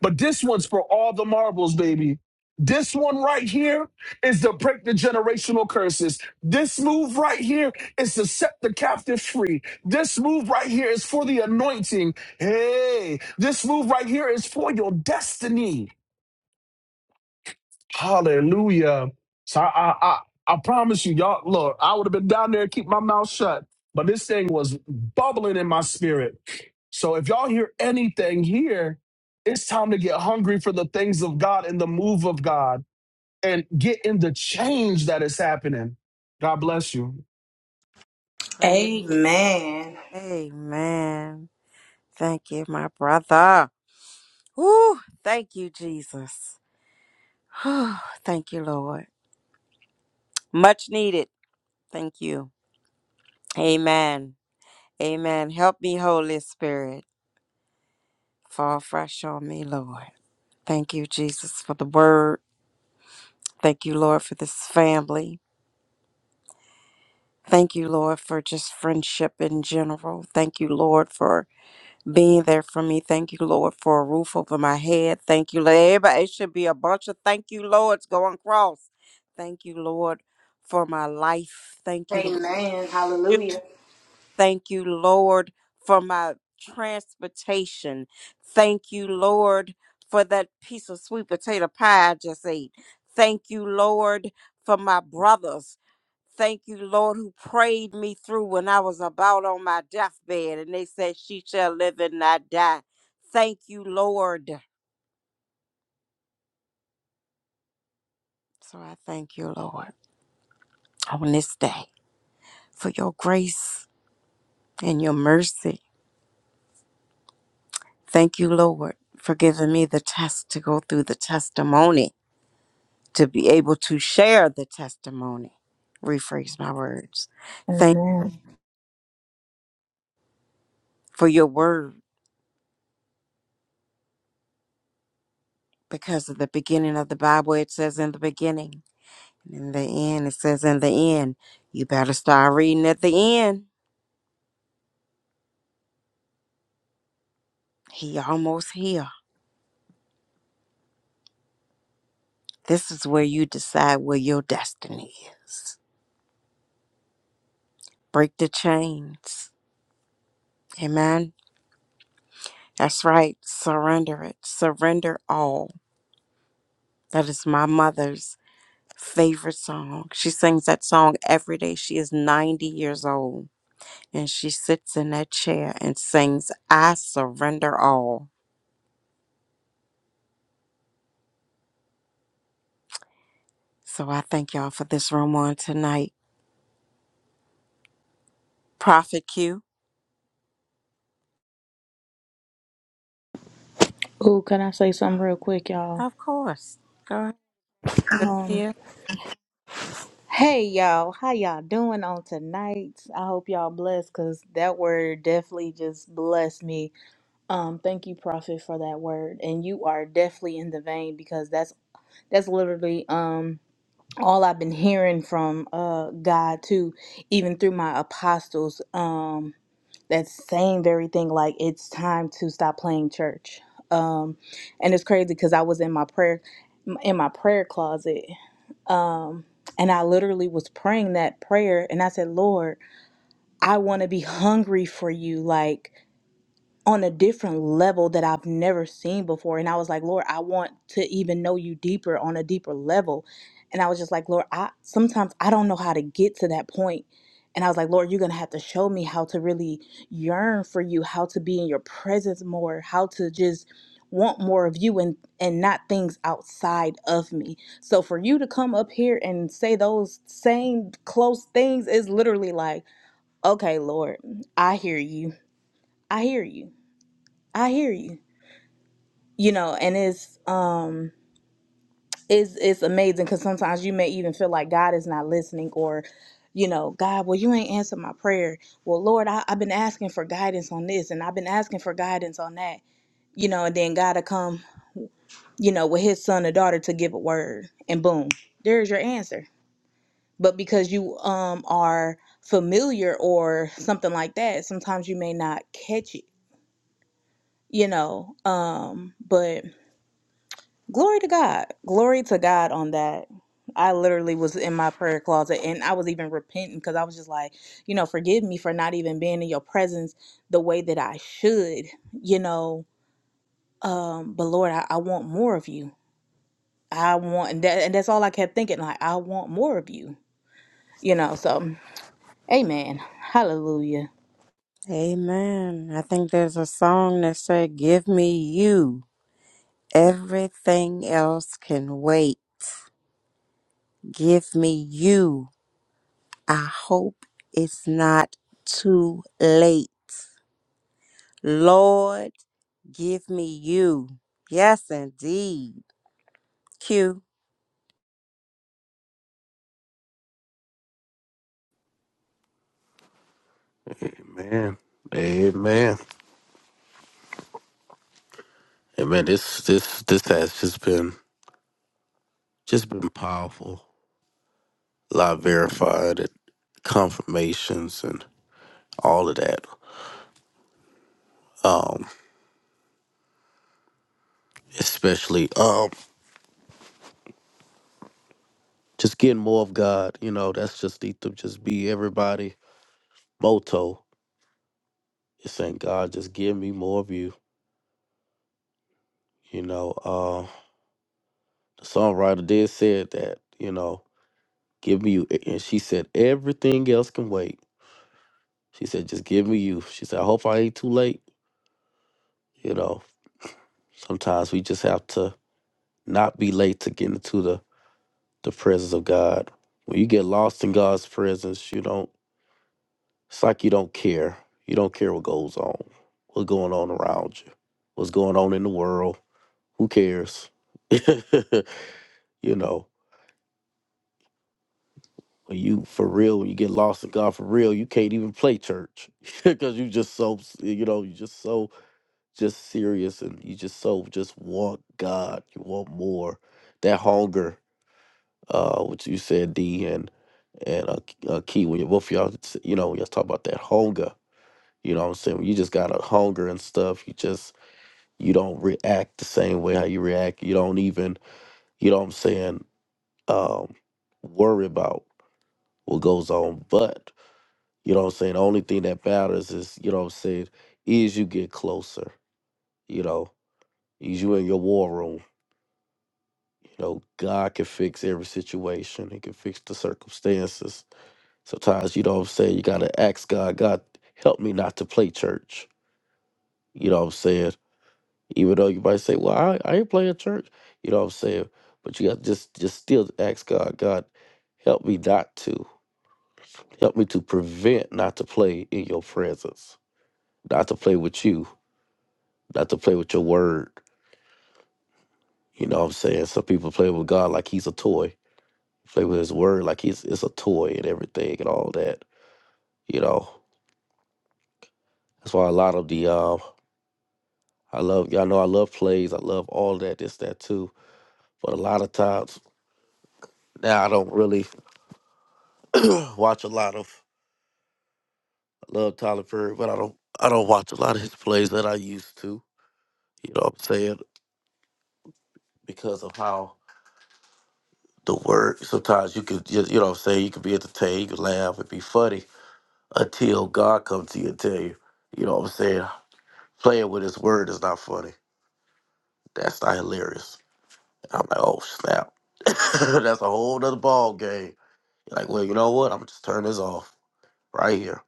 But this one's for all the marbles, baby. This one right here is to break the generational curses. This move right here is to set the captive free. This move right here is for the anointing. Hey, this move right here is for your destiny. Hallelujah. So I, I, I, I promise you, y'all, look, I would have been down there, keep my mouth shut, but this thing was bubbling in my spirit. So if y'all hear anything here, it's time to get hungry for the things of God and the move of God and get in the change that is happening. God bless you.
Praise.
Amen.
Amen. Thank you, my brother. Whew. Thank you, Jesus. Whew. Thank you, Lord. Much needed. Thank you. Amen. Amen. Help me, Holy Spirit. Fall fresh on me, Lord. Thank you, Jesus, for the word. Thank you, Lord, for this family. Thank you, Lord, for just friendship in general. Thank you, Lord, for being there for me. Thank you, Lord, for a roof over my head. Thank you, Lord. Everybody, it should be a bunch of thank you, Lords going cross. Thank you, Lord, for my life. Thank you, Lord.
Amen. Hallelujah.
Thank you, Lord, for my transportation. Thank you, Lord, for that piece of sweet potato pie I just ate. Thank you, Lord, for my brothers. Thank you, Lord, who prayed me through when I was about on my deathbed and they said, She shall live and not die. Thank you, Lord. So I thank you, Lord, on this day for your grace and your mercy. Thank you, Lord, for giving me the test to go through the testimony to be able to share the testimony. Rephrase my words. Thank you
Amen.
for your word because of the beginning of the Bible, it says in the beginning. in the end, it says in the end. You better start reading at the end. He almost here. This is where you decide where your destiny is. Break the chains. Amen. That's right. Surrender it. Surrender all. That is my mother's favorite song. She sings that song every day. She is 90 years old and she sits in that chair and sings, I surrender all. So I thank y'all for this room on tonight. Prophet Q,
Ooh, can I say something real quick, y'all?
of course. Go ahead. Let's
Um,
hear.
hey y'all, how y'all doing on tonight? I hope y'all blessed because that word definitely just blessed me. Um, thank you, Prophet, for that word. And you are definitely in the vein because that's that's literally um all I've been hearing from uh God too, even through my apostles, um, that same very thing, like it's time to stop playing church. Um, and it's crazy because I was in my prayer in my prayer closet. Um and I literally was praying that prayer and I said, Lord, I want to be hungry for you. Like on a different level that I've never seen before. And I was like, Lord, I want to even know you deeper on a deeper level. And I was just like, Lord, I sometimes I don't know how to get to that point. And I was like, Lord, you're gonna have to show me how to really yearn for you, how to be in your presence more, how to just want more of you and and not things outside of me. So for you to come up here and say those same close things is literally like, okay, Lord, I hear you. I hear you. I hear you. You know, and it's um it's it's amazing because sometimes you may even feel like God is not listening or you know, God, well, you ain't answered my prayer. Well, Lord, I, I've been asking for guidance on this and I've been asking for guidance on that. You know, and then God will come, you know, with his son or daughter to give a word and boom, there's your answer. But because you um are familiar or something like that, sometimes you may not catch it, you know. Um, but Glory to God. Glory to God on that. I literally was in my prayer closet and I was even repenting because I was just like, you know, forgive me for not even being in your presence the way that I should, you know. Um, but Lord, I, I want more of you. I want and that and that's all I kept thinking, like, I want more of you. You know, so Amen. Hallelujah.
Amen. I think there's a song that said, Give me you. Everything else can wait. Give me you. I hope it's not too late. Lord, give me you. Yes, indeed. Q.
Amen. Amen. Amen. This this this has just been just been powerful. live verified and confirmations and all of that. Um, especially um just getting more of God, you know, that's just need to just be everybody motto. It's saying God just give me more of you, you know. Uh the songwriter did said that, you know, give me you and she said everything else can wait. She said, just give me you. She said, I hope I ain't too late, you know. Sometimes we just have to not be late to get into the the presence of God. When you get lost in God's presence, you don't it's like you don't care. You don't care what goes on, what's going on around you, what's going on in the world. Who cares? you know, when you for real, when you get lost in God for real, you can't even play church because you just so you know you just so just serious and you just so just want God. You want more. That hunger. uh, which you said D and and uh, K- uh, Key. When you, both of y'all, s- you know, when y'all talk about that hunger. You know what I'm saying? When you just got a hunger and stuff, you just you don't react the same way how you react. You don't even, you know what I'm saying, um, worry about what goes on. But you know what I'm saying. The only thing that matters is you know what I'm saying is you get closer. You know, is you in your war room. You know, God can fix every situation. He can fix the circumstances Sometimes, you know what I'm saying, you gotta ask God, God, help me not to play church. You know what I'm saying? Even though you might say, Well, I, I ain't playing church, you know what I'm saying? But you gotta just just still ask God, God, help me not to. Help me to prevent not to play in your presence, not to play with you, not to play with your word. You know what I'm saying? Some people play with God like he's a toy. Play with his word like he's it's a toy and everything and all that. You know. That's why a lot of the um I love y'all know I love plays. I love all that, this, that too. But a lot of times now I don't really watch a lot of I love Tyler Perry, but I don't I don't watch a lot of his plays that I used to. You know what I'm saying? Because of how the word sometimes you could you, you know what I'm saying, you could be entertained, you could laugh and be funny until God comes to you and tell you, you know what I'm saying, playing with his word is not funny. That's not hilarious. And I'm like, oh snap. That's a whole nother ball game. Like, well, you know what? I'm just turn this off right here.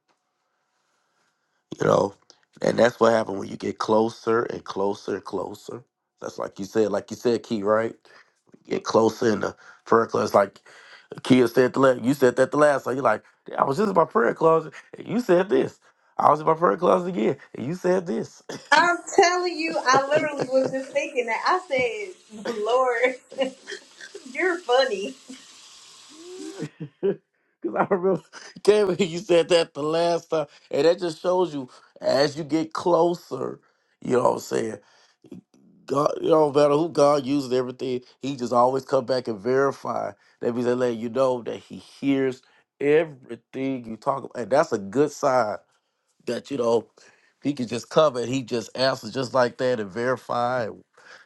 you know and that's what happened when you get closer and closer and closer that's like you said like you said key right get closer in the prayer closet like kia said the last you said that the last time you're like i was just in my prayer closet and you said this i was in my prayer closet again and you said this
I'm telling you, I literally was just thinking that. I said, Lord, you're funny.
because i remember Kevin, you said that the last time and that just shows you as you get closer you know what i'm saying God, you know, no matter who God uses, everything He just always come back and verify. That means they let you know that He hears everything you talk about, and that's a good sign. That you know He can just come and He just answers just like that and verify.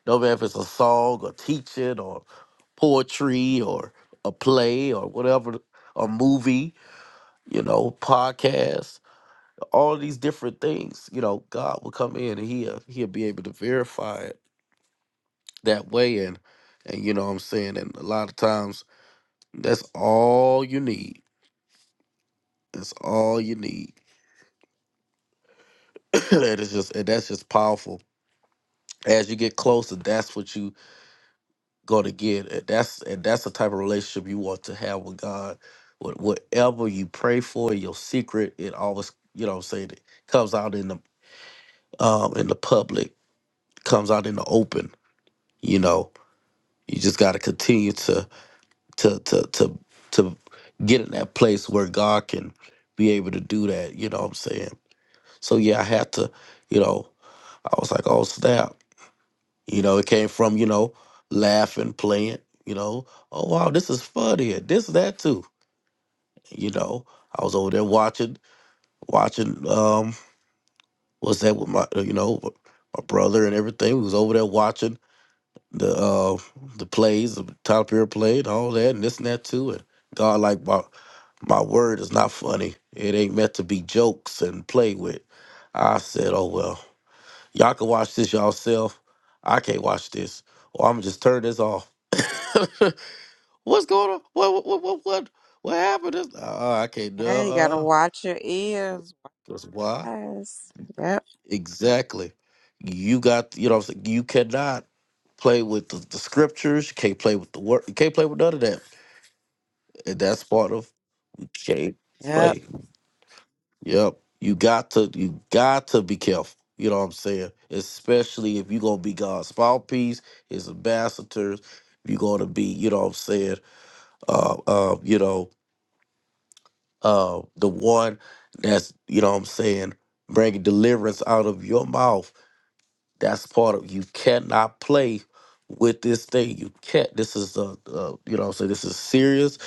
No matter if it's a song or teaching or poetry or a play or whatever, a movie, you know, podcast, all these different things. You know, God will come in and He'll He'll be able to verify it that way and and you know what I'm saying and a lot of times that's all you need. That's all you need. and it's just and that's just powerful. As you get closer, that's what you gonna get. And that's and that's the type of relationship you want to have with God. What whatever you pray for, your secret, it always you know what I'm saying it comes out in the um in the public, comes out in the open, you know. You just gotta continue to to to to to get in that place where God can be able to do that. You know what I'm saying? So yeah, I had to. You know, I was like, oh snap. You know, it came from you know laughing, playing. You know, oh wow, this is fun here. This that too. You know, I was over there watching watching. Um, what's that with my you know my brother and everything? We was over there watching the uh the plays, the Tyler Perry play and all that and this and that too. And God like my My word is not funny. It ain't meant to be jokes and play with. I said, oh well. Y'all can watch this yourself. I can't watch this. Or I'm just turn this off. What's going on? What what what what what happened? This- Uh, I can't do
Yeah, you gotta
uh
watch your ears.
That's why.
Yes. Yep.
Exactly. You got you know what I'm saying? You cannot play with the, the scriptures, you can't play with the word you can't play with none of that. And that's part of you can't play.
Yep.
Yep. You got to you got to be careful. You know what I'm saying? Especially if you're gonna be God's mouthpiece, his ambassadors, if you're gonna be, you know what I'm saying, uh uh, you know, uh the one that's, you know what I'm saying, bringing deliverance out of your mouth that's part of you cannot play with this thing. You can't. This is a, a you know what I'm saying this is serious.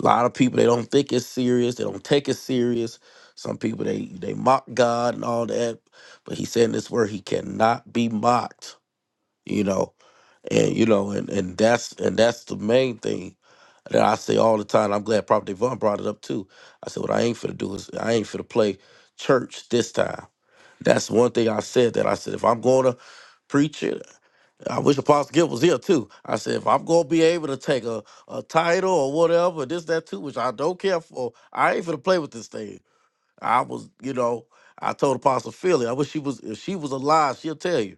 A lot of people they don't think it's serious. They don't take it serious. Some people they they mock God and all that, but He said in this word He cannot be mocked. You know, and you know, and and that's and that's the main thing that I say all the time. I'm glad Prophet Devon brought it up too. I said, what I ain't finna do is I ain't finna play church this time. That's one thing I said that I said if I'm gonna preach it. I wish Apostle Gill was here too. I said, if I'm gonna be able to take a, a title or whatever, this, that too, which I don't care for, I ain't finna play with this thing. I was, you know, I told Apostle Philly, I wish she was if she was alive, she'll tell you.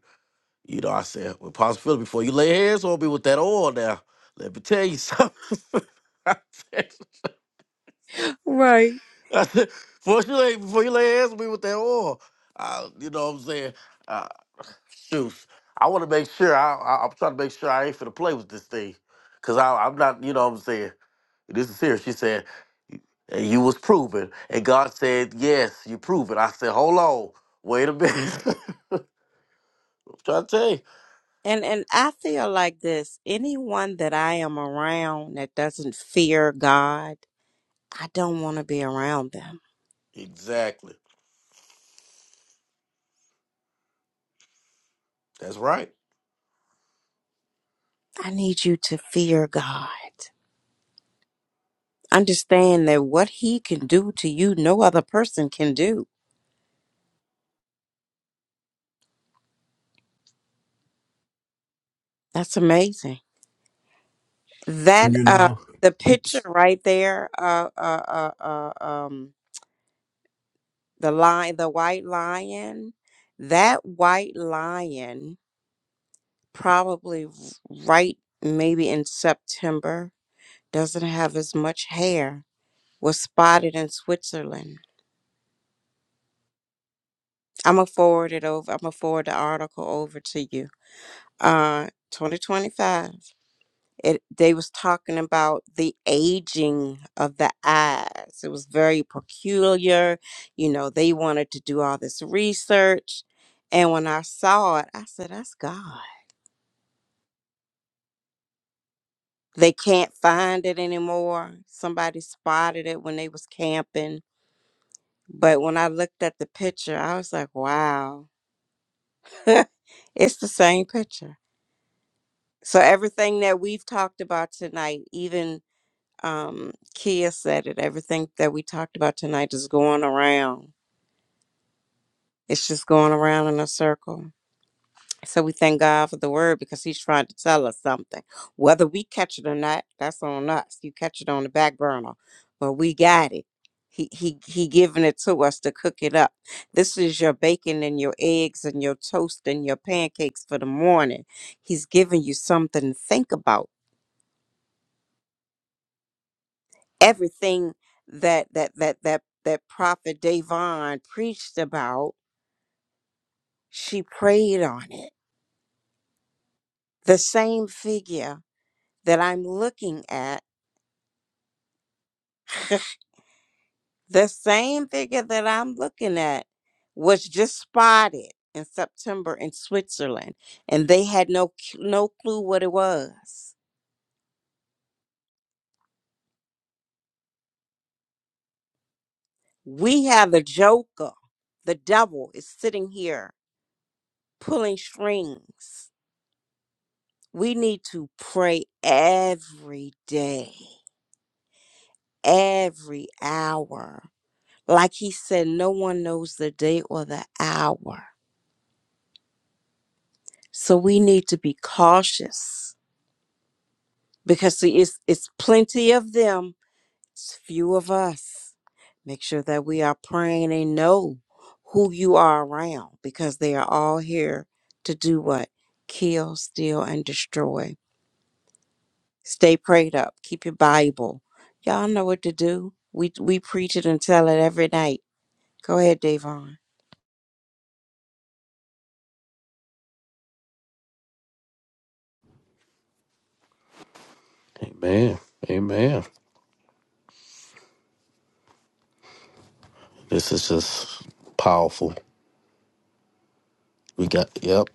You know, I said, well, Apostle Philly, before you lay hands on me with that oil now, let me tell you something.
Right.
I said, before you lay, before you lay hands on me with that oil, I, you know what I'm saying? Uh, shoot. I wanna make sure I, I I'm trying to make sure I ain't finna play with this thing. Cause I, I'm not, you know what I'm saying? This is serious. She said, and you was proven. And God said, Yes, you proven. I said, Hold on, wait a minute. I'm trying to tell you.
And and I feel like this. Anyone that I am around that doesn't fear God, I don't want to be around them.
Exactly. That's right.
I need you to fear God. Understand that what he can do to you, no other person can do. That's amazing.
And
That
You
uh
know,
the picture
oops,
right there uh uh uh, uh um the lion the white lion that white lion probably r- right maybe in September doesn't have as much hair was spotted in Switzerland. I'm gonna forward it over. I'm gonna forward the article over to you. Uh 2025. it they was talking about the aging of the eyes it was very peculiar you know they wanted to do all this research and when i saw it i said that's god they can't find it anymore somebody spotted it when they was camping but when i looked at the picture i was like wow it's the same picture so everything that we've talked about tonight even um, Kia said it. Everything that we talked about tonight is going around. It's just going around in a circle. So we thank God for the word because he's trying to tell us something. Whether we catch it or not, that's on us. You catch it on the back burner, but we got it. He he he giving it to us to cook it up. This is your bacon and your eggs and your toast and your pancakes for the morning. He's giving you something to think about everything that that that that that prophet Davon preached about, she prayed on it. The same figure that I'm looking at, the same figure that I'm looking at was just spotted in September in Switzerland and they had no c- no clue what it was. We have the joker. The devil is sitting here pulling strings. We need to pray every day every hour. Like he said, no one knows the day or the hour. So we need to be cautious because see, it's, it's plenty of them, it's few of us. Make sure that we are praying and know who you are around because they are all here to do what? Kill, steal, and destroy. Stay prayed up. Keep your Bible. Y'all know what to do. We, we preach it and tell it every night. Go ahead, Davon.
Amen. Amen. This is just powerful. We got yep.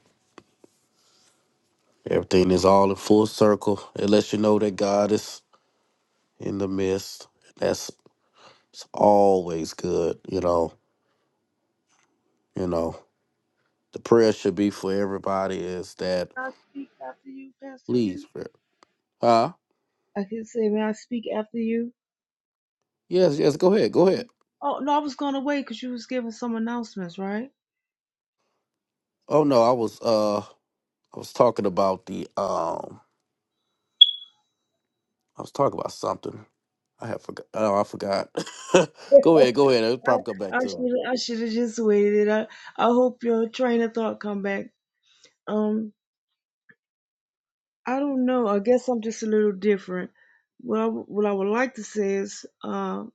Everything is all in full circle. It lets you know that God is in the midst. That's it's always good, you know. You know. The prayer should be for everybody is that
I speak after you, Pastor Q?
please, prayer. Huh?
I can say, may I speak after you?
Yes, yes, go ahead. Go ahead.
Oh no, I was gonna wait because you was giving some announcements, right?
Oh no, I was uh I was talking about the um I was talking about something. I have forgot. Oh, I forgot. go ahead, go ahead. It'll probably come back
I
to
should
me.
I should have just waited. I I hope your train of thought come back. Um, I don't know. I guess I'm just a little different. What I, w- what I would like to say is um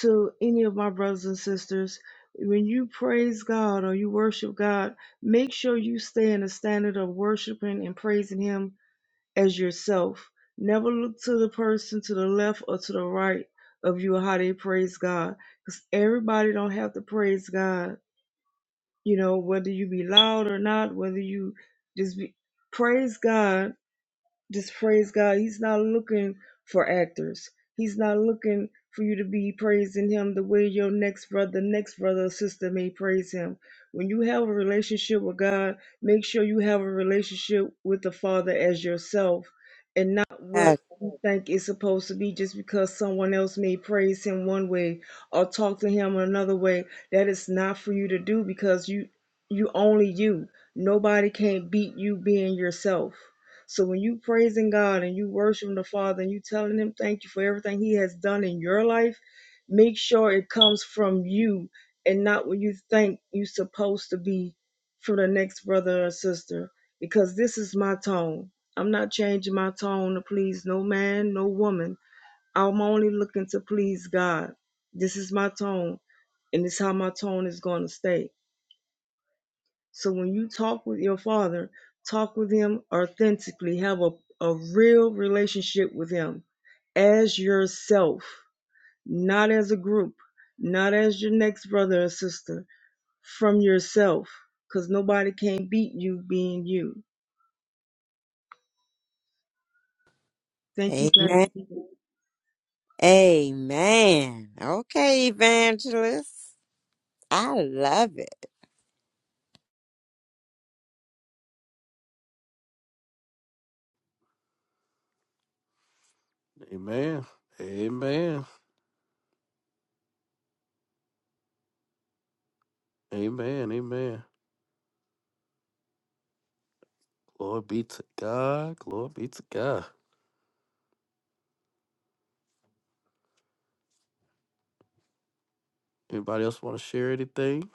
to any of my brothers and sisters, when you praise God or you worship God, make sure you stay in the standard of worshiping and praising Him as yourself. Never look to the person to the left or to the right of you or how they praise God. Because everybody don't have to praise God. You know, whether you be loud or not, whether you just be praise God just praise God. He's not looking for actors. He's not looking for you to be praising him the way your next brother, next brother or sister may praise him. When you have a relationship with God, make sure you have a relationship with the Father as yourself and not what you think is supposed to be just because someone else may praise him one way or talk to him another way. That is not for you to do because you you only you. Nobody can beat you being yourself. So when you praising God and you worshiping the Father and you telling him thank you for everything he has done in your life, make sure it comes from you and not what you think you supposed to be from the next brother or sister. Because this is my tone. I'm not changing my tone to please no man, no woman. I'm only looking to please God. This is my tone, and it's how my tone is going to stay. So when you talk with your father, talk with him authentically, have a, a real relationship with him as yourself, not as a group, not as your next brother or sister, from yourself, because nobody can beat you being you. Thank you,
Amen.
Pastor. Keith.
Amen. Okay, evangelist. I love it.
Amen. Amen. Amen. Amen. Glory be to God. Glory be to God. Anybody else want to share anything?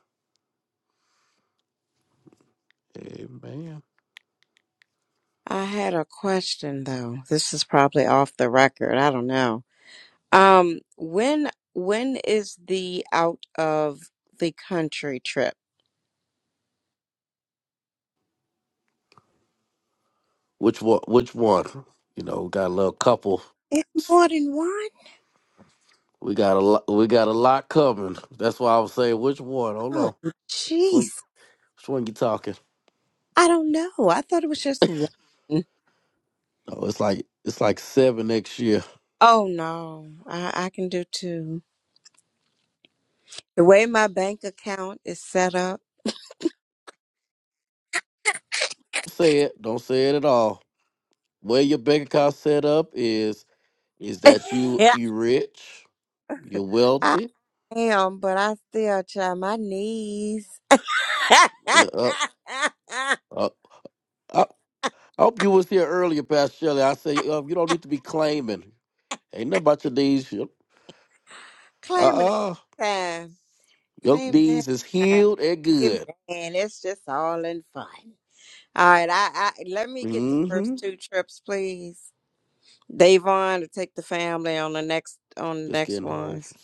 Amen.
I had a question though. This is probably off the record. I don't know. Um, when when is the out of the country trip?
Which one? Which one? You know, we got a little couple.
It's more than one.
We got a lot. We got a lot coming. That's why I was saying, which one? Hold
Oh,
on. Swing,
jeez.
swing you talking.
I don't know. I thought it was just one.
It's like, yeah.
Oh no, I, I can do two. The way my bank account is set up,
Say it. Don't say it at all. Where your bank account set up is is that you
I
you rich, you're wealthy.
Damn, but I still try my knees.
Uh, uh, uh, I, I hope you was here earlier, Pastor Shelley. I say uh, you don't need to be claiming. Ain't nothing about your knees. Uh
Claiming it
uh
time.
your
Claiming it
knees is
time.
healed and
Hey, Man,
good.
it's just all in fun. All right, I, I let me get the first two trips, please. Davon to take the family on the next on the next ones.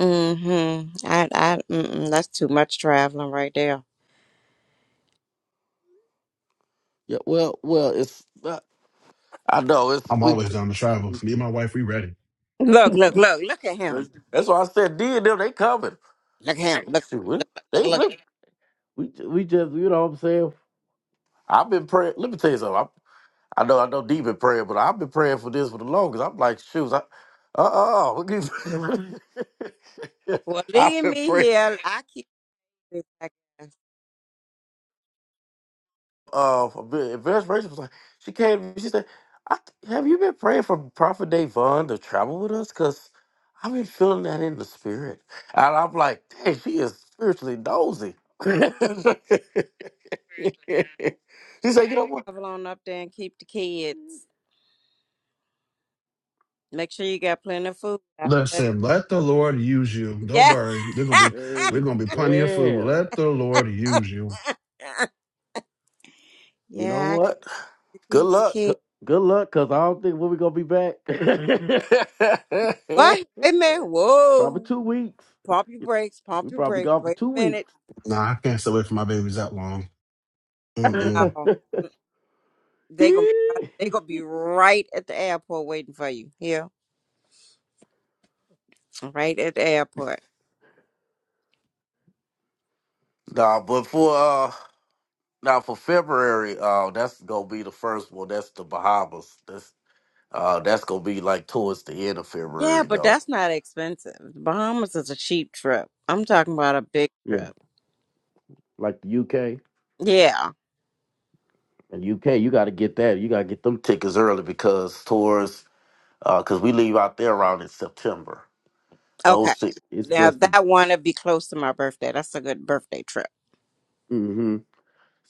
Mm-hmm. I I mm-mm, that's too much traveling right there.
Yeah, well, well, it's I know it's
I'm
we.
always down to travel. Me and my wife, we ready.
Look, look, look, look at him.
That's that's why I said D and them they coming.
Look at him. Look,
Shoot, we-
look, look, look.
they
look.
we, we we just you know what I'm saying. I've been praying. Let me tell you something. I know, I know, deep in prayer, but I've been praying for this for the longest. I'm like, shoes, I, uh, uh,
Well,
I've
leave
been
me
praying.
here. I keep this.
Uh, for a bit. Advanced Rachel was like, she came, to me, she said, I, "Have you been praying for Prophet Davon to travel with us? Cause I've been feeling that in the spirit." And I'm like, "Dang, she is spiritually nosy." she said, "You know what?
travel on up there and keep the kids. Make sure you got plenty of food. I love it.
Listen, let the Lord use you. Don't
Yeah.
worry. They're gonna be
Hey
we're gonna be plenty of food.
man,
Let the Lord use you.
you know
yeah, I got
what?
to
Good
keep the
luck. Good
kids.
good luck, cause I don't think when we gonna be back.
What? Wait a minute.
probably
Whoa.
two weeks.
Pump your brakes. Pump
We
your
probably
brakes.
gone for
Wait
two
a minute.
weeks.
Nah, I can't stay away from my babies that long. Mm-mm.
No. They gonna they gonna be right at the airport waiting for you. Yeah, right at the airport.
nah, but for uh, nah, uh, that's gonna be the first one, the Bahamas. That's uh, that's gonna be in the
Yeah,
February
but
though.
that's not expensive. The Bahamas is a cheap trip. I'm talking about a big
Yeah,
trip.
like the UK,
Yeah.
you got to get that. You tours, um,
Okay.
those things. It's
Now
best
that one would be close to my birthday. That's a good birthday trip.
to.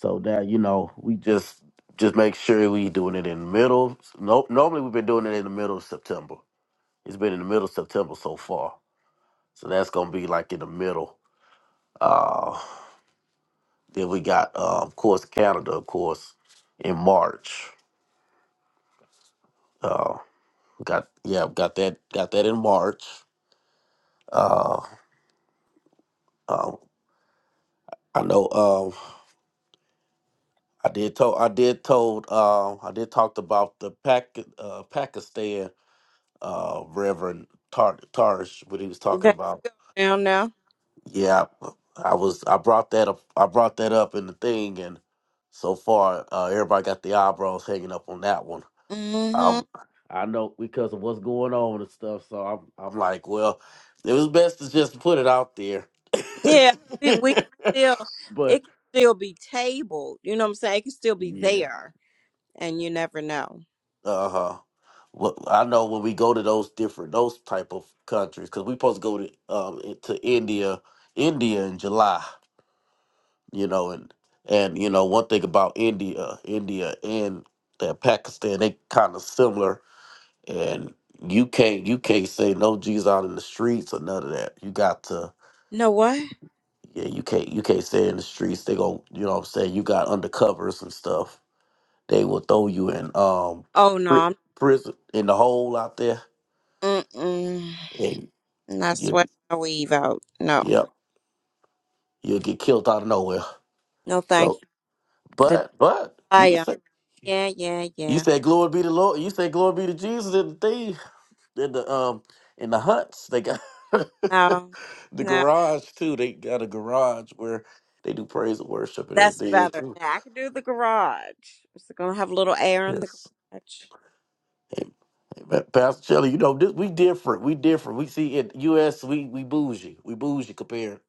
So that you know, we just just make sure we doing it in the middle. No, normally we've been doing it in the middle of September. It's been in the middle of September so far. So that's gonna be like in the middle. Uh, then we got, uh, of course, Canada, of course, in March. Uh, got yeah, got that, got that in March. Uh, um, I know. Um, I did told, I did told, um, I did talked about the Pac, uh, Pakistan, uh, Reverend Tar- Tarish, what he was talking
Okay.
about.
Down now.
Yeah, I was. I brought that up. I brought that up in the thing, and so far, uh, everybody got the eyebrows hanging up on that one.
hmm
Um, I know because of what's going on and stuff. So I'm. I'm like, well, it was best to just put it out there.
Yeah. We, we can still, it
but
can still be tabled. You know what I'm saying? It can still be
yeah,
there, and you never know.
uh huh. Well, I know when we go to those different those type of countries because we supposed to go to um to India, India in July. you know, and and you know one thing about India, India and that Pakistan, they kind of similar, and you can't you can't say no G's out in the streets or none of that. You got to
No what?
yeah, you can't you can't say in the streets. They go, you know, what I'm saying you got undercovers and stuff. They will throw you in um
Oh no.
pri-
I'm,
prison in the hole out there,
mm-mm.
and
Not
you be
sweating my weave out. No.
yep you'll get killed out of nowhere.
No, thank
So,
you. The
but but you can
desire.
say.
Yeah, yeah,
You
yeah.
say glory be to Lord. You say glory be to Jesus and the thing. in the um in the huts they got
No,
the
no.
garage too they got a garage where they do praise and worship and
That's
everything Yes.
better.
too
Now I can do the garage. It's gonna have a little air in the
yes
garage.
hey, hey, Pa- pastor Shelley, you know this, we different we different we see in us we we bougie we bougie compared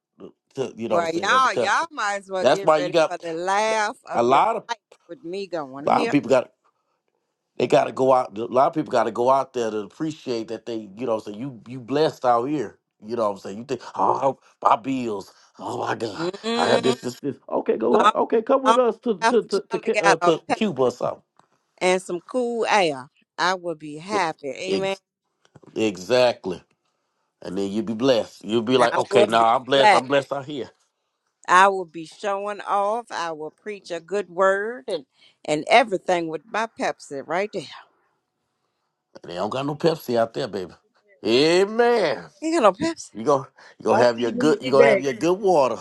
to you know
Well,
say other
y'all, y'all
country
might as well
that's
get
why you
ready
got
for the laugh
a
of your
lot of
life with me going
a lot of
here.
people got They got to go out. A lot of people got to go out there to appreciate that they, you know, what I'm saying you you blessed out here. You know what I'm saying? You think, oh, my bills. Oh my God, I got
Mm-hmm.
this, this, this. Okay, go ahead.
Long,
Okay, come with
long
us to
as
to
Pastor
to to,
Charlie
Ca- uh,
got a
to
pep
Cuba or something.
and some cool air, I will be
E,
happy. Amen.
Ex- exactly. And then you'll be blessed. You'll be like,
I
okay,
will be
now I'm blessed.
glad.
I'm blessed out here.
I will be showing off. I will preach a good word and and everything with my Pepsi right there.
They don't got no Pepsi out there, baby. Amen.
Ain't got no Pepsi.
You go, you gonna
I'll
have
see
your
you when
good. You
you get
gonna have
back.
your good water.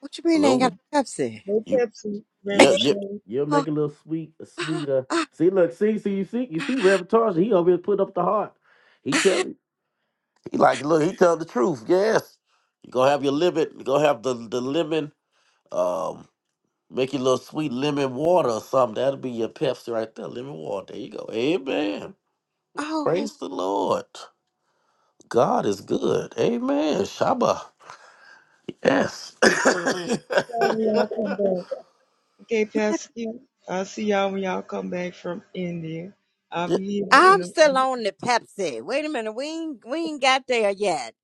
What you
A
mean ain't
Mm-mm.
little.
got no Pepsi?
No Pepsi,
Yep,
Reverend
yep.
Shirley.
You'll
oh,
make a little sweet, a
oh,
sweeter. See, look, see, see, you see, you see,
oh,
Reverend Tarsha, he over here put up the heart. He tell you, he like, look, he tell the truth. Yes, you gonna have your lemon, you gonna have the the lemon, um, make your little sweet lemon water or something. That'll be your Pepsi right there, lemon water. There you go. Amen.
oh.
Praise the Lord. God is good. Amen. Shabbat. Yes.
Sorry, y'all come back. Okay, Pastor Q, I'll see y'all when y'all come back from India. I'll be here
I'm
in a
still on the Pepsi. Wait a minute, we ain't, we ain't got there yet.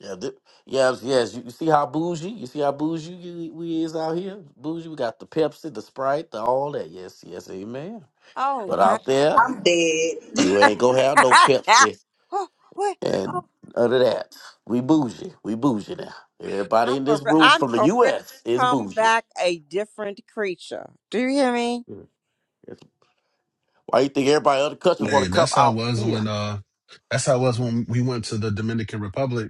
Yeah, th- yes, yes. You, you see how bougie? You see how bougie you, we is out here? Bougie, we got the Pepsi, the Sprite, the all that. Yes, yes, amen.
Oh
But
my!
out there,
I'm dead.
you ain't gonna have no Pepsi
oh, wait. Oh,
and none of that. We bougie. We bougie now. Everybody
I'm
in
a,
this
re-
room
I'm
from the
a really
U.S. is
come
bougie.
back a different creature. Do you hear me?
Mm.
Hey, that's how it
Out.
was when uh, that's how it was when we went to the Dominican Republic.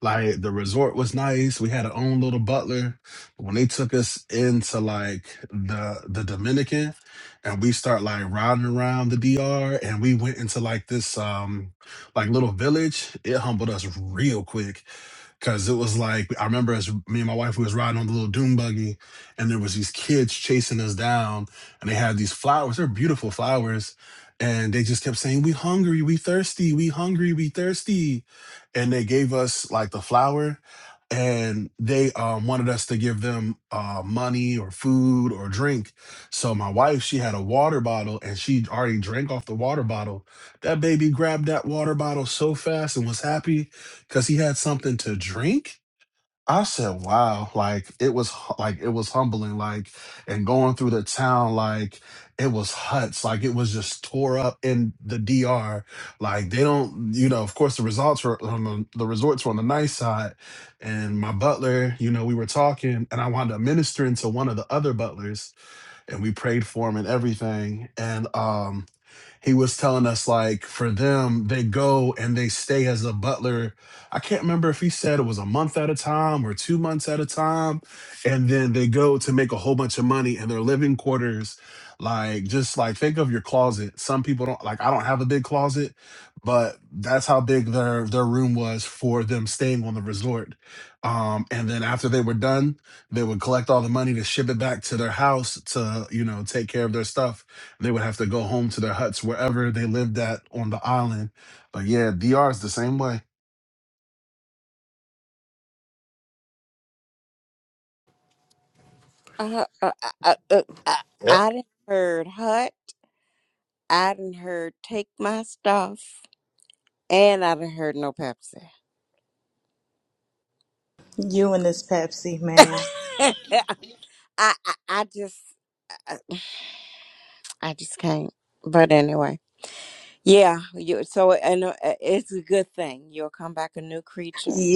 Like the resort was nice. We had our own little butler. When they took us into like the the Dominican, and we start like riding around the DR, and we went into like this um like little village. It humbled us real quick. Cause it was like I remember as me and my wife we was riding on the little doom buggy, and there was these kids chasing us down, and they had these flowers. They're beautiful flowers, and they just kept saying, "We hungry, we thirsty, we hungry, we thirsty," and they gave us like the flower, and they um, wanted us to give them uh, money or food or drink. So my wife she had a water bottle, and she already drank off the water bottle. That baby grabbed that water bottle so fast and was happy because he had something to drink. I said, "Wow!" Like it was, hu- like it was humbling. Like and going through the town, like it was huts, like it was just tore up in the DR. Like they don't, you know. Of course, the results were um, the the resorts were on the nice side, and my butler, you know, we were talking, and I wound up ministering to one of the other butlers, and we prayed for him and everything. And um, he was telling us like for them they go and they stay as a butler i can't remember if he said it was a month at a time or two months at a time and then they go to make a whole bunch of money in their living quarters like just like think of your closet some people don't like i don't have a big closet but that's how big their their room was for them staying on the resort um and then after they were done they would collect all the money to ship it back to their house to you know take care of their stuff they would have to go home to their huts wherever they lived at on the island. But yeah, DR is the same way.
Uh, uh, uh, uh, uh, uh,
Yep.
I didn't heard hut. I didn't heard take my stuff, and I didn't heard no Pepsi.
You and this Pepsi, ma'am.
I, I I just I, I just can't. But anyway. Yeah, you so and uh, it's a good thing. You'll come back a new creature.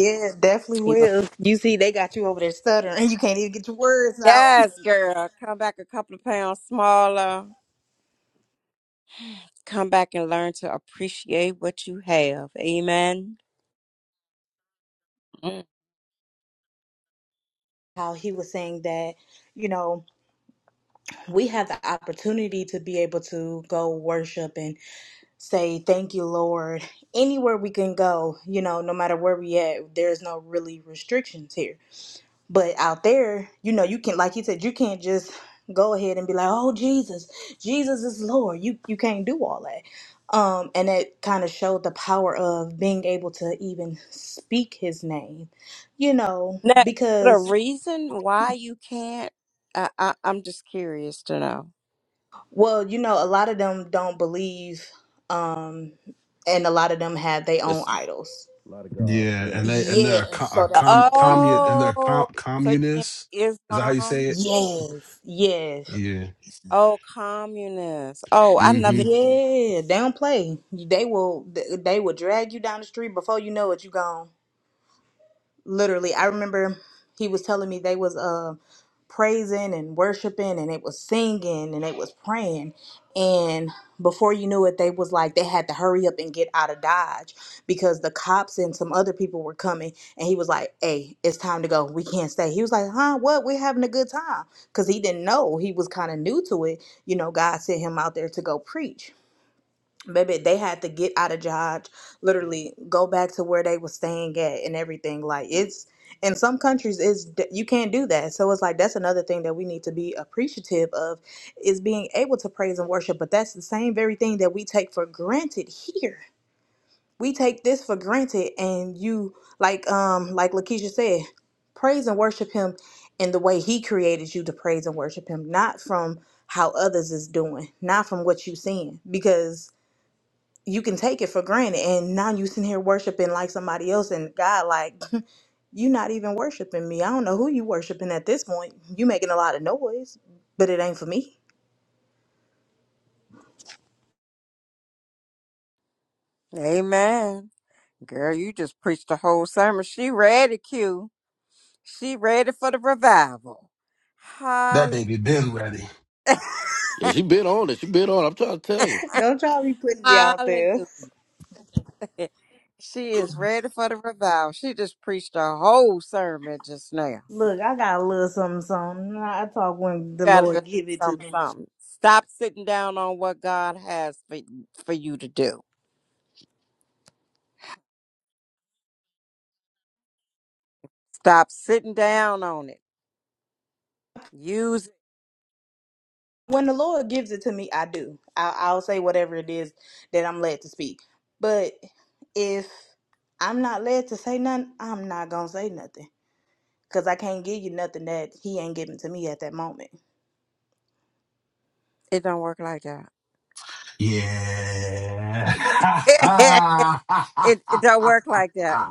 We
You will-
will. You see, they got you over there stuttering, and you can't even get your words out.
yes, girl, come back a couple of pounds smaller. Come back and learn to appreciate what you have. Amen. Mm.
How he was saying that, you know, we have the opportunity to be able to go worship and say, Thank you, Lord. Anywhere we can go, you know, no matter where we at, there's no really restrictions here. But out there, you know, you can like you said, you can't just go ahead and be like, "Oh, Jesus, Jesus is Lord." You you can't do all that. Um, and it kind of showed the power of being able to even speak His name, you know,
Now, is there a
because
reason why you can't? I, I, I'm just curious to know.
well, you know, a lot of them don't believe, um, and a lot of them have their own
It's
idols.
a lot of gods.
Yeah,
Yeah.
and they and they're a,
Yeah,
co-
so
a
that's
com
another
commune
reason.
and they're com-
Oh, so you mean
communists. Is that how you say
Islam?
it?
Yes, yes.
Yeah.
Oh, communist. Oh, I never.
Mm-hmm.
Yeah, they don't play. They will they will drag you down the street before you know it, you gone. Literally, I remember he was telling me they was uh praising and worshiping and it was singing and it was praying and before you knew it they was like they had to hurry up and get out of Dodge because the cops and some other people were coming and he was like, "Hey, it's time to go. We can't stay." He was like, "Huh? What? We're having a good time." Cuz he didn't know. He was kind of new to it. You know, God sent him out there to go preach Baby, they had to get out of Dodge, literally go back to where they was staying at and everything. Like it's in some countries, is you can't do that. So it's like that's another thing that we need to be appreciative of is being able to praise and worship. But that's the same very thing that we take for granted here. We take this for granted, and you like um like Lakeisha said, praise and worship Him in the way He created you to praise and worship Him, not from how others is doing, not from what you seeing, because you can take it for granted and now you sitting here worshiping like somebody else and God like you not even worshiping me. I don't know who you worshiping at this point. You making a lot of noise, but it ain't for me.
Amen. Girl, you just preached the whole sermon. She read it, Q. She ready for the revival.
That
Hallelujah.
baby been ready.
Yeah, she been on it. She been on. it. I'm trying to tell you.
Don't y'all be putting me out there.
Hallelujah. She is ready for the revival. She just preached a whole sermon just now.
Look, I got a little something something. I talk when the
Gotta learn
Lord give it to
something,
me.
something. Stop sitting down on what God has for, for you to do. Stop sitting down on it. Use it.
When the Lord gives it to me, I do. I, I'll say whatever it is that I'm led to speak. But if I'm not led to say nothing, I'm not gonna say nothing. because I can't give you nothing that he ain't giving to me at that moment.
It don't work like
Yeah.
that. it, it don't work like that.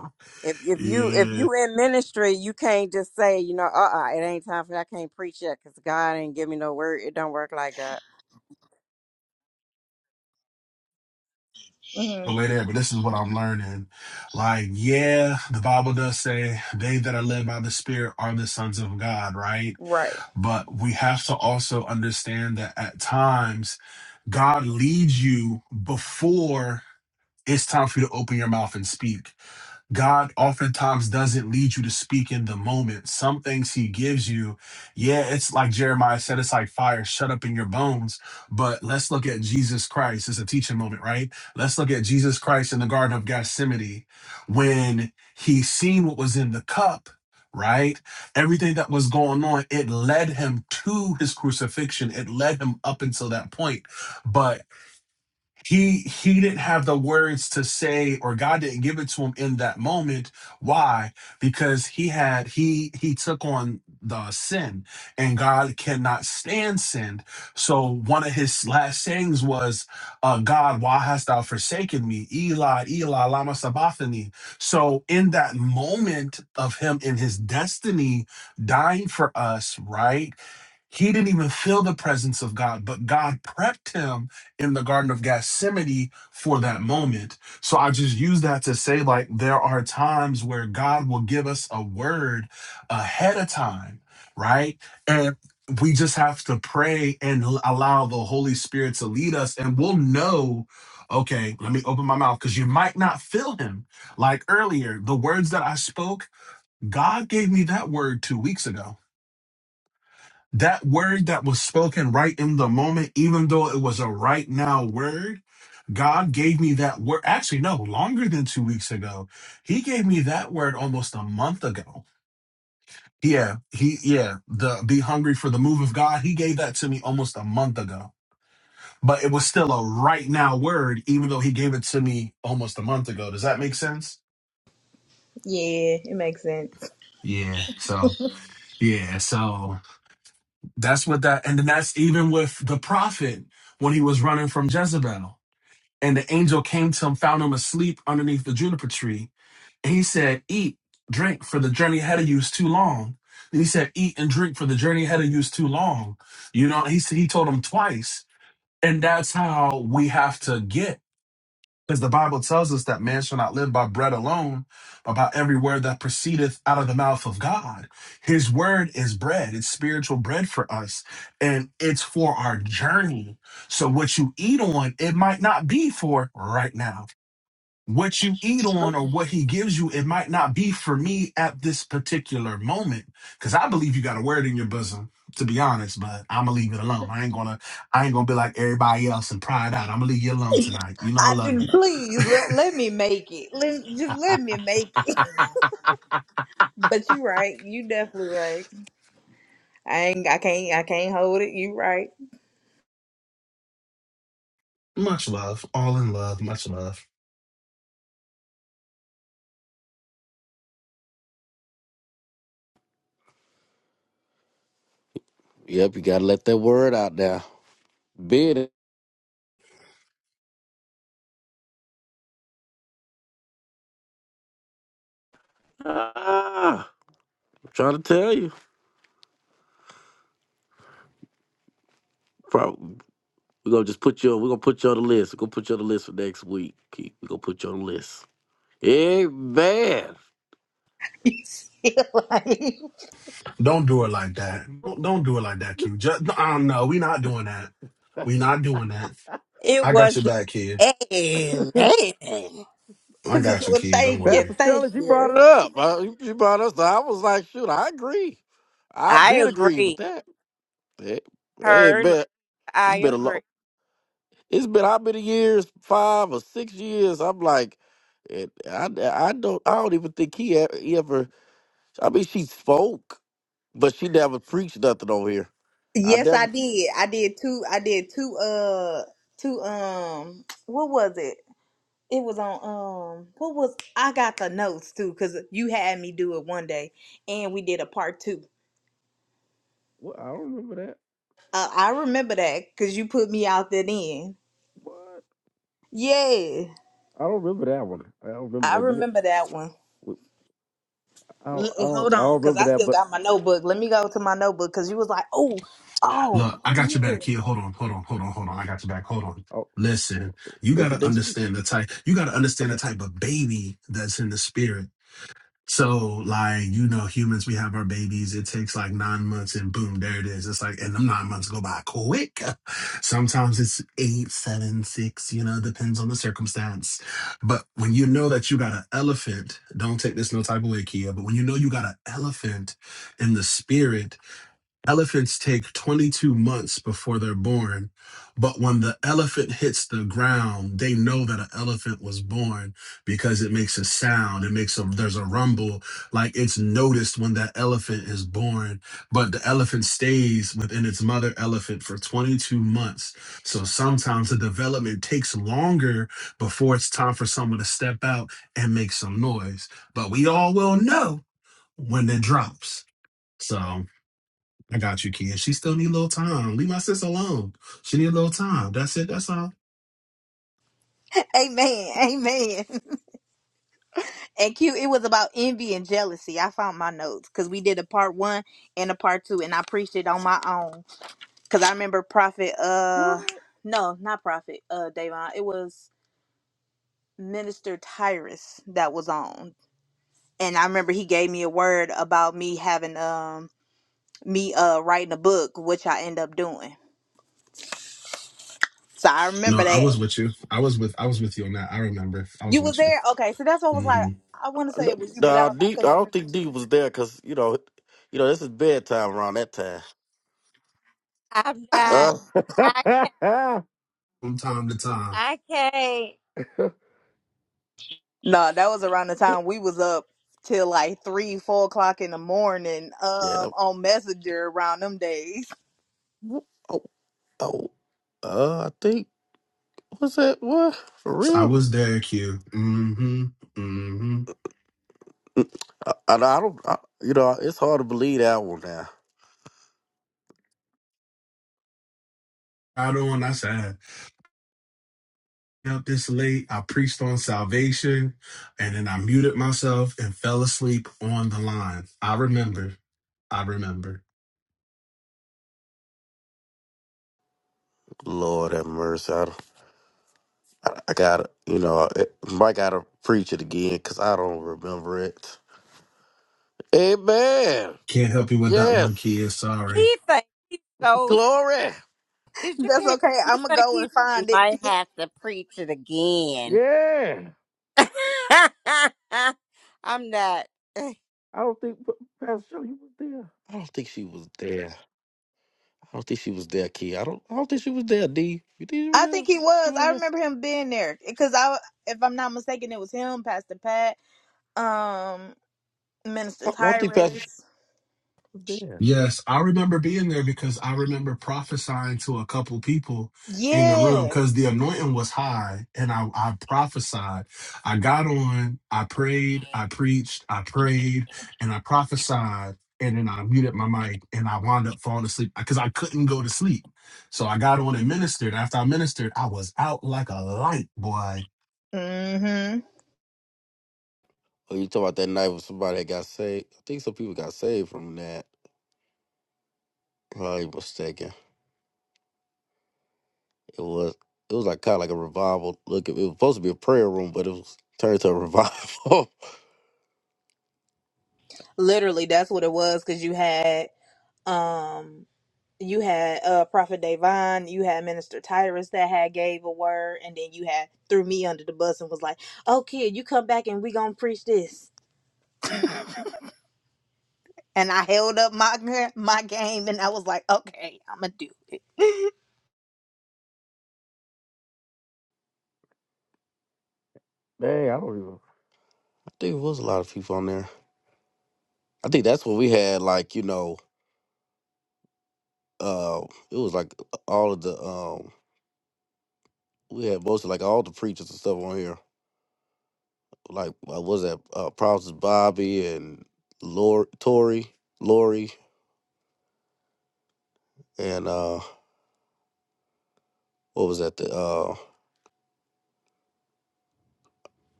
If if you if
yeah.
you in ministry, you can't just say, you know, uh uh it ain't time for that. I can't preach yet because God ain't give me no word. It don't work like that.
hmm
way there, but this is what I'm learning. Like, yeah, the Bible does say they that are led by the Spirit are the sons of God, right?
Right.
But we have to also understand that at times God leads you before it's time for you to open your mouth and speak. God oftentimes doesn't lead you to speak in the moment. Some things He gives you, yeah, it's like Jeremiah said, it's like fire shut up in your bones. But let's look at Jesus Christ. It's a teaching moment, right? Let's look at Jesus Christ in the Garden of Gethsemane when He seen what was in the cup. Right? Everything that was going on, it led him to his crucifixion. It led him up until that point. But he he didn't have the words to say or god didn't give it to him in that moment why because he had he he took on the sin and god cannot stand sin so one of his last sayings was uh god why hast thou forsaken me eli eli lama sabachthani so in that moment of him in his destiny dying for us right he didn't even feel the presence of God, but God prepped him in the Garden of Gethsemane for that moment. So I just use that to say, like, there are times where God will give us a word ahead of time, right? And we just have to pray and l- allow the Holy Spirit to lead us, and we'll know. Okay, let me open my mouth because you might not feel him. Like earlier, the words that I spoke, God gave me that word two weeks ago that word that was spoken right in the moment, even though it was a right now word, God gave me that word. Actually, no, longer than two weeks ago. He gave me that word almost a month ago. Yeah, he, yeah, the be hungry for the move of God. He gave that to me almost a month ago, but it was still a right now word, even though he gave it to me almost a month ago. Does that make sense?
Yeah, it makes sense.
Yeah. So, yeah. So that's what that, and then that's even with the prophet when he was running from Jezebel. And the angel came to him, found him asleep underneath the juniper tree. And he said, Eat, drink, for the journey ahead of you is too long. And he said, Eat and drink, for the journey ahead of you is too long. You know, he said, He told him twice. And that's how we have to get. Because the Bible tells us that man shall not live by bread alone, but by every word that proceedeth out of the mouth of God. His word is bread, it's spiritual bread for us, and it's for our journey. So, what you eat on, it might not be for right now what you eat on or what he gives you, it might not be for me at this particular moment. Cause I believe you got a word in your bosom, to be honest, but I'm gonna leave it alone. I ain't gonna, I ain't gonna be like everybody else and pry it out. I'm gonna leave you alone tonight. You know, I love you.
Please let, let me make it. Let just let me make it. But you right. You definitely right. I ain't. I can't. I can't hold it. You right.
Much love, all in love, much love.
Yep, you gotta let that word out there. Bid it. Ah, I'm trying to tell you. We're gonna just put you. We're gonna put you on the list. We're gonna put you on the list for next week. Keith. We're gonna put you on the list. Hey man,
You still right.
Don't do it like that. Don't, don't do it like that, Q. Just, no, um, no, we not doing that. We not doing that.
It
I got
was
your
the
back, kid.
Amen.
I
I
mean,
got
Pa-
you,
well,
kid. Don't
thank you,
worry.
Pastor
thank
Shelley, she brought
you.
it up. Uh, She she brought us. I was like, shoot, I agree. I
I
been agree with
agree.
that. Hey, hey,
Her
man, it's
I
been a long.
agree.
It's been how many years? Five or six years. I'm like, and I, I don't, I don't even think he ever, he ever. I mean, she spoke, but she never preached nothing on here. I
Yes, I
never.
did. I did two. I did two. Uh, two. Um, what was it? It was on um what was I got the notes too because you had me do it one day and we did a part two.
What? I don't remember that.
Uh, I remember that because you put me out there then.
What?
Yeah,
I don't remember that one. I don't remember
I
that. You-
remember that one.
I don't,
L-
I
uh,
don't,
hold
I
on,
don't
because
remember
I
that,
still
but
got my notebook. Let me go to my notebook because you was like, oh, oh,
Look, I got your back here. Hold on, hold on, hold on, hold on. I got your back. Hold on.
I don't-
Listen, you gotta
if
understand the type. You gotta understand
they,
the type of baby that's in the spirit. So, like, you know, humans, we have our babies. It takes like nine months, and boom, there it is. It's like, and them nine months go by quick. Sometimes it's eight, seven, six. You know, depends on the circumstance. But when you know that you got an elephant, don't take this no type of way, Kia. But when you know you got an elephant in the spirit, Elephants take 22 months before they're born, but when the elephant hits the ground, they know that an elephant was born because it makes a sound. It makes a there's a rumble, like it's noticed when that elephant is born. But the elephant stays within its mother elephant for 22 months. So sometimes the development takes longer before it's time for someone to step out and make some noise. But we all will know when it drops. So. I got you, kid. She still need a little time. Leave my sis alone. She need a little time. That's it. That's all.
amen, amen. And Q, it was about envy and jealousy. I found my notes because we did a part one and a part two, and I preached it on my own. Cause I remember Prophet uh no, not Prophet, uh Davon. It was Minister Tyrus that was on. And I remember he gave me a word about me having um me uh writing a book, which I end up doing. So I
No,
remember
I
that.
was with you. I was with I was with you on that. I remember. I was
You was
with you.
there? Okay, so that's what I was like.
hmm
I wanna say it was you, but I,
Nah,
was, I
D, I
couldn't
don't
remember
think
too.
D was there because you know, you know, this is bedtime around that time.
I'm not
Uh,
I
From time to time.
I can't
No, that was around the time we was up till like three, four o'clock in the morning,
yeah.
um,
That,
on Messenger around them days.
oh, oh, oh, uh, I think what's that? What for
I
real?
was there, Q. Mm-hmm. Mm-hmm.
Mm, I, I, I don't. I, you know, it's hard to believe that one now.
I don't want that up this late. I preached on salvation and then I muted myself and fell asleep on the line. I remember. I remember.
Lord have mercy. I, don't- I, I gotta, you know, it, I gotta preach it again because I don't remember it. Amen.
Can't help you with that
Yes.
one, Kia. Sorry.
he think he's so s-
Glory.
did you
That's
hear
okay.
he
I'ma
think
go
he
and
you
find
might
it.
have to preach it again.
Yeah.
I'm not
I don't think Pastor Shirley was there. I don't think she was there. I don't think she was there, Key. I don't. I don't think she was there, D. You think she was
I
there?
think he
She
was.
was
I remember
there?
him being there because I, if I'm not mistaken, it was him, Pastor Pat, um, Minister
I don't I don't think Pastor. Sh-
Tyrus.
Was there.
Yes, I remember being there because I remember prophesying to a couple people in the room
Yeah.
because the anointing was high and I, I prophesied. I got on, I prayed, I preached, I prayed, and I prophesied. And then I muted my mic and I wound up falling asleep because I couldn't go to sleep. So I got on and ministered. After I ministered, I was out like a light, boy.
Mm-hmm.
Oh, you talking about that night when somebody got saved? I think some people got saved from that. If I ain't mistaken. It was it was like kind of like a revival. Look, it was supposed to be a prayer room, but it was turned to a revival.
Literally, that's what it was because you had, um, you had uh Prophet Davon, you had Minister Tyrus that had gave a word, and then you had threw me under the bus and was like, "Oh, kid, you come back and we gonna preach this." And I held up my my game, and I was like, "Okay, I'm gonna do."
I think it was a lot of people on there. I think that's when we had like you know, uh, it was like uh, all of the um we had most of like all the preachers and stuff on here. Like I was that uh Props Bobby and Lori Tori, Lori and uh what was that the uh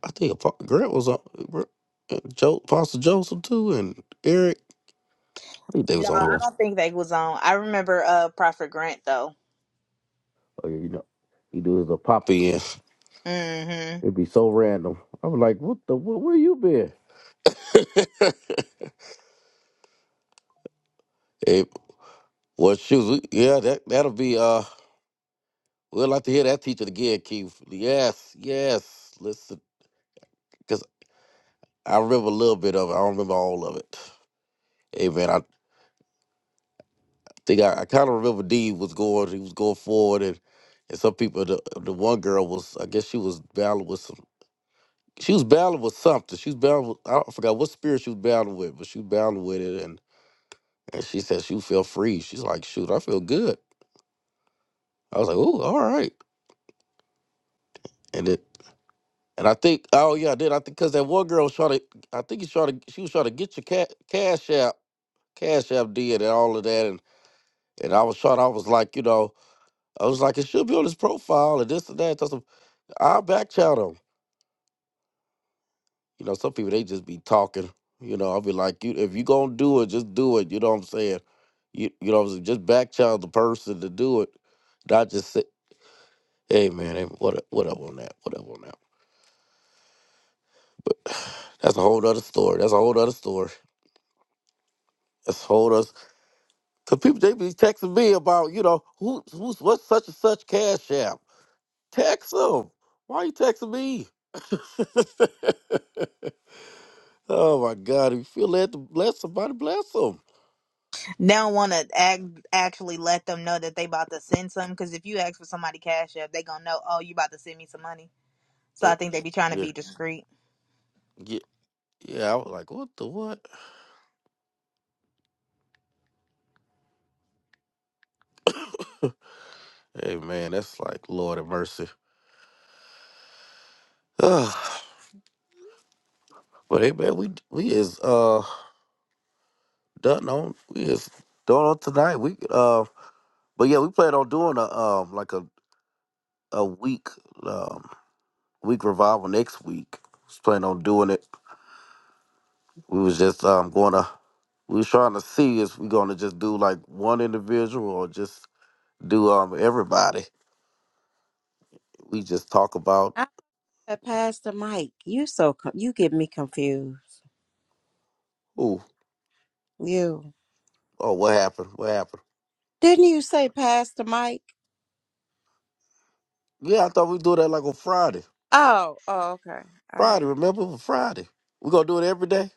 I think Apo- Grant was on Gr- uh, Joe Apostle Joseph too and Eric. I think they
No,
was on
I
here.
don't think they was on. I remember uh Prophet Grant though.
Oh yeah, you know. He do his little pop in.
Mm-hmm.
It'd be so random. I was like, what the wh- where you been? hey, well shoes yeah, that that'll be uh we'll like to hear that teacher again, Keith. Yes, yes. Listen. I remember a little bit of it. I don't remember all of it. Hey man, I think I, I kind of remember D was going. He was going forward, and and some people. The the one girl was. I guess she was battling with some. She was battling with something. She was battling. With, I, don't, I forgot what spirit she was battling with, but she was battling with it, and and she said she felt free. She's like, shoot, I feel good. I was like, oh, all right, and it. And I think, oh yeah, I did. I think because that one girl was trying to, I think he trying to, she was trying to get your ca- cash app, cash app did and all of that, and and I was trying, I was like, you know, I was like, it should be on his profile and this and that. So I I'll back chat him. You know, some people be talking. You know, I'll be like, you if you do it, you know what I'm saying? You you know, child do it. And I just say, hey man, hey, what up- what up on that? What up on that? That's a whole other story. That's a whole other story. That's a whole other cause people they be texting me about, you know, who who's what's such and such cash app. Text them. Why you texting me? Oh my God, if you feel led to bless somebody, bless them.
They don't want to act, actually let them know that they about to send some because if you ask for somebody cash up, they gonna know. Oh, you about to send me some money. So
Uh,
I think they be trying to
yeah.
be discreet.
Yeah. Yeah, I was like, what the what? Hey man, that's like Lord of mercy. Ugh, but hey man, we we is uh done on we is done on tonight. We uh but yeah, we plan on doing a um like a a week um week revival next week. Just plan on doing it. We was just um gonna we was trying to see if we gonna just do like one individual or just do um everybody. We just talk about
Uh, pass the mic. You so co- you get me confused.
ooh,
You
oh what happened, what happened.
didn't you say pass the mic?
Yeah, I thought we'd do that like on Friday.
Oh, oh, okay, all right.
Friday, remember for Friday. We're gonna do it every day.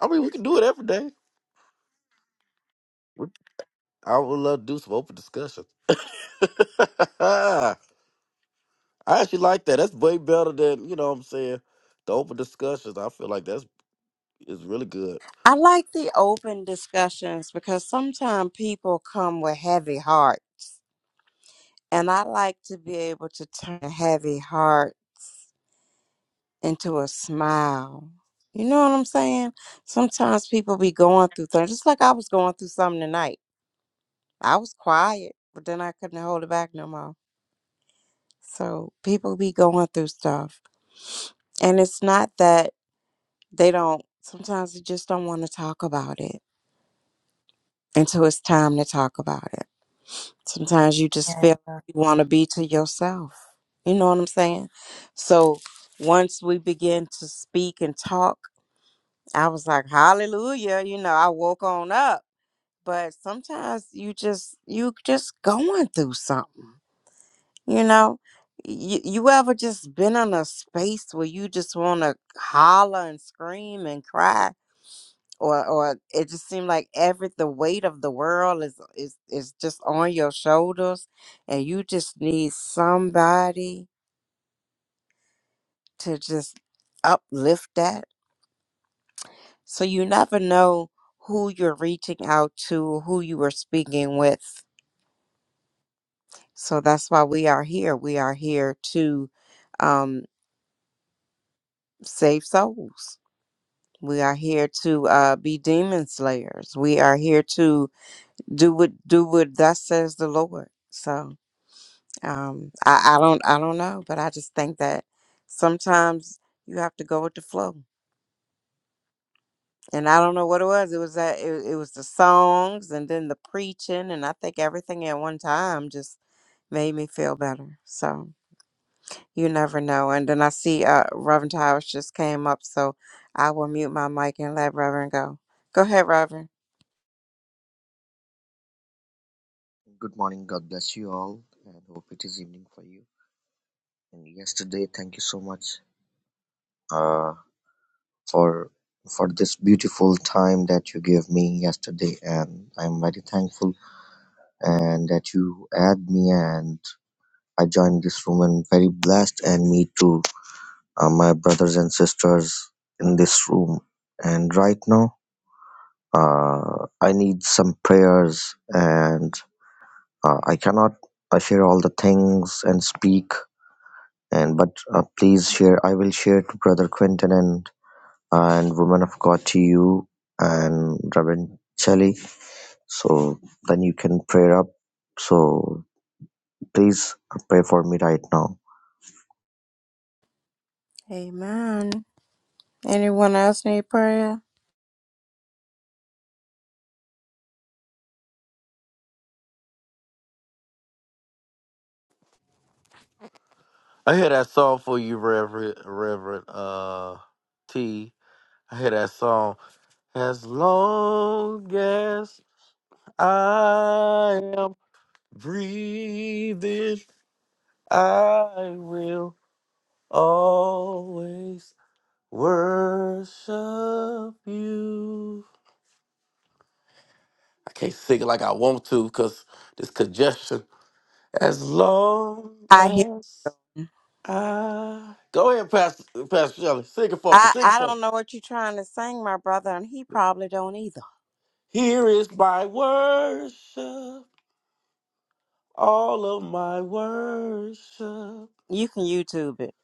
I mean, we can do it every day. We- I would love to do some open discussion. I actually like that. That's way better than you know what I'm saying. The open discussions. I feel like that's is really good.
I like the open discussions because sometimes people come with heavy heart, and I like to be able to turn a heavy heart into a smile. You know what I'm saying? Sometimes people be going through things, just like I was going through something tonight. I was quiet, but then I couldn't hold it back no more. So people be going through stuff. And it's not that they don't, sometimes they just don't want to talk about it until it's time to talk about it. Sometimes you just feel like
Yeah.
you want to be to yourself. You know what I'm saying? So once we begin to speak and talk, I was like, hallelujah. You know, I woke on up. But sometimes you just, you just going through something, you know? You, you ever just been in a space where you just want to holler and scream and cry or or it just seemed like every the weight of the world is is is just on your shoulders and you just need somebody to just uplift that so you never know who you're reaching out to who you are speaking with so that's why we are here we are here to um save souls we are here to uh, be demon slayers. We are here to do what do what thus says the Lord. So Um, I, I don't I don't know, but I just think that sometimes you have to go with the flow. And I don't know what it was. It was that it, it was the songs and then the preaching and I think everything at one time just made me feel better. So you never know. And then I see uh Reverend Towers just came up, so I will mute my mic and let Reverend go. Go ahead, Reverend.
Good morning. God bless you all, and hope it is evening for you. And yesterday, thank you so much uh, for for this beautiful time that you gave me yesterday, and I'm very thankful and that you add me and I joined this room and very blessed and me too, uh, my brothers and sisters in this room. And right now, uh, I need some prayers and uh, I cannot I share all the things and speak and but uh, please share i will share to brother quentin and and woman of god to you and reverend Shelley. so then you can pray up so please pray for me right now
Amen. Anyone else need prayer?
I had uh, T. I had on. As I am breathing, I will always worship you. I can't sing it like I want to because this congestion. As long
I hear
as I go ahead, Pastor Pastor Shelley, sing it for me,
I,
sing it
I
for me.
don't know what you're trying to sing, my brother, and he probably don't either.
Here is my worship, all of my worship.
You can YouTube it.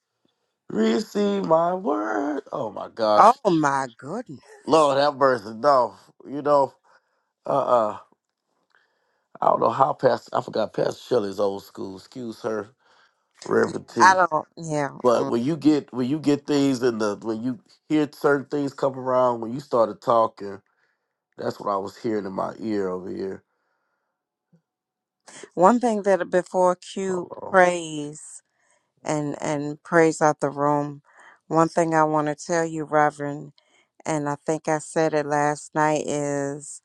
Receive my word. Oh my
Oh
gosh,
my goodness.
Lord have mercy. No, you know, uh, uh I don't know how Pastor. I forgot Pastor Shelley's old school. Excuse her,
Yeah,
Reverend
I
T.
don't. Yeah.
But
mm.
when you get when you get things in the when you hear certain things come around when you started talking. That's what I was hearing in my ear over here.
One thing that uh, before Q
Hold on.
prays and and prays out the room. One thing I want to tell you, Reverend, and I think I said it last night is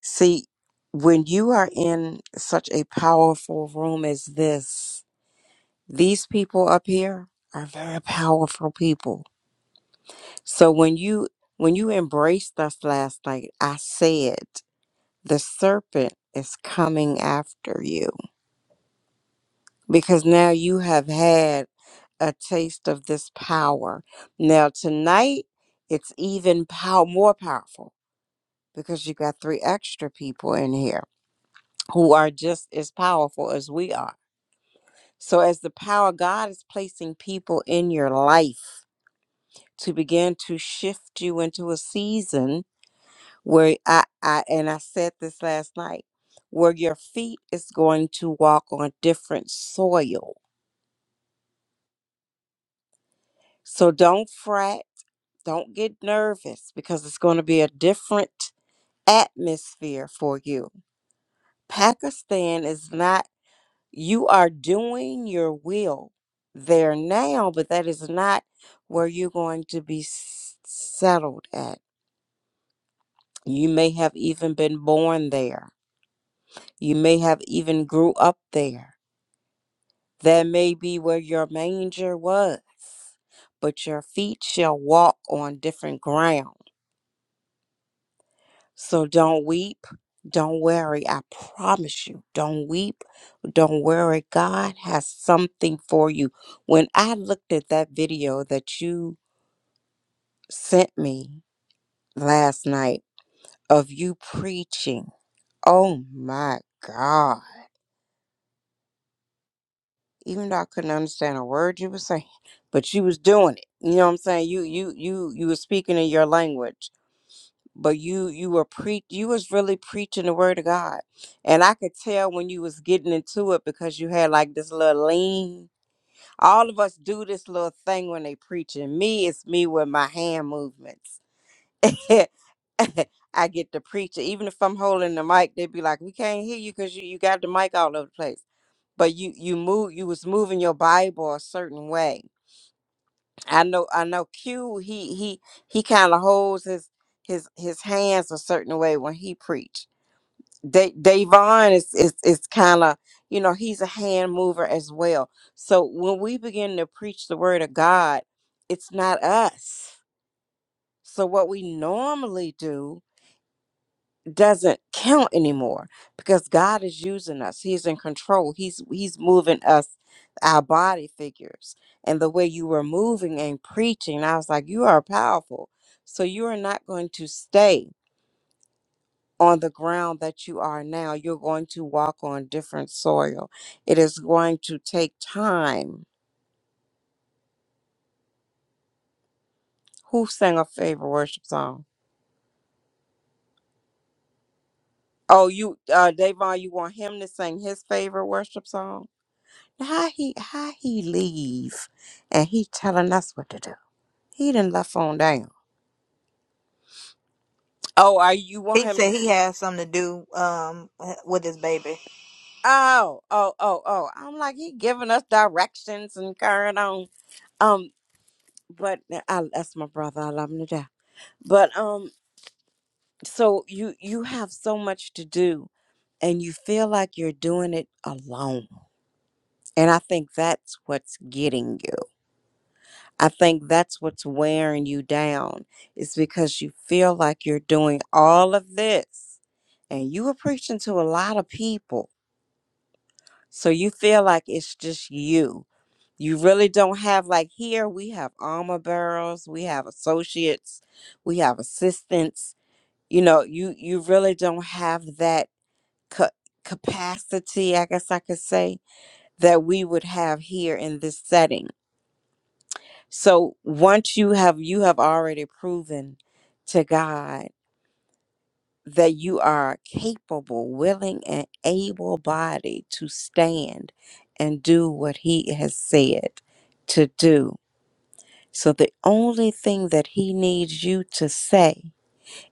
see when you are in such a powerful room as this, these people up here are very powerful people. So when you when you embraced us last night, I said. the serpent is coming after you because now you have had a taste of this power. Now tonight it's even pow- more powerful because you got three extra people in here who are just as powerful as we are. So as the power God is placing people in your life to begin to shift you into a season where I, I and I said this last night, where your feet is going to walk on different soil. So don't fret, don't get nervous because it's going to be a different atmosphere for you. Pakistan is not you are doing your will there now, but that is not where you're going to be s- settled at. You may have even been born there. You may have even grew up there That may be where your manger was, but your feet shall walk on different ground. So don't weep, don't worry. I promise you, don't weep, don't worry. God has something for you. When I looked at that video that you sent me last night of you preaching, oh my God. even though I couldn't understand a word you were saying, but you was doing it. You know what I'm saying? You you you you were speaking in your language, but you you were pre you was really preaching the word of God. And I could tell when you was getting into it because you had like this little lean. All of us do this little thing when they preaching. Me, it's me with my hand movements. I get to preach it. Even if I'm holding the mic, they would be like, "We can't hear you because you, you got the mic all over the place." But you you move you was moving your Bible a certain way I know I know Q he he he kind of holds his his his hands a certain way when he preach. Da- Davon is is is kind of you know he's a hand mover as well. So when we begin to preach the word of God, it's not us. So what we normally do doesn't count anymore because God is using us. He's in control. He's he's moving us our body figures. And the way you were moving and preaching, I was like, you are powerful. So you are not going to stay on the ground that you are now. You're going to walk on different soil. It is going to take time. Who sang a favorite worship song? Oh, you uh Davon, you want him to sing his favorite worship song? How he how he leave and he telling us what to do. He done left on down. Oh, are you want
He
him to
said he has something to do um with his baby.
Oh, oh, oh, oh. I'm like he giving us directions and carrying on. Um, but I that's my brother. I love him to death. But um so you you have so much to do and you feel like you're doing it alone. And I think that's what's getting you I think that's what's wearing you down. It's because you feel like you're doing all of this and you are preaching to a lot of people. So you feel like it's just you. You really don't have, like, here we have armor barrels, we have associates, we have assistants. You know, you, you really don't have that ca- capacity, I guess I could say, that we would have here in this setting So once you have you have already proven to God that you are capable, willing, and able body to stand and do what he has said to do. So the only thing that he needs you to say,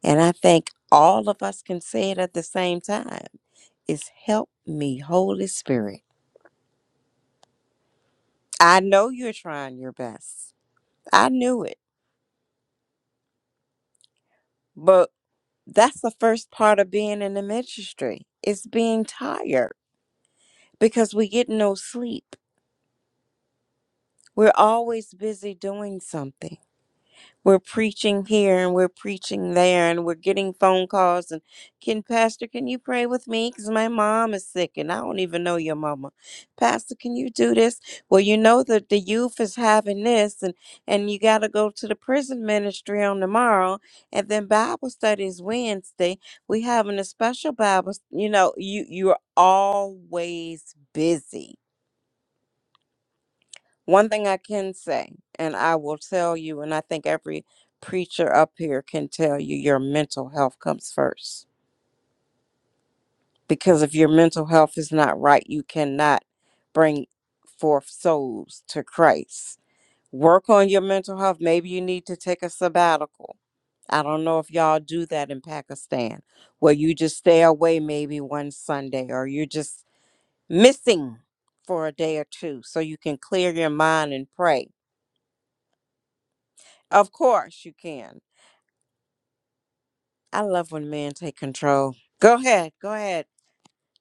and I think all of us can say it at the same time, is help me, Holy Spirit. I know you're trying your best. I knew it. but. That's the first part of being in the ministry. It's being tired because we get no sleep. We're always busy doing something. we're preaching here and we're preaching there and we're getting phone calls and can pastor can you pray with me because my mom is sick and i don't even know your mama pastor can you do this well you know that the youth is having this and and you got to go to the prison ministry on tomorrow and then bible studies wednesday we having a special bible s- you know you you're always busy one thing I can say, and I will tell you, and I think every preacher up here can tell you, your mental health comes first. Because if your mental health is not right, you cannot bring forth souls to Christ. Work on your mental health. Maybe you need to take a sabbatical. I don't know if y'all do that in Pakistan, where you just stay away maybe one Sunday or you're just missing for a day or two so you can clear your mind and pray Of course you can. I love when men take control. Go ahead. Go ahead.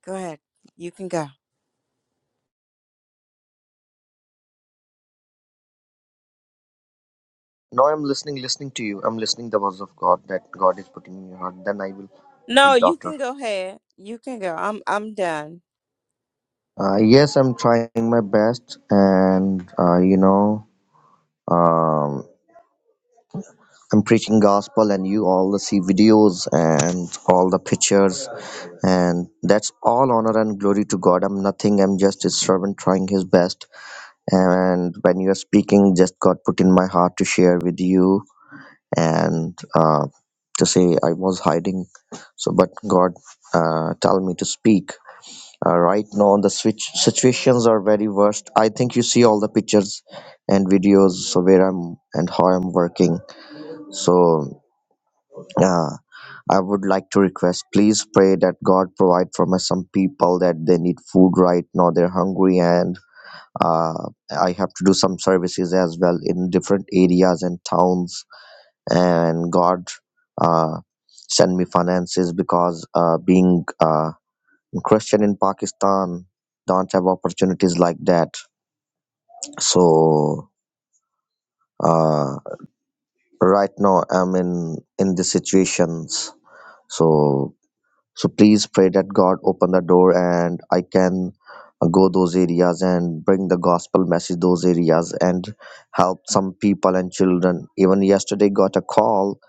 Go ahead. You can go.
now i'm listening listening to you i'm listening the words of god that god is putting in your heart then i will
No,
speak
you
after
can go ahead. You can go. I'm I'm done.
uh, yes i'm trying my best and uh, you know um, I'm preaching gospel and you all see videos and all the pictures and that's all honor and glory to God. I'm nothing. I'm just a servant trying his best. And when you are speaking, just God put in my heart to share with you and uh, to say I was hiding. So, but God uh, tell me to speak. Uh, right now, the switch situations are very worst. I think you see all the pictures and videos so where I'm and how I'm working. So. yeah. I would like to request, please pray that God provide for my some people that they need food right now. They're hungry, and uh, I have to do some services as well in different areas and towns. And God uh, send me finances because uh, being uh, Christian in Pakistan don't have opportunities like that. So uh, right now I'm in in the situations. So So please pray that God open the door and I can go those areas and bring the gospel message those areas and help some people and children. Even yesterday got a call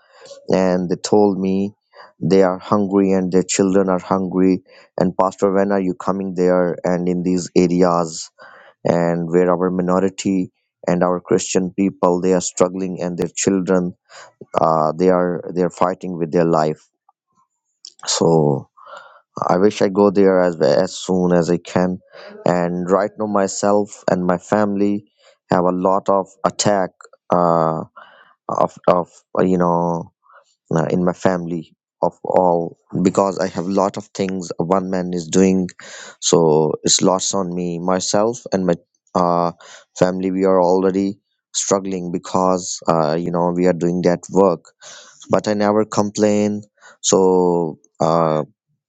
and they told me they are hungry and their children are hungry and pastor when are you coming there and in these areas and where our minority and our christian people they are struggling and their children uh, they are they are fighting with their life so I wish I go there as as soon as I can. And right now, myself and my family have a lot of attack uh, of of uh, you know uh, in my family of all because I have lot of things one man is doing, so it's lots on me myself and my uh, family. We are already struggling because uh, you know we are doing that work, but I never complain. So. uh.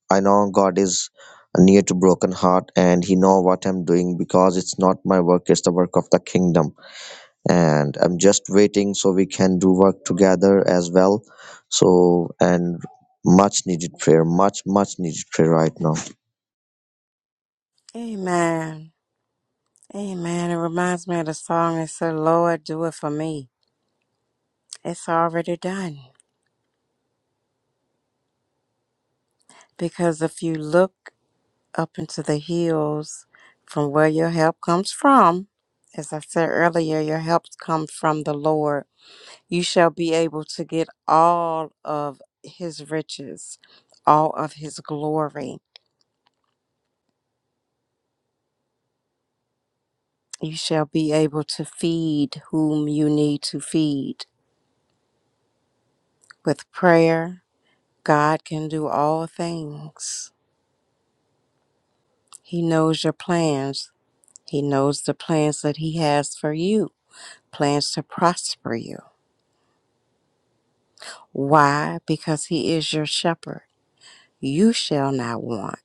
I know God is near to broken heart and he know what I'm doing because it's not my work, it's the work of the kingdom. And I'm just waiting so we can do work together as well. So and much needed prayer, much, much needed prayer right now.
Amen. Amen. It reminds me of the song that said, Lord, do it for me. It's already done. Because if you look up into the hills from where your help comes from, as I said earlier, your help comes from the Lord. you shall be able to get all of his riches, all of his glory. You shall be able to feed whom you need to feed. With prayer, God can do all things. He knows your plans, He knows the plans that He has for you, plans to prosper you. Why? Because He is your shepherd. You shall not want.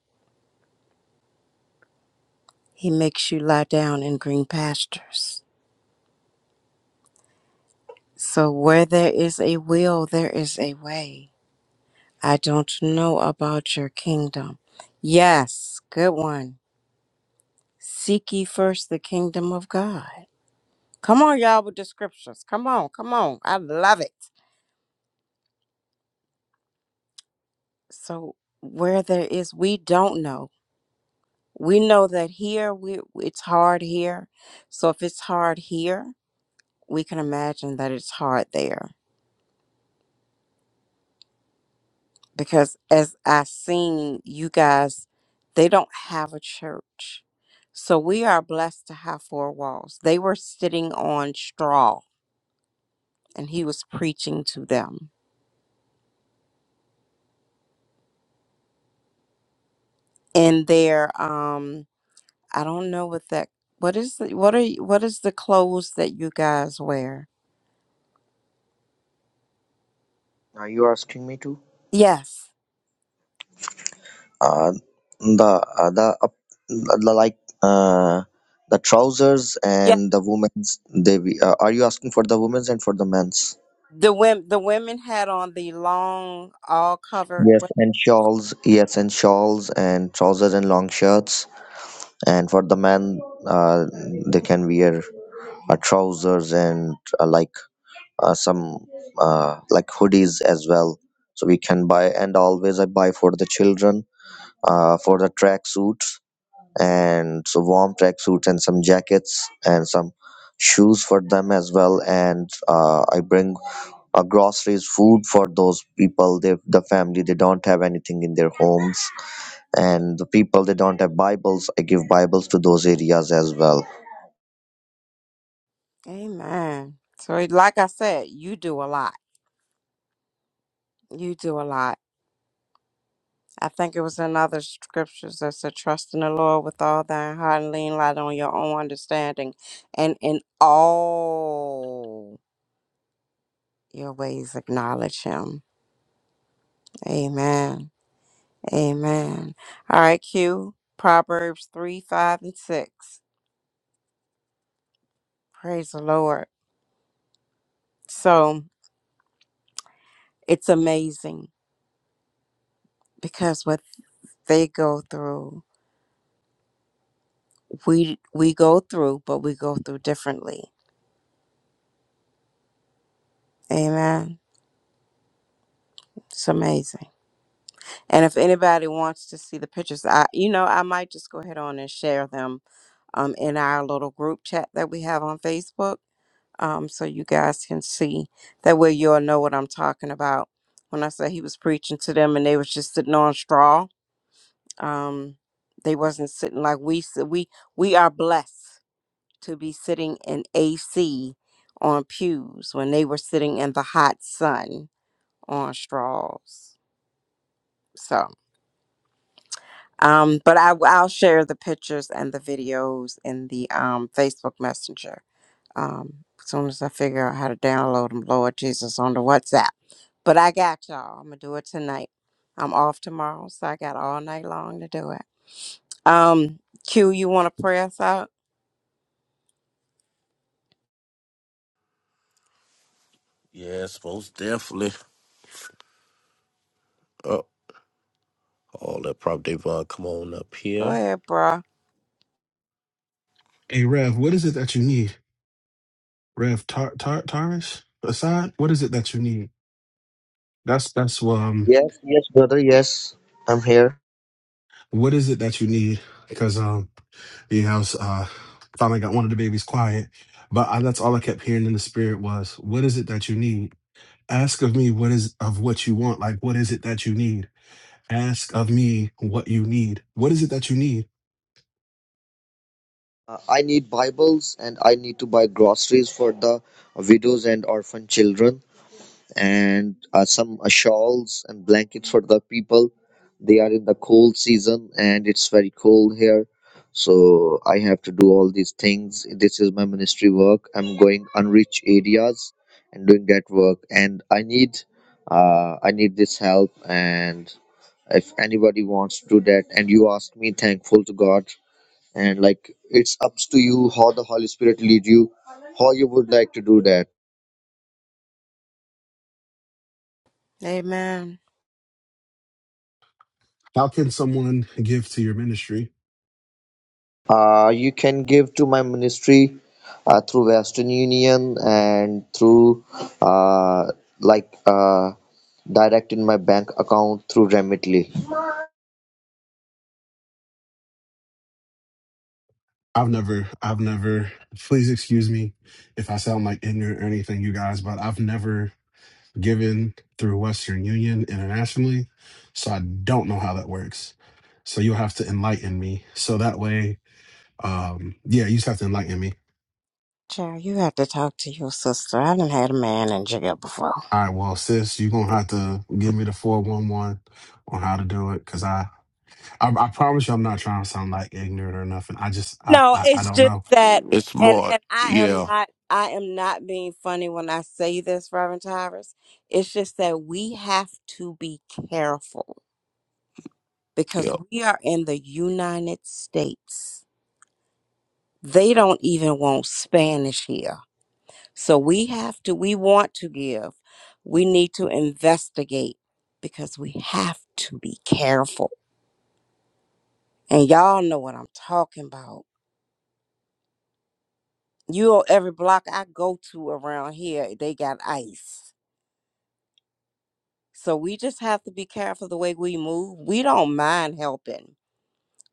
He makes you lie down in green pastures. So where there is a will, there is a way. I don't know about your kingdom. Yes, good one. Seek ye first the kingdom of God. Come on, y'all, with the scriptures. Come on, come on. I love it. So where there is, we don't know. We know that here we it's hard here. So if it's hard here, we can imagine that it's hard there. because as I seen you guys, they don't have a church. So we are blessed to have four walls. They were sitting on straw and he was preaching to them. And their um I don't know what that what is the, what are you, what is the clothes that you guys wear?
Are you asking me to?
Yes.
Uh, the uh, the, uh, the like uh, the trousers
Yeah.
and the women's. They be- uh, are you asking for the women's and for the men's?
The women the women had on the long all covered
Yes, and shawls. Yes, and shawls and trousers and long shirts. And for the men, uh, they can wear uh, trousers and uh, like uh, some uh, like hoodies as well. So we can buy and always I buy for the children uh, for the track suits and so warm track suits and some jackets and some shoes for them as well. And uh, I bring uh, groceries, food for those people. They, the family, they don't have anything in their homes and the people they don't have bibles i give bibles to those areas as well
Amen. So like I said, you do a lot. You do a lot. I think it was in other scriptures that said, Trust in the Lord with all thine heart and lean light on your own understanding. And in all your ways, acknowledge him. Amen. Amen. All right, Q. Proverbs 3, 5, and 6. Praise the Lord. So it's amazing because what they go through, we we go through, but we go through differently. Amen. It's amazing. And if anybody wants to see the pictures, I you know, I might just go ahead on and share them um in our little group chat that we have on Facebook. Um, so you guys can see. That way you'll know what I'm talking about. When I said he was preaching to them and they was just sitting on straw. Um, they wasn't sitting like we sit we we are blessed to be sitting in AC on pews when they were sitting in the hot sun on straws. So. Um, but I, I'll share the pictures and the videos in the um, Facebook Messenger um, as soon as I figure out how to download them, Lord Jesus, on the WhatsApp. But I got y'all. I'm going to do it tonight. I'm off tomorrow, so I got all night long to do it. Um, Q, you want to pray us out?
Yes, Molly. All that prop Devon, come on up
Go
here.
ahead, bruh.
Hey, Rev, what is it that you need? Rev Tar Tar Tarish? Assad, what is it that you need? That's that's um
yes yes brother yes i'm here
What is it that you need? Because um, you know, I was, uh, finally got one of the babies quiet, but I, that's all I kept hearing in the spirit was, "What is it that you need? Ask of me what is of what you want. Like, what is it that you need? Ask of me what you need. What is it that you need?
uh, i need bibles and i need to buy groceries for the widows and orphan children and uh, some uh, shawls and blankets for the people. They are in the cold season and it's very cold here. So I have to do all these things. This is my ministry work. I'm going unreached areas and doing that work. And I need, uh, I need this help. And if anybody wants to do that, and you ask me, thankful to God. And like it's up to you how the Holy Spirit lead you, how you would like to do that
Amen.
How can someone give to your ministry?
Uh, you can give to my ministry uh, through Western Union and through uh, like uh, direct in my bank account through Remitly.
I've never, I've never. Please excuse me if I sound like ignorant or anything, you guys, but I've never given through Western Union internationally. So I don't know how that works. So you'll have to enlighten me. So that way, um, yeah, you just have to enlighten me.
Child, you have to talk to your sister. I done had a man in jail before.
All right, well, sis, you're gonna have to give me the 411 on how to do it. Cause I, I I promise you I'm not trying to sound like ignorant or nothing. I just I
No,
I, I
it's
don't
just
know.
that,
on. It's
and
more,
and I am
yeah,
not I am not being funny when I say this, Reverend Tyrus. It's just that we have to be careful
yeah.
because we are in the United States. They don't even want Spanish here, so we have to. We want to give. We need to investigate because we have to be careful. And y'all know what I'm talking about. You know, every block I go to around here, they got ice So we just have to be careful the way we move. We don't mind helping.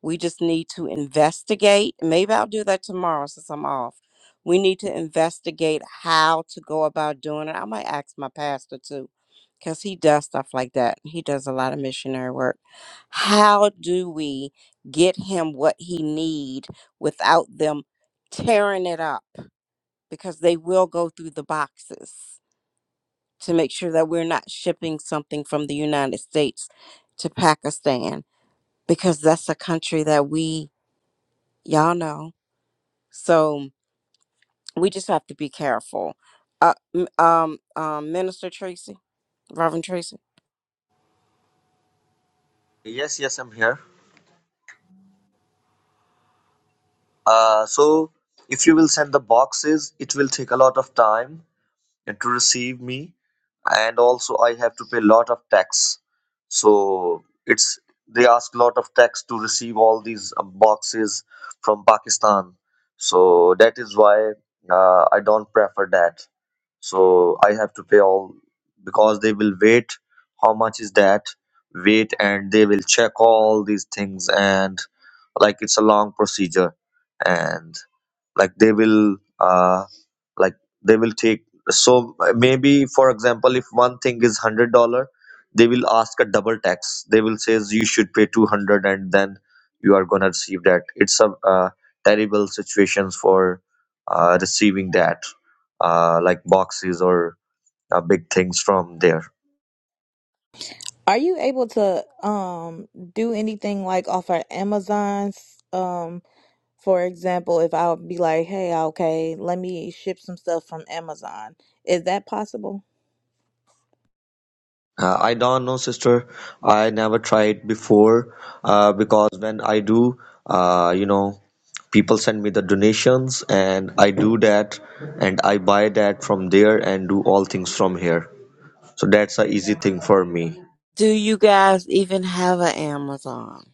We just need to investigate. Maybe I'll do that tomorrow since I'm off. We need to investigate how to go about doing it. I might ask my pastor too, because he does stuff like that. He does a lot of missionary work. How do we get him what he need without them tearing it up? Because they will go through the boxes to make sure that we're not shipping something from the United States to Pakistan because that's a country that we y'all know. So we just have to be careful. Uh, m- um, um, Minister Tracy, Reverend Tracy,
Yes, yes, I'm here. Uh, so if you will send the boxes, it will take a lot of time. and to receive me and also i have to pay a lot of tax so it's they ask a lot of tax to receive all these uh, boxes from pakistan so that is why uh, i don't prefer that so i have to pay all because they will wait how much is that wait and they will check all these things and like it's a long procedure and like they will uh, like they will take so maybe for example if one thing is hundred dollar they will ask a double tax they will says you should pay 200 and then you are gonna receive that it's a uh, terrible situations for uh, receiving that uh, like boxes or uh, big things from there
Are you able to um do anything like off of Amazon's um for example, if I'll be like, hey, okay, let me ship some stuff from Amazon. Is that possible?
Uh, I don't know, sister. I never tried before uh, because when I do, uh, you know, people send me the donations and I do that and I buy that from there and do all things from here. So that's a easy thing for me.
do you guys even have an Amazon?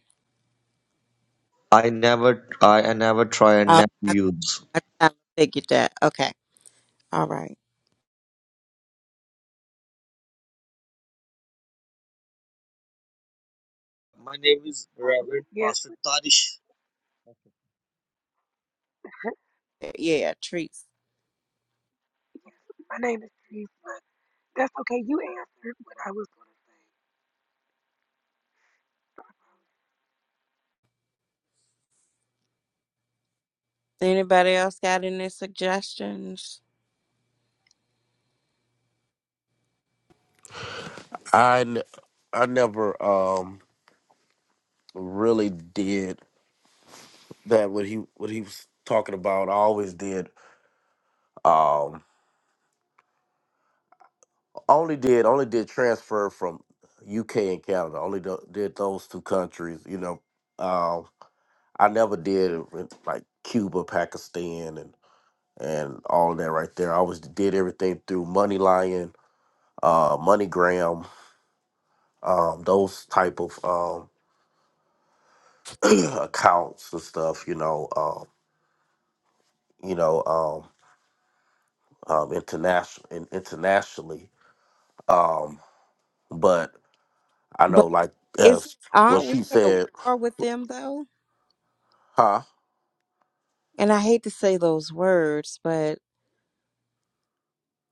I never, I, I never try and
Uh,
never
I,
use.
I kind of figured that. Okay, all right,
My name is Reverend
Yes,
Pastor Tarish.
yeah, treats.
yes. My name is Teresa. that's okay. You answered what I was going to say.
Anybody else got any suggestions?
I, n- I never um really did that what he what he was talking about. I always did um only did only did transfer from UK and Canada. Only do, did those two countries. You know, um I never did it with, like Cuba, Pakistan, and and all that right there. I always did everything through Money Lion uh, MoneyGram, um, those type of um, accounts and stuff. You know, um, you know, um, um, international in, internationally. Um, but I know,
But
like
is
as
are
what
we
she
at
said,
war with them though?
huh?
And I hate to say those words, but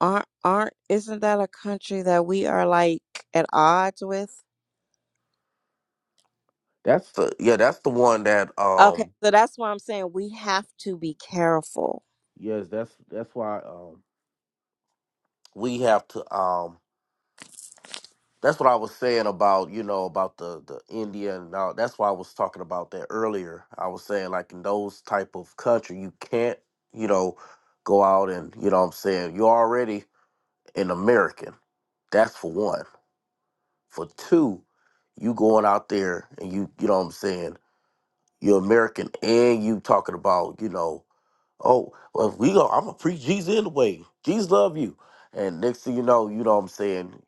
aren't aren't isn't that a country that we are like at odds with?
That's the yeah, that's the one that
Okay,
um,
so that's why I'm saying we have to be careful.
yes, that's that's why um, we have to um. That's what I was saying about, you know, about the the India and all. That's why I was talking about that earlier. I was saying like in those type of country, you can't, you know, go out and you know what I'm saying, you're already an American. That's for one. For two, you going out there and you you know what I'm saying, you're American and you talking about, you know, oh, well if we go I'm gonna preach Jesus anyway. Jesus love you. And next thing you know, you know what I'm saying,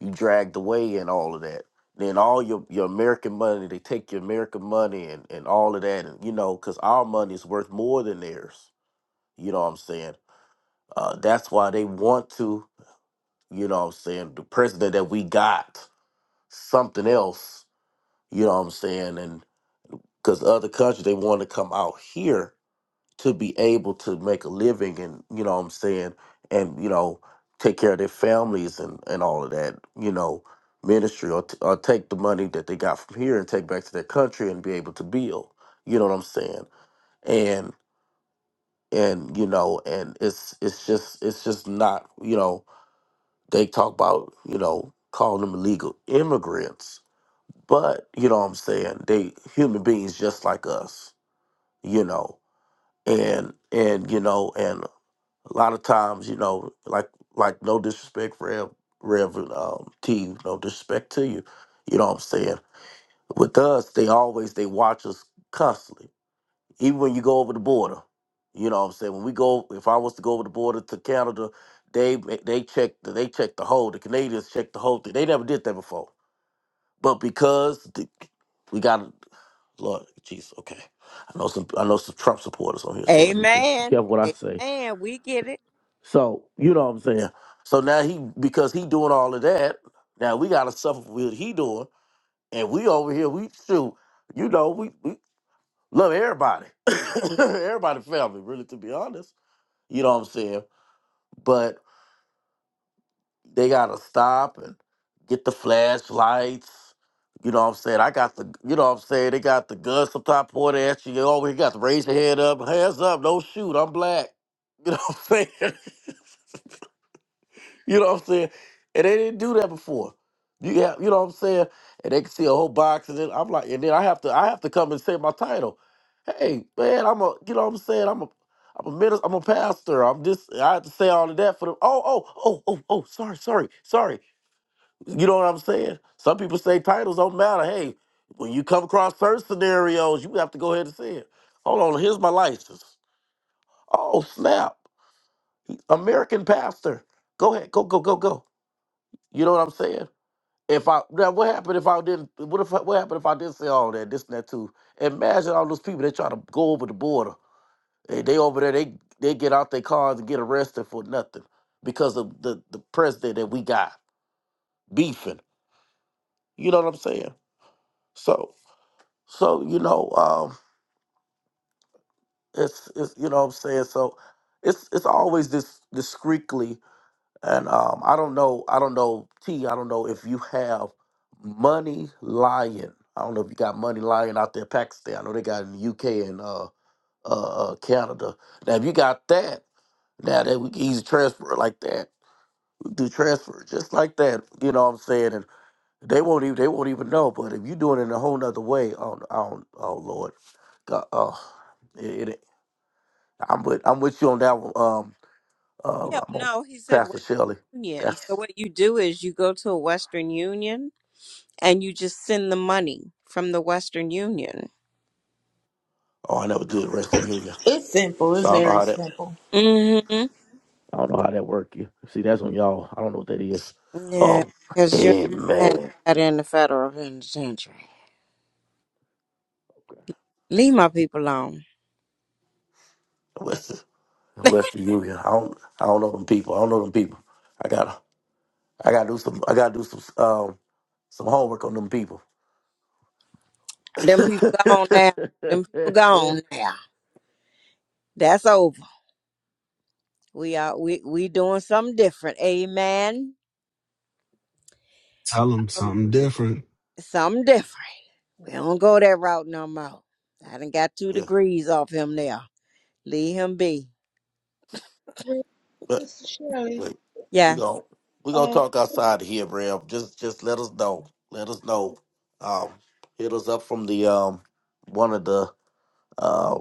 you dragged away and all of that. Then all your, your American money, they take your American money and, and all of that, and you know, because our money is worth more than theirs. You know what I'm saying? Uh, that's why they want to. You know what I'm saying? The president that we got, something else, you know what I'm saying? And because other countries, they want to come out here to be able to make a living and, you know what I'm saying? And, you know, take care of their families and, and all of that, you know, ministry or, t- or take the money that they got from here and take back to their country and be able to build. You know what I'm saying? And, and you know and it's it's just it's just not you know They talk about, you know, calling them illegal immigrants, but you know what I'm saying? They human beings just like us, you know. And and you know, and a lot of times, you know, like like no disrespect Rev Reverend um T, no disrespect to you. You know what I'm saying? With us, they always they watch us constantly even when you go over the border. You know what I'm saying? When we go, if I was to go over the border to Canada, they they check they check the whole. The Canadians check the whole thing. They never did that before. But because the, we got Lord Jesus, okay. I know some I know some Trump supporters on here, so let me just be
Amen.
careful what I say.
Amen. We get it.
So you know what I'm saying. So now he because he doing all of that. Now we got to suffer for what he doing, and we over here we shoot. You know we, we love everybody, everybody family. Really, to be honest. You know what I'm saying? But they gotta stop and get the flashlights. You know what I'm saying? I got the you know what I'm saying, they got the guns sometimes pointed at you. You always got to raise your head up, hands up, don't shoot, I'm black. You know what I'm saying? you know what I'm saying? And they didn't do that before. You have, you know what I'm saying? And they can see a whole box and then I'm like and then I have to I have to come and say my title. hey man, I'm a you know what I'm saying I'm a I'm a minister, I'm a pastor. I'm just I have to say all of that for the oh oh oh oh oh sorry sorry sorry. You know what I'm saying? Some people say titles don't matter. Hey, when you come across certain scenarios, you have to go ahead and say it. Hold on, here's my license. Oh snap, American pastor. Go ahead, go go go go. You know what I'm saying? If I now what happened if I didn't what if what happened if I didn't say all that this and that too? Imagine all those people that try to go over the border They, they over there, they they get out their cars and get arrested for nothing because of the the president that we got beefing. You know what I'm saying? So so you know um it's it's you know what I'm saying. So it's it's always this discreetly and um I don't know I don't know T I don't know if you have money lion. I don't know if you got money lion out there in Pakistan. I know they got it in the UK and uh uh, uh Canada. Now if you got that now that we can easily transfer it like that do transfer just like that. You know what I'm saying? And they won't even they won't even know. But if you doing it in a whole nother way, oh, oh, oh Lord, God, oh, it, it, I'm with I'm with you on that one. Um, uh,
Yeah,
I'm on
no, he said
Pastor Shelley.
Western Union. So
That's
what you do is you go to a Western Union and you just send the money from the Western Union.
oh, I never did rest in union,
It's simple.
so
It's
I don't know
very
how that
simple.
Mm-hmm.
I don't know how that work. You see, that's on y'all. I don't know what that is.
Yeah,
Oh,
because you're in
amen.
the federal penitentiary. Leave my people alone.
West Western Union. I don't I don't know them people. I don't know them people. I got. I gotta do some. I gotta do some um some homework on them people.
Them people
yeah,
gone now. Them people gone now. That's over. We are we we doing something different. Amen.
Tell them
Um,
something different.
something different. We don't go that route no more. I done got two degrees off him now. Leave him be.
Well,
but
Sister Shirley,
but we
Yes.
gon' we gonna
um,
talk outside of here, Bram. Just just let us know. Let us know. Um, hit us up from the um one of the uh.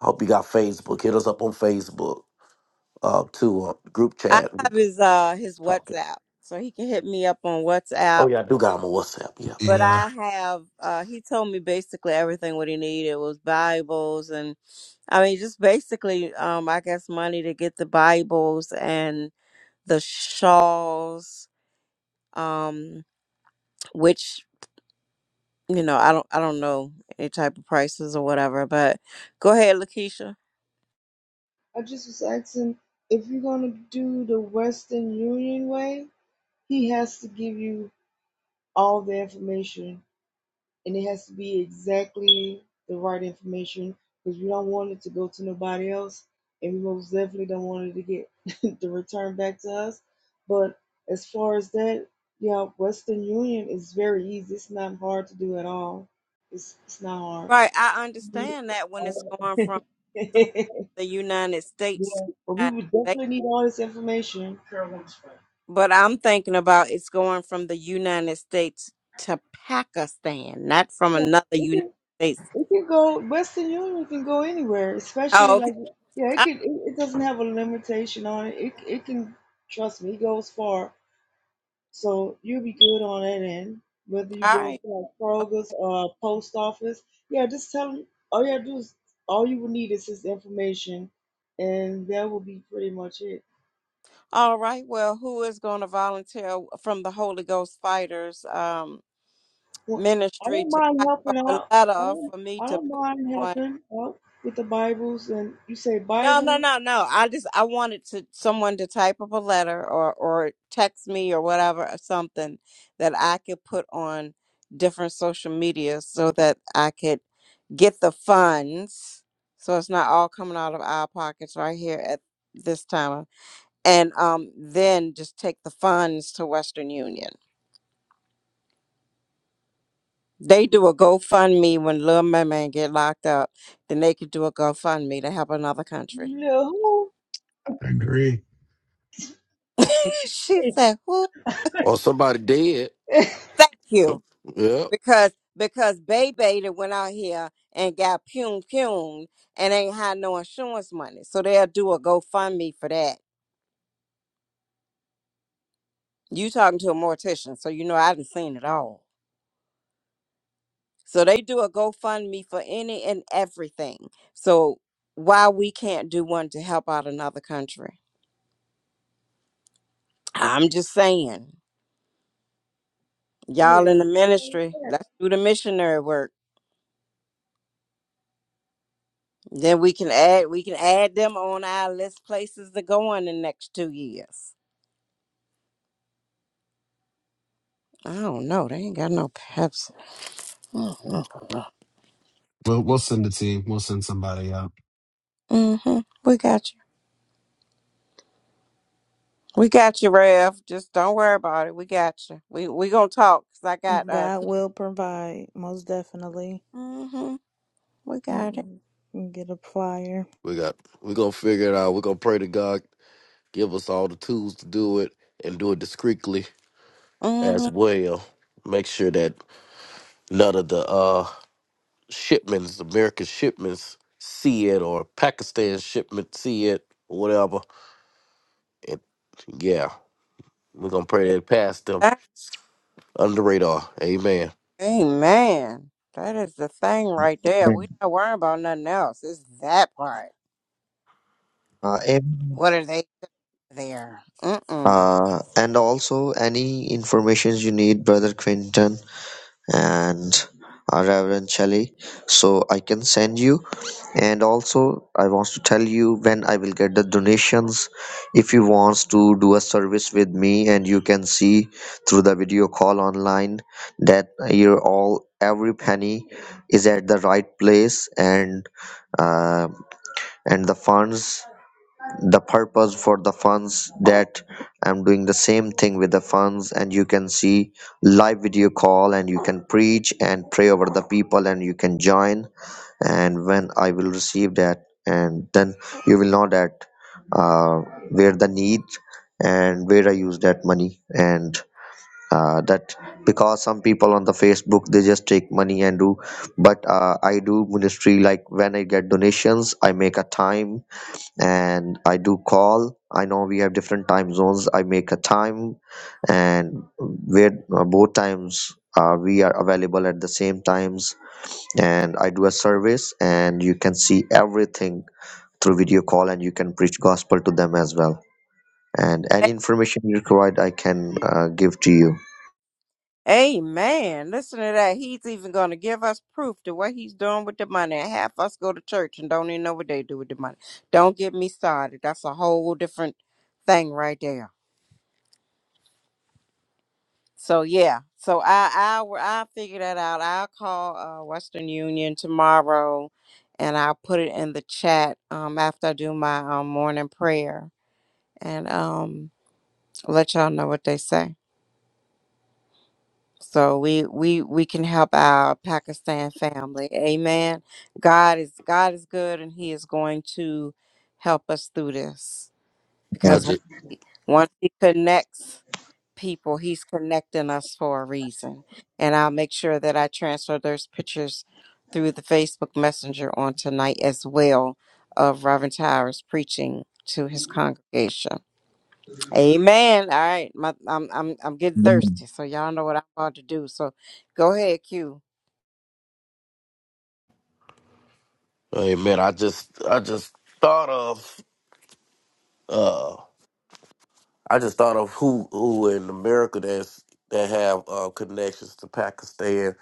Hope you got Facebook. Hit us up on Facebook uh to uh, group
I
chat. We
have
can
his uh his
talk it.
WhatsApp. So he can hit me up on
Oh
WhatsApp.
yeah, I do got them on WhatsApp. Yeah, I
But
Yeah,
forgot.
I have uh he told me basically everything what he needed was Bibles and I mean just basically um I guess money to get the Bibles the shawls, um, which you know I don't I don't know any type of prices or whatever, but go ahead, Lakeisha.
I just was asking if you're gonna do the Western Union way, he has to give you all the information and it has to be exactly the right information because we don't want it to go to nobody else, and we most definitely don't want it to get the return back to us. But as far as that, yeah, Western Union is very easy. It's not hard to do at all. It's it's not hard.
Right, I
Do
understand
it
that when it's
all.
going
yeah,
from somewhere in the United States to
but
the
we
United
would
States,
definitely need all this information.
but I'm thinking about it's going from the United States to Pakistan, not from
Yeah,
another
okay.
United States.
It can go Western Union can go anywhere, especially
Oh, okay.
like yeah, it can it, it doesn't have a limitation on it. It it can trust me, it goes far. So you'll be good on that end. Whether you
All
go into
right.
like Kroger's or post office, yeah, just tell them all you have to do is all you will need is this information, and that will be pretty much it.
All right. Well, who is going to volunteer from the Holy Ghost Fighters? um?
Well, I
ministry
don't
to
mind
type up
helping
a
out. I
letter
don't
for me
I
to
don't
put
mind
on.
helping out with the Bibles and you say
No, no,
Bibles,
no, no. I just I wanted to someone to type up a letter or or text me or whatever or something that I could put on different social media so that I could get the funds. So it's not all coming out of our pockets right here at this time. And um then just take the funds to Western Union. They do a GoFundMe when Lil Mermaid get locked up. Then they could do a GoFundMe to help another country.
little
I agree.
she said, "Who?
Somebody dead.
who?
Thank you."
Yep.
Because because Bebe that went out here and got pum pumed and ain't had no insurance money, so they'll do a GoFundMe for that. You talking to a mortician, so you know I didn't seen it all. So they do a GoFundMe for any and everything. So why we can't do one to help out another country? I'm just saying. Y'all
Yes.
in the ministry, let's do the missionary work. Then we can add we can add them on our list places to go in the next two years. I don't know. They ain't got no Pepsi. Mm-hmm.
We'll we'll send the team. We'll send somebody out.
We got you. We got you, Rev. Just don't worry about it. We got you. We we gonna talk. Cause I got uh.
God will provide, most definitely.
Mm-hmm. We got it.
Mm, Get a flyer.
We got. We gonna figure it out. We are gonna pray to God. Give us all the tools to do it and do it discreetly
Mm-hmm.
as well. Make sure that none of the uh, shipments, American shipments, see it or Pakistan shipment see it or whatever. And yeah, we're gonna pray that it past them under the radar. Amen.
Amen. That is the thing right there. We not worrying about nothing else. It's that part.
Uh, amen.
What are they doing there? Mm-mm.
Uh, and also any information you need, Brother Quinton. and uh, Reverend Shelley. So I can send you. And also, I want to tell you when I will get the donations. If you wants to do a service with me, and you can see through the video call online that your all every penny is at the right place and uh, and the funds the purpose for the funds that i'm doing the same thing with the funds and you can see live video call and you can preach and pray over the people and you can join and when i will receive that and then you will know that uh, where the need and where i use that money and uh, that because some people on the facebook they just take money and do but uh, i do ministry like when i get donations i make a time and I do call. I know we have different time zones. I make a time, and where uh, both times uh, we are available at the same times. And I do a service, and you can see everything through video call, and you can preach gospel to them as well. And
A-
any information you require, I can uh, give to you.
Amen. Listen to that. He's even going to give us proof to what he's doing with the money. And half us go to church and don't even know what they do with the money. Don't get me started. That's a whole different thing right there. So yeah. So I I will I figure that out. I'll call uh, Western Union tomorrow, and I'll put it in the chat um, after I do my um, morning prayer and um, let y'all know what they say. so we we we can help our pakistan family amen god is god is good and he is going to help us through this
I
because on-
just,
once he connects people he's connecting us for a reason and i'll make sure that i transfer those pictures through the facebook messenger on tonight as well of reverend towers preaching to his congregation Amen. All right, my, I'm I'm I'm getting
And-
thirsty, so y'all know what I'm about to do. So, go ahead, Q.
amen. I just, I just thought of, uh, I just thought of who, who in America that's that have uh, connections to Pakistan.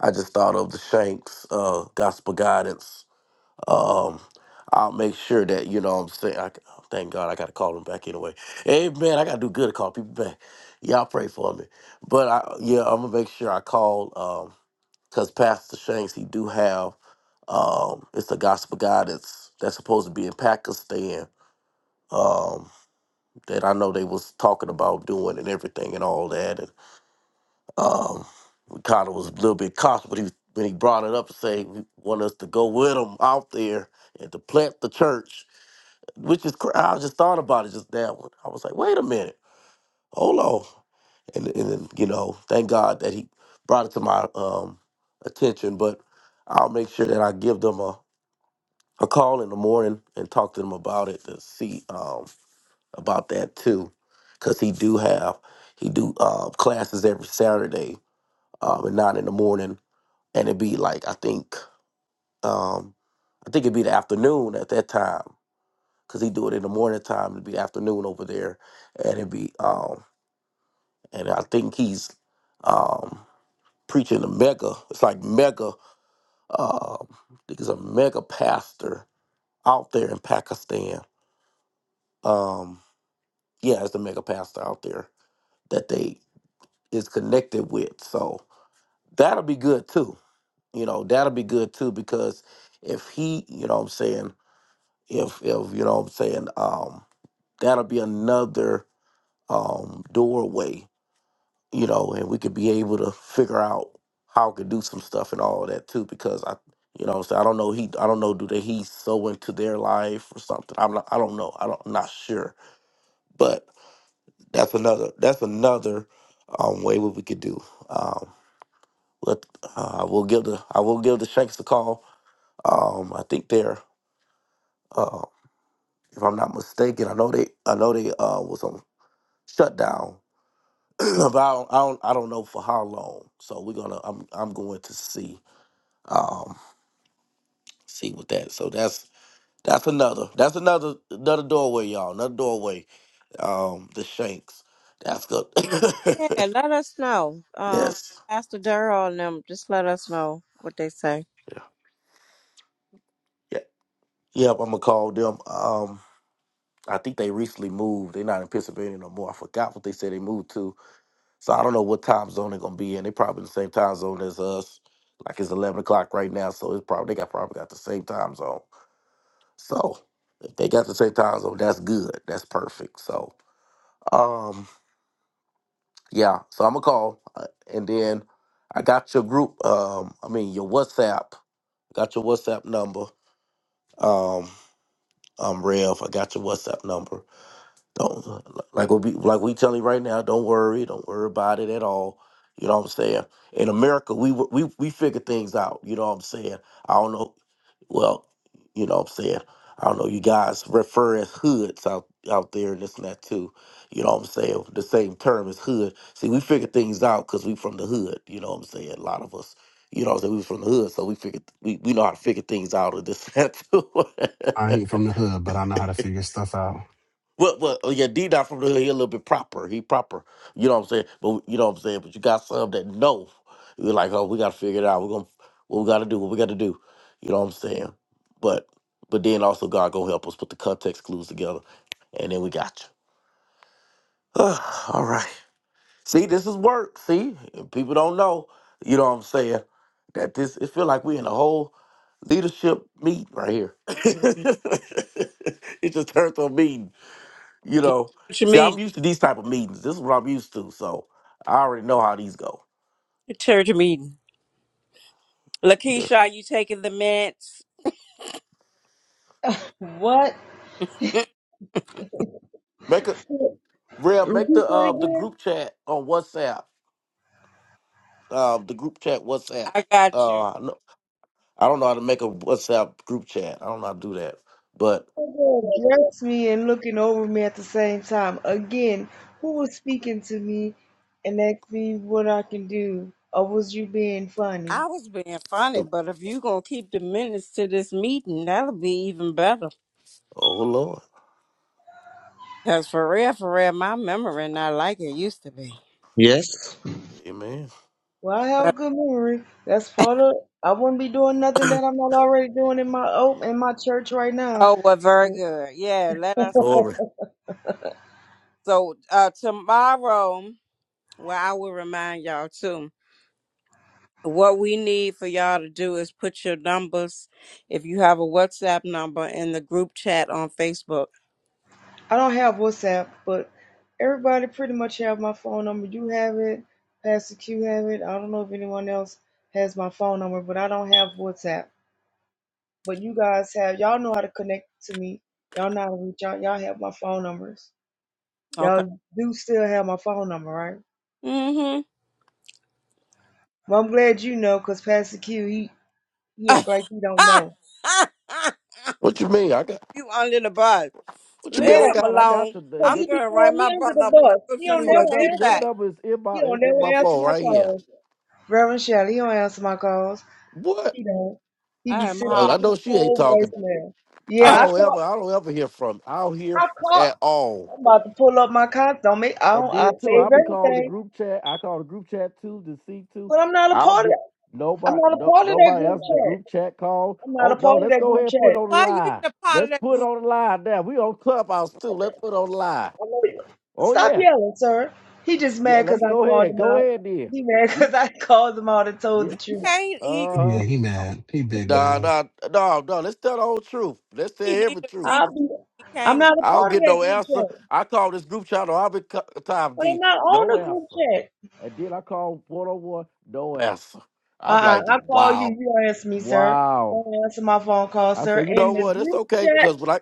I just thought of the Shanks uh, Gospel Guidance Um, I'll make sure that you know what I'm saying. I, thank God I got to call him back anyway. But yeah, I'm all um because Pastor Shanks he do have um it's a gospel guy that's that's supposed to be in Pakistan um that I know they was talking about doing and everything and all that and um we kind of was a little bit cautious but he when he brought it up to say he want us to go with him out there and to plant the church which is cra- I just thought about it just now I was like wait a minute hold on and and then, you know, thank God that he brought it to my um attention. But I'll make sure that I give them a, a call in the morning and talk to them about it to see um about that too, because he do have he do uh, classes every Saturday um at nine in the morning, and it'd be like I think um I think it'd be the afternoon at that time. Cause he do it in the morning time. It'd be afternoon over there, and it'd be um, and I think he's um preaching the mega. It's like mega. Um, I think it's a mega pastor out there in Pakistan. Um, yeah, it's a mega pastor out there that they is connected with. So that'll be good too. You know, that'll be good too because if he, you know, what I'm saying, if if you know, what I'm saying, um, that'll be another um doorway you know, and we could be able to figure out how we could do some stuff and all that too, because I, you know, what I'm saying I don't know he, I don't know do they he's so into their life or something. I'm not, I don't know, I don't, I'm not sure, but that's another, that's another um, way what we could do. Um, let uh, I will give the, I will give the Shanks a call. Um, I think they're, uh, if I'm not mistaken, I know they, I know they uh was on shutdown. but I don't, I don't, I don't know for how long. So we're gonna, I'm, I'm going to see. Um, see with that. So that's that's another that's another another doorway, y'all. Another doorway. Um, the Shanks. That's good.
Yeah, let us know. Um,
yes.
Pastor Durrell and them, just let us know what they say.
Yeah. yeah. Yep. I'm gonna call them. Um, I think they recently moved. They're not in Pennsylvania no more. I forgot what they said they moved to. So I don't know what time zone they're gonna be in. They probably in the same time zone as us. Like it's eleven o'clock right now, so it's probably they got probably got the same time zone. So if they got the same time zone, that's good. That's perfect. So. Um, Yeah, so I'm gonna call, uh, and then I got your group. Um, I mean your WhatsApp. Got your WhatsApp number. Um, um, Rev, I got your WhatsApp number. Don't like we be like we telling you right now. Don't worry. Don't worry about it at all. You know what I'm saying? In America, we we we figure things out. You know what I'm saying? I don't know well, you know what I'm saying? I don't know, you guys refer as hoods out, out there and this and that too. You know what I'm saying? The same term as hood. See, we figure things out because we from the hood, you know what I'm saying? A lot of us, you know what I'm saying? We from the hood, so we figure we, we know how to figure things out and this and that too.
I ain't from the hood, but I know how to figure stuff out.
Well, well, oh, yeah, D Dot from the hood, he a little bit proper. He proper. You know what I'm saying? But you know what I'm saying? But you got some that know. You're like, oh, we gotta figure it out. We're gonna what we gotta do, what we gotta do. You know what I'm saying? But but then also God gonna help us put the context clues together and then we got you. All right. See, this is work. See? And people don't know, you know what I'm saying, that this it feel like we in a whole leadership meet right here. it just turned to a meeting you know,
Church
see, I'm
meeting.
used to these type of meetings. This is what I'm used to, so I already know how these go.
Church meeting.
Yeah.
Lakeisha, are you taking the minutes?
What?
Mm,
Make a Rev, make
Repeat
the uh
that
the
again.
group chat on WhatsApp. Um, the group chat WhatsApp.
I got you.
Uh, I know- I don't know how to make a WhatsApp group chat. I don't know how to do that, but
Oh, me and looking over me at the same time. Again, who was speaking to me and asked me what I can do? Or was you being funny?
I was being funny,
the
but if you gonna keep the minutes to this meeting, that'll be even better.
oh Lord,
Cause for real, for real, my memory not like it used to be.
yes.
yeah.
Well, I have
But
a good memory. That's part of. I wouldn't be doing nothing that I'm not already doing in my oh, in my church right now.
oh, well, very
So,
good. Yeah, let us.
glory.
So uh, tomorrow, well, I will remind y'all too. What we need for y'all to do is put your numbers, if you have a WhatsApp number, in the group chat on Facebook.
I don't have WhatsApp, but everybody pretty much have my phone number. You have it, Pastor Q have it. I don't know if anyone else has my phone number, but I don't have WhatsApp. But you guys have y'all know how to connect to me. Y'all know how to reach out. Y'all have my phone numbers.
Okay.
Y'all do still have my phone number, right?
Mm-hmm.
Well, I'm glad you know, cause Pastor Q he he act like he don't know.
What you mean? I got
you under the bus.
what you mean?
Yeah,
I
Leave him
got I got
alone.
the the-
cause
your-
I'm
he be
what
gonna write
throwing
my
me under
brother
the
a
bus. He
you
prescription
don't
mean?
for
Your
a
never
number your
Z-Pack.
answer.
number is in
He
my
don't
is in my
never answer
phone
my
right here.
calls. Reverend Shelley, he don't answer my calls.
What?
He don't. He
I
be
am
sending
Uh, I
hard.
me
know
a
she ain't
whole
talking.
voicemail. Yeah,
I
I
don't ever
caught.
I don't ever hear from. I don't hear
I
at
caught.
all.
I'm about to pull up my contact. Don't make. I
I
don't. I
did too. I'll
save
be calling the
everything,
group chat. I call the group chat too, the C two.
but I'm not a
I'll
part of.
get
I'm
nobody
not a
no,
part of that
nobody
group
else the
chat.
group chat call.
I'm not
Oh
a
no,
part of
let's
that
go
group
ahead and put it
chat.
on the
Why you in
line.
a part of
Let's
that
put it
group?
on the line now. We on Clubhouse too. Let's put it on the line.
I'm like,
Oh
Stop
yeah.
yelling, sir. He just
Yeah,
mad because
let's
I
go
called
ahead.
him
Go
out.
ahead then.
He mad
We
because I called him out and told
yeah,
the
He
truth.
can't. He
Yeah,
uh
he mad. He big
nah
mad.
nah no no let's tell the whole truth. Let's tell
he need
every
a
truth.
Z-Pack.
I'll be.
He
I'm
can't.
not a
I don't
part of
get
that
no
group
answer.
chat,
I call this group chat on every co- time
but I'm
D.
not on
No
the group
answer.
chat.
And then I called 401, no answer. I'm
Uh-uh,
like,
I call you,
wow.
you don't answer me, sir.
Wow.
Don't answer my phone call,
I
sir.
said, you know
And the
what? It's
group
okay.
chat,
Because when I,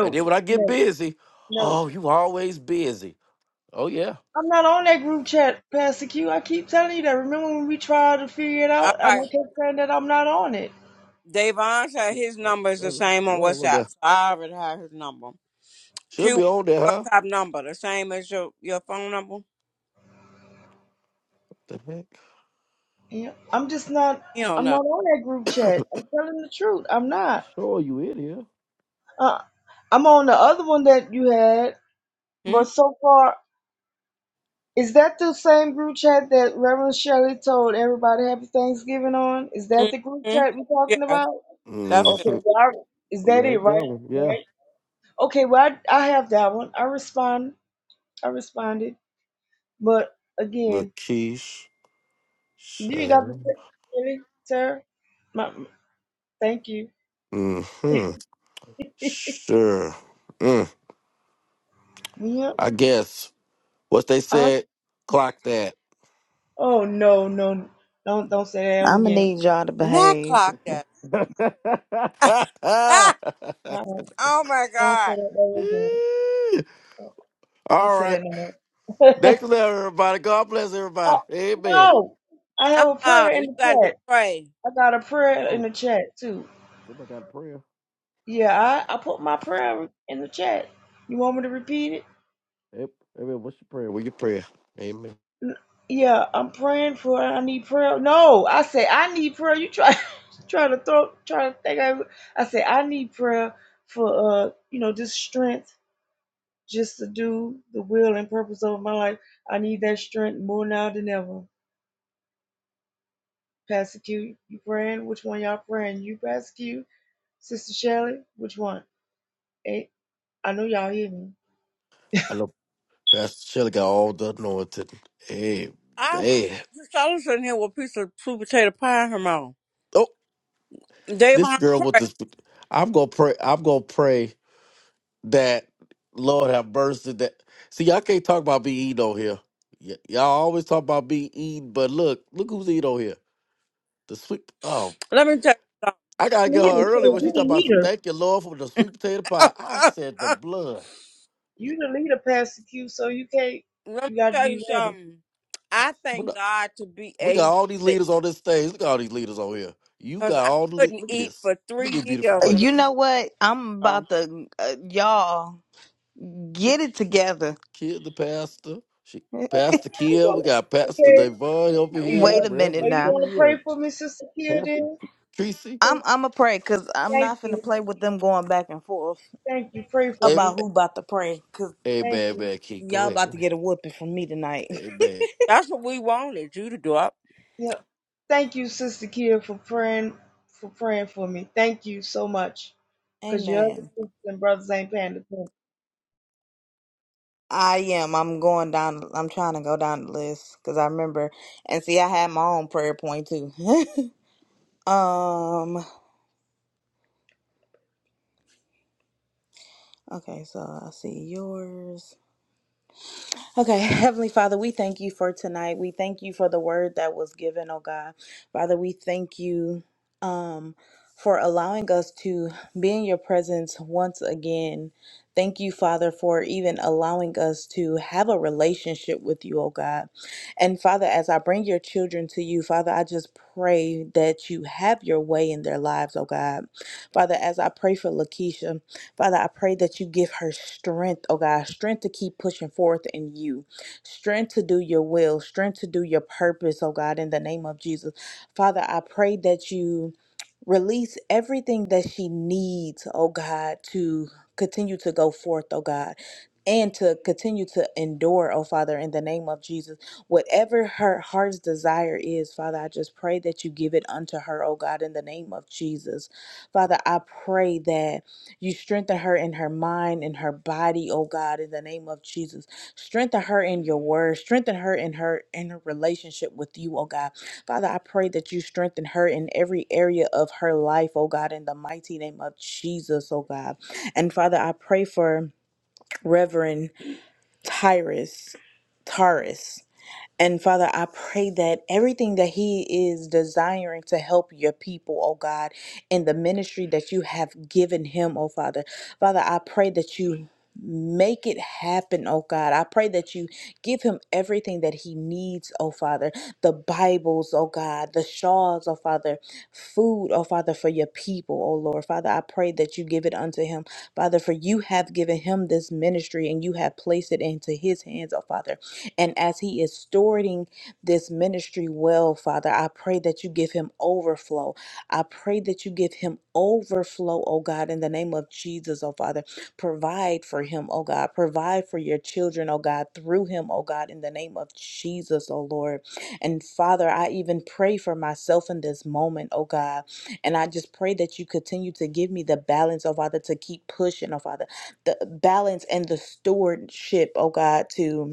And then when I get
no,
busy,
no.
oh, you always busy. Oh yeah,
I'm not on that group chat, Pastor Q. I keep telling you that. Remember when we tried to figure it
All
out, and I
right.
kept saying that I'm not on it.
Davon said
yeah,
his number is
uh, uh,
the same on
one of on them
WhatsApp.
there
So I already have his number.
should be
Q
on there, huh?
WhatsApp number, the same as your, your phone number?
The heck?
Yeah, I'm just not.
You don't
I'm
know.
not on that group chat. I'm telling the truth. I'm not.
show you in here.
Uh, I'm on the other one that you had,
Hmm?
but so far, is that the same group chat that Reverend Shelley told everybody Happy Thanksgiving on? Is that the group
hmm
chat we're talking
Yeah,
about?
that's it.
Okay,
Mm-hmm.
well, I, is
Oh,
that
Yeah,
it,
it's
right?
that one. Yeah.
Right. Okay, well, I, I have that one. I respond. I responded, but again,
Lakeisha.
you ain't got to
sure.
say, really, sir. My, my- thank you.
Mm-hmm. Sure. Mm.
Yeah.
I guess what they
I,
said. Clock that.
oh no, no, don't don't say that ever
I'm gonna
again.
need y'all to
Not
behave.
clock that.
Uh-uh.
oh my
Don't say
God.
that ever again. Don't
All
say
right.
that no more.
Next level, everybody. God bless everybody.
oh
Amen.
no, I
Uh
have a prayer
uh you
in the
got to
chat.
pray.
I got a prayer in
Oh,
the chat too.
somebody got a prayer.
Yeah, I I put my prayer in the chat. You want me to repeat it?
Yep. Amen. What's your prayer? What's your prayer. Amen.
N- Yeah, I'm praying for. I need prayer. No, I say I need prayer. You try, try to throw, try to think. I, I say I need prayer for uh, you know, just strength, just to do the will and purpose of my life. I need that strength more now than ever. Pastor Q, you praying? Which one y'all praying? You, Pastor Q, Sister Shelley, which one? Hey, I know y'all hear me.
I know Pastor Shelley got all the anointing.
I'm
Amen.
just all sitting here with a piece of sweet potato pie in her mouth.
Oh, this
Davon,
girl with
pray.
this. I'm gonna pray. I'm gonna pray that Lord have mercy. That see, y'all can't talk about be eating on here. Y- y'all always talk about be eating, but look, look who's eating on here. The sweet. oh,
Let me tell
I gotta get
Leader,
her early
so
when she
you
talking
the
about some
leader.
thank you, Lord, for the sweet potato
you.
pie. I said the blood. Yeah,
You the leader, Pastor Q. So you can't.
let me
You got to
tell
be
you
ready.
something. I
what
thank
the-
God to be
We got
able
all these
to
leaders on this stage. Look at all these leaders on here. You
Cause
got
I
all the lea-
couldn't
look at
eat
this.
for
Look at
three
beautiful
years when I
You know
place.
had
what? I'm
them.
about to uh, y'all
Ki-
get it together.
Kid the pastor. She Pastor
He
Kia. We
go,
got Pastor
Okay,
Devon over
Sister
here,
Wait
Kira,
a
are
minute
Reverend T
you going to pray
and
for me, Sister Kira?
Pastor
Then
T Tracy.
I'm I'm a pray because I'm
thank
not finna
you,
play with them going back and forth
thank you. Pray for
Hey,
me.
about who about to pray because
hey
Thank
man,
you.
man, Keith. Go
y'all
ahead. Go
about to
ahead.
get a whooping from me tonight.
Hey man.
That's what we wanted you to do up.
Yep. Thank you, Sister Kira, for praying for praying for me. Thank you so much, cause your other
Amen.
sisters and brothers ain't paying attention.
I am. I'm going down. I'm trying to go down the list because I remember and see I had my own prayer point too. um. Okay, so I see yours. Okay, Heavenly Father, we thank you for tonight. We thank you for the word that was given, oh God. Father, we thank you um, for allowing us to be in your presence once again. Thank you, Father, for even allowing us to have a relationship with you, oh God. And Father, as I bring your children to you, Father, I just pray that you have your way in their lives, oh God. Father, as I pray for Lakeisha, Father, I pray that you give her strength, oh God, strength to keep pushing forth in you, strength to do your will, strength to do your purpose, oh God, in the name of Jesus. Father, I pray that you release everything that she needs, oh God, to continue to go forth, oh God. And to continue to endure, oh Father, in the name of Jesus. Whatever her heart's desire is, Father, I just pray that you give it unto her, oh God, in the name of Jesus. Father, I pray that you strengthen her in her mind, in her body, oh God, in the name of Jesus. Strengthen her in your word. Strengthen her in her in her relationship with you, oh God. Father, I pray that you strengthen her in every area of her life, oh God, in the mighty name of Jesus, oh God. And Father, I pray for Reverend Tyrus. Taurus. And Father, I pray that everything that He is desiring to help your people, oh God, in the ministry that you have given Him, oh Father, Father, I pray that you. Make it happen, oh God. I pray that you give him everything that he needs, oh Father. The Bibles, oh God, the shawls, oh Father, food, oh Father, for your people, oh Lord. Father, I pray that you give it unto him, Father, for you have given him this ministry and you have placed it into his hands, oh Father. And as he is stewarding this ministry well, Father, I pray that you give him overflow. I pray that you give him overflow, oh God, in the name of Jesus, oh Father. Provide for him, oh God. Provide for your children, oh God, through him, oh God, in the name of Jesus, oh Lord. And Father, I even pray for myself in this moment, oh God. And I just pray that you continue to give me the balance, oh Father, to keep pushing, oh Father, the balance and the stewardship, oh God, to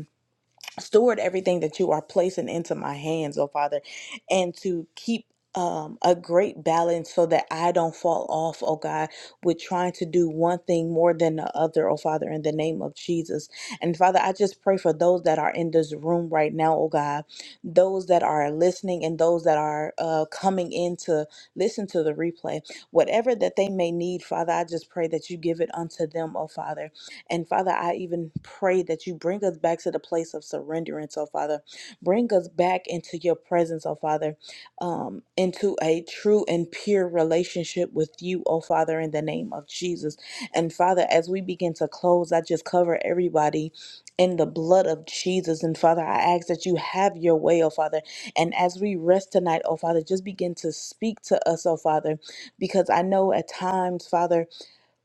steward everything that you are placing into my hands, oh Father, and to keep um, a great balance so that I don't fall off, oh God, with trying to do one thing more than the other, oh Father, in the name of Jesus. And Father, I just pray for those that are in this room right now, oh God, those that are listening and those that are uh, coming in to listen to the replay, whatever that they may need, Father, I just pray that you give it unto them, oh Father and Father, I even pray that you bring us back to the place of surrenderance, oh Father. Bring us back into your presence, oh Father, um, into a true and pure relationship with you, oh Father, in the name of Jesus. And Father, as we begin to close, I just cover everybody. In the blood of Jesus. And Father, I ask that you have your way, oh Father. And as we rest tonight, oh Father, just begin to speak to us, oh Father, because I know at times, Father,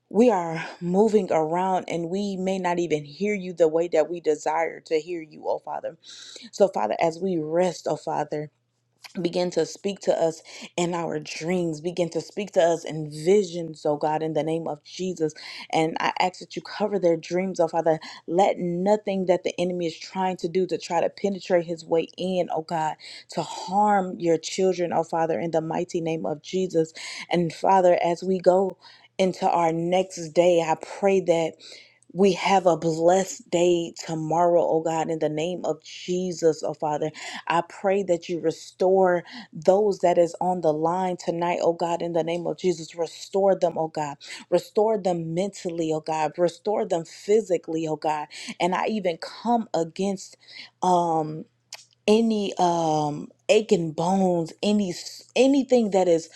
we are moving around and we may not even hear you the way that we desire to hear you, oh Father. So, Father, as we rest, oh Father, Begin to speak to us in our dreams. Begin to speak to us in visions, oh God, in the name of Jesus. And I ask that you cover their dreams, oh Father. Let nothing that the enemy is trying to do to try to penetrate his way in, oh God, to harm your children, oh Father, in the mighty name of Jesus. And Father, as we go into our next day, I pray that. We have a blessed day tomorrow, oh God, in the name of Jesus, oh Father. I pray that you restore those that is on the line tonight, oh God, in the name of Jesus. Restore them, oh God. Restore them mentally, oh God. Restore them physically, oh God. And I even come against um any um aching bones any s- anything that is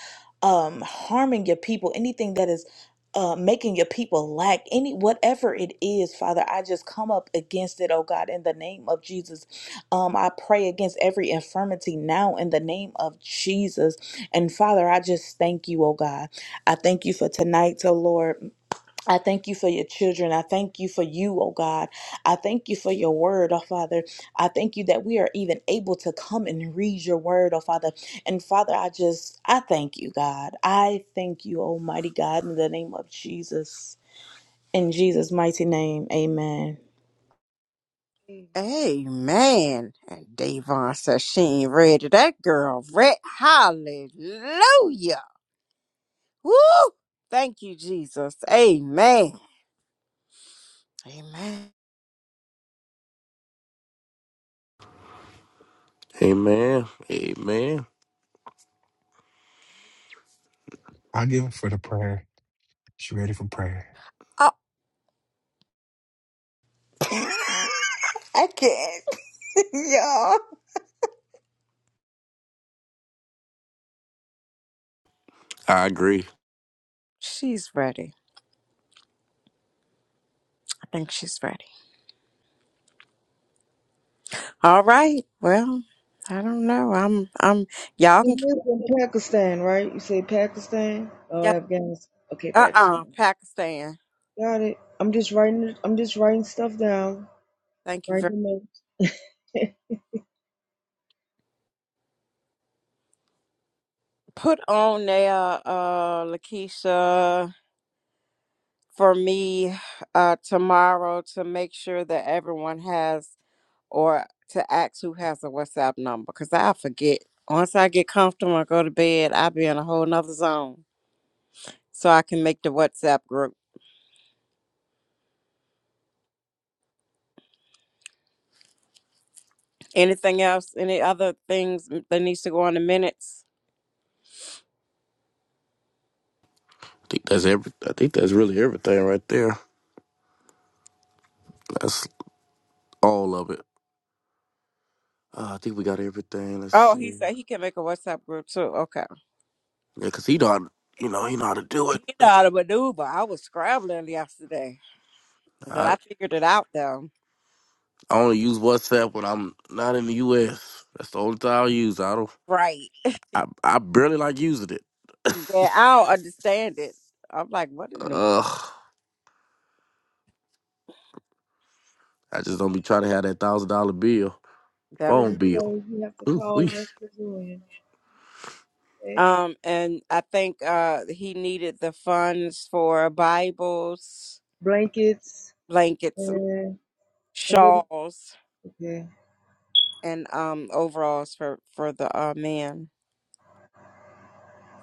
um harming your people anything that is uh, making your people lack any whatever it is father i just come up against it oh god in the name of jesus um i pray against every infirmity now in the name of jesus and father i just thank you oh god i thank you for tonight oh lord I thank you for your children. I thank you for you, oh God. I thank you for your word, oh Father. I thank you that we are even able to come and read your word, oh Father. And Father, I just, I thank you, God. I thank you, Almighty God, in the name of Jesus. In Jesus' mighty name, amen.
Amen.
Amen. And Davon says she ain't ready. That girl read. Hallelujah. Woo! Thank you, Jesus. Amen. Amen.
Amen. Amen.
I give her for the prayer. She ready for prayer.
Oh,
I
I agree.
she's ready. I think she's ready. All right. Well, I don't know. I'm I'm y'all
It
can keep
is in Pakistan, right? You say Pakistan or
yeah.
Afghanistan? Okay, Pakistan.
Uh-uh. Pakistan.
Got it. I'm just writing. I'm just writing stuff down.
Thank you very
Writing notes. Don't
Put on there, uh Lakeisha. for me uh, tomorrow to make sure that everyone has or to ask who has a WhatsApp number because I forget. Once I get comfortable and go to bed, I'll be in a whole nother zone so I can make the WhatsApp group. Anything else? Any other things m- that needs to go on the minutes?
I think that's every. I think that's really everything right there. That's all of it. Uh, I think we got everything. Let's
Oh, he
see.
said he can make a WhatsApp group too. Okay.
Yeah, cause he know, how to- you know, he know how to do
You
it.
know
Like,
how to maneuver. I was scrambling yesterday, but
I,
I figured it out though.
I only use WhatsApp when I'm not in the U.S. That's the only time I use. I don't.
Right.
I I barely like using it.
Yeah, I don't understand it. I'm like, what in the
Ugh. I just don't be trying to have that
forget.
thousand dollar bill,
that
phone
Every
bill.
place you have to
Ooh, we.
call West
It's
Pavilion. Okay.
Um, and I think uh, he needed the funds for Bibles,
Blankets
blankets,
and and what?
shawls,
Okay.
and um, overalls for for the uh, man.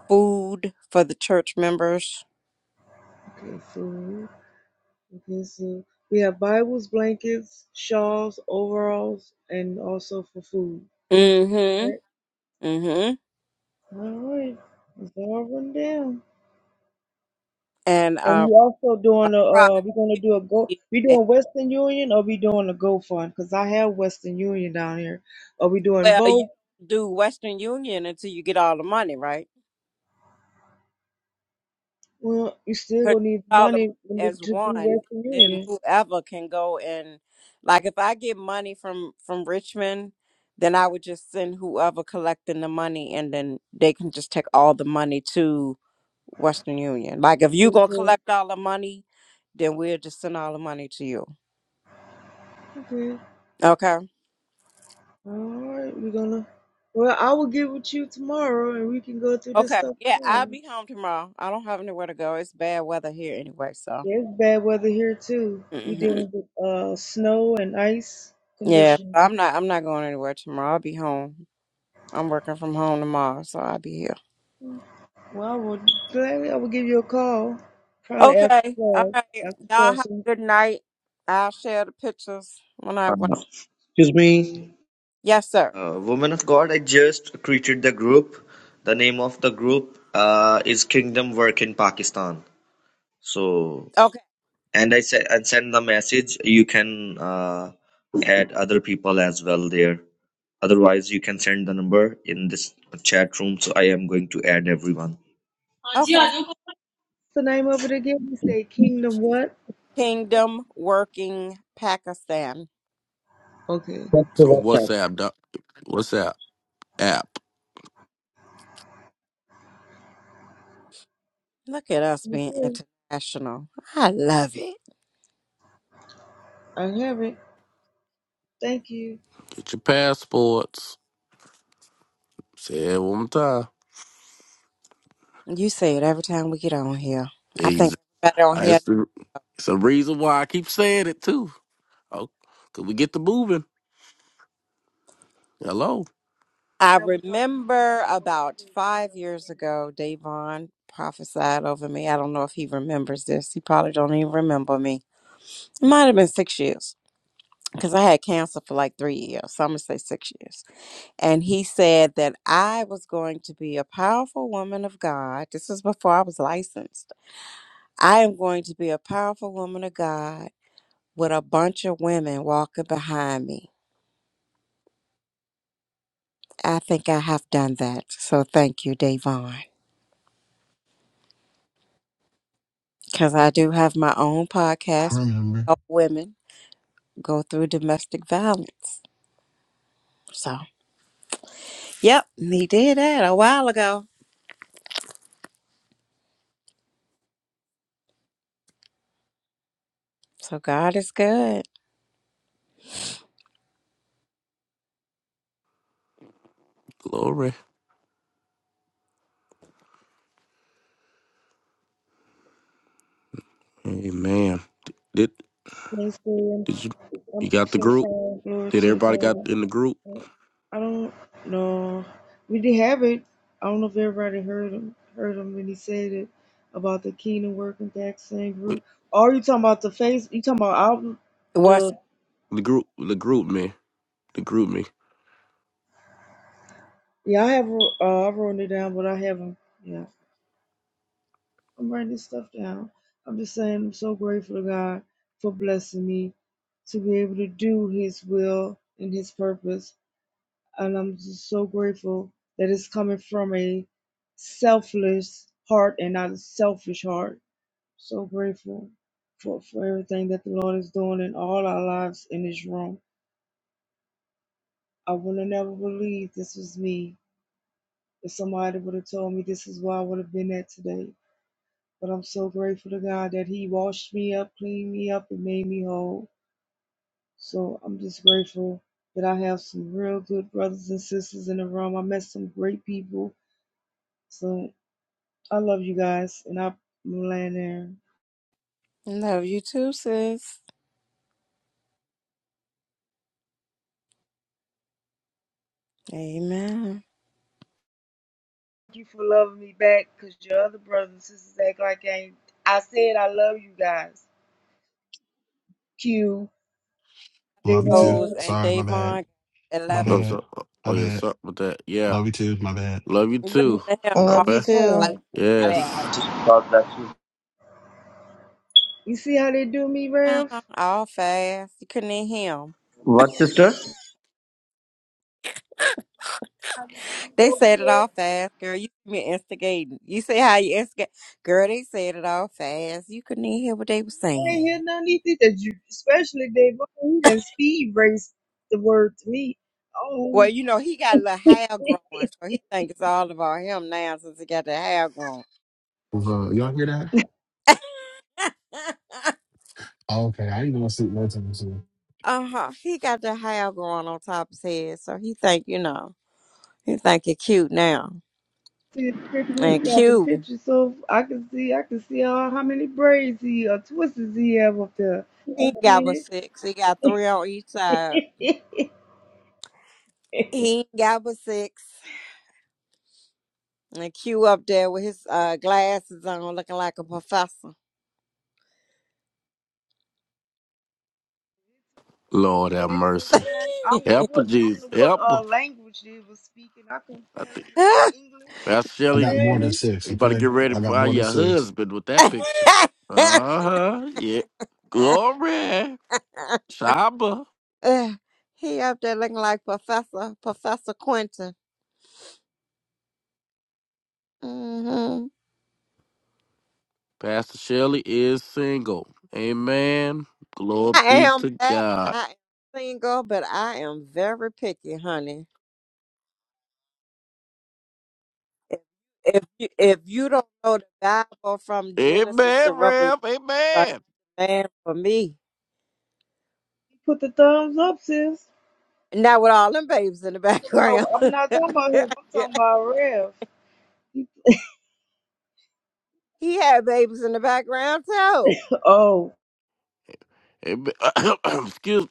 Food for the church members.
Okay. Food. Okay. So we have Bibles, blankets, shawls, overalls, and also for food.
Mm-hmm.
Right.
Mm-hmm.
All right. It's all run down.
And
And
uh,
we also
a
doing a. Uh,
profit.
we're gonna do a go. We doing Western Union or we doing a GoFund? Cause I have Western Union down here. Are we doing
Well, you
both?
do Western Union until you get all the money, right?
Well, you still
because
gonna need
you all the money
money to
as
to do
one,
Western
then
Union.
whoever can go and like if I get money from from Richmond, then I would just send whoever collecting the money, and then they can just take all the money to Western Union. Like if you gonna collect all the money, then we'll just send all the money to you.
Okay.
Okay.
All right. We're gonna. Well, I will get with you tomorrow, and we can go through this
Okay.
stuff
Yeah, I'll
tomorrow.
be home tomorrow. I don't have anywhere to go. It's bad weather here anyway, so.
Yeah, it's bad weather here too. We
hmm
dealing with uh snow and ice
Yeah,
conditions.
I'm not. I'm not going anywhere tomorrow. I'll be home. I'm working from home tomorrow, so I'll be here.
Well, I will gladly. I will give you a call, probably after
Okay. All
twelve.
right.
After
Y'all have
twelve. So, what's
a good night. I'll share the pictures when I
Uh,
when
excuse me.
Yes, sir.
Uh, Woman of God, I just created the group. The name of the group uh, is Kingdom Work in Pakistan. So,
Okay.
and I said, and send the message. You can uh, add other people as well there. Otherwise, you can send the number in this chat room. So I am going to add everyone.
Okay.
the name of it again? You say Kingdom what?
Kingdom working Pakistan.
Okay.
on
Chat.
WhatsApp. Doc. WhatsApp app.
Look at us being
Okay.
international. I love it.
I have it. Thank you.
Get your passports. Say it one more time.
You say it every time we get on here. I think
Ex-
everybody on here.
That's the. It's a reason why I keep saying it too. Oh, could we get the moving? Hello,
I
I never thought.
remember about five years ago, Davon prophesied over me. I don't know if he remembers this. He probably don't even remember me. It might have been six years. because I had cancer for like three years, so I'm gonna say six years. And he said that I was going to be a powerful woman of God. This is before I was licensed. I am going to be a powerful woman of God with a bunch of women walking behind me. I think I have done that. So thank you, Davon. Because I do have my own
I
podcast,
remember.
help women go through domestic violence. So, yep, he did that a while ago. So God is good.
glory. Hey man, did
Praise God.
did you you
I'm
got the
so
group?
proud. Glory
Did
to the
everybody got in the group?
God. I don't know. We did have it. I don't know if everybody heard him. Heard him when he said it about the Kingdom Working Vaccine
Wait,
Group. Or you talking about the face? You talking about album?
Well,
The
the group, the group me, the group me.
yeah, I have. Uh, I wrote it down, but I haven't. Yeah, I'm writing this stuff down. I'm just saying, I'm so grateful to God for blessing me to be able to do His will and His purpose and I'm just so grateful that it's coming from a selfless heart and not a selfish heart. So grateful for, for everything that the Lord is doing in all our lives in this room. I would have never believed this was me. If somebody would have told me this is where I would have been at today. But I'm so grateful to God that He washed me up, cleaned me up, and made me whole. So I'm just grateful that I have some real good brothers and sisters in the room. I met some great people. So I love you guys, and I'm laying there.
Love you too, sis. Amen.
Thank you for loving me back, cause your other brothers and sisters act like I ain't. I said I love you guys. Q, they
Love you too.
Rose
won't.
and
Sorry, my bad.
Davon,
My
Oh,
11.
what's
bad.
up? Oh
My
yeah, what's
bad.
with that? Yeah,
Love you too. My bad.
love you
Listen
too.
to him.
I
Love
all
you
bet.
too.
Like,
Oh,
You
my
should
bad.
Yes,
just that.
you see how they do me,
Uh-huh.
Ralph?
All fast. You couldn't even hear him.
What sister?
How they do me
They
over
said it
here?
all fast, girl. You me instigating. You say how you instigate. Girl, they said it all fast. You couldn't even hear what they were
I ain't
saying.
hear none of these things that you, especially Dave. He done speed race the word to me.
Well,
Oh,
you know, he got a little hair growing, so he think it's all about him now since he got the hair growing.
Uh, y'all hear that? Okay, I ain't gonna sleep no time soon.
uh-huh. He got the hair growing on top of his head, so he think, you know. He think he cute now.
see the picture,
And
he got the
cute.
picture, so I can see, I can see how, how many braids he or twists he have up there.
He ain't got but six. He got three on each side.
Back
He ain't got but six. And Q up there with his uh, glasses on looking like a professor.
Lord
to
have mercy.
that, I don't know
Help her,
what I don't
Jesus.
know what
Help her.
uh, language they was speaking. I couldn't tell
I
if
think
it was English.
Pastor
I
Shelley,
got more
you
than
Hey,
six.
you about to get
Okay,
ready
I got
for
more than
your
six.
husband with that picture. Uh huh. Yeah. Glory. Shaba.
he up there looking like Professor Professor Quentin. hmm
Pastor Shelley is single. Amen. Glory
I
be
am
to
that.
God.
I am single, but I am very picky, honey. If if you if you don't know the Bible from Genesis to
Amen,
Revelation,
Rev.
like,
Amen.
man, for me,
Put the thumbs up, sis.
not with all them babies in the
Oh,
background.
I'm not talking about him. I'm talking about Rev. He
he had babies in the background too.
put, oh,
Amen. Excuse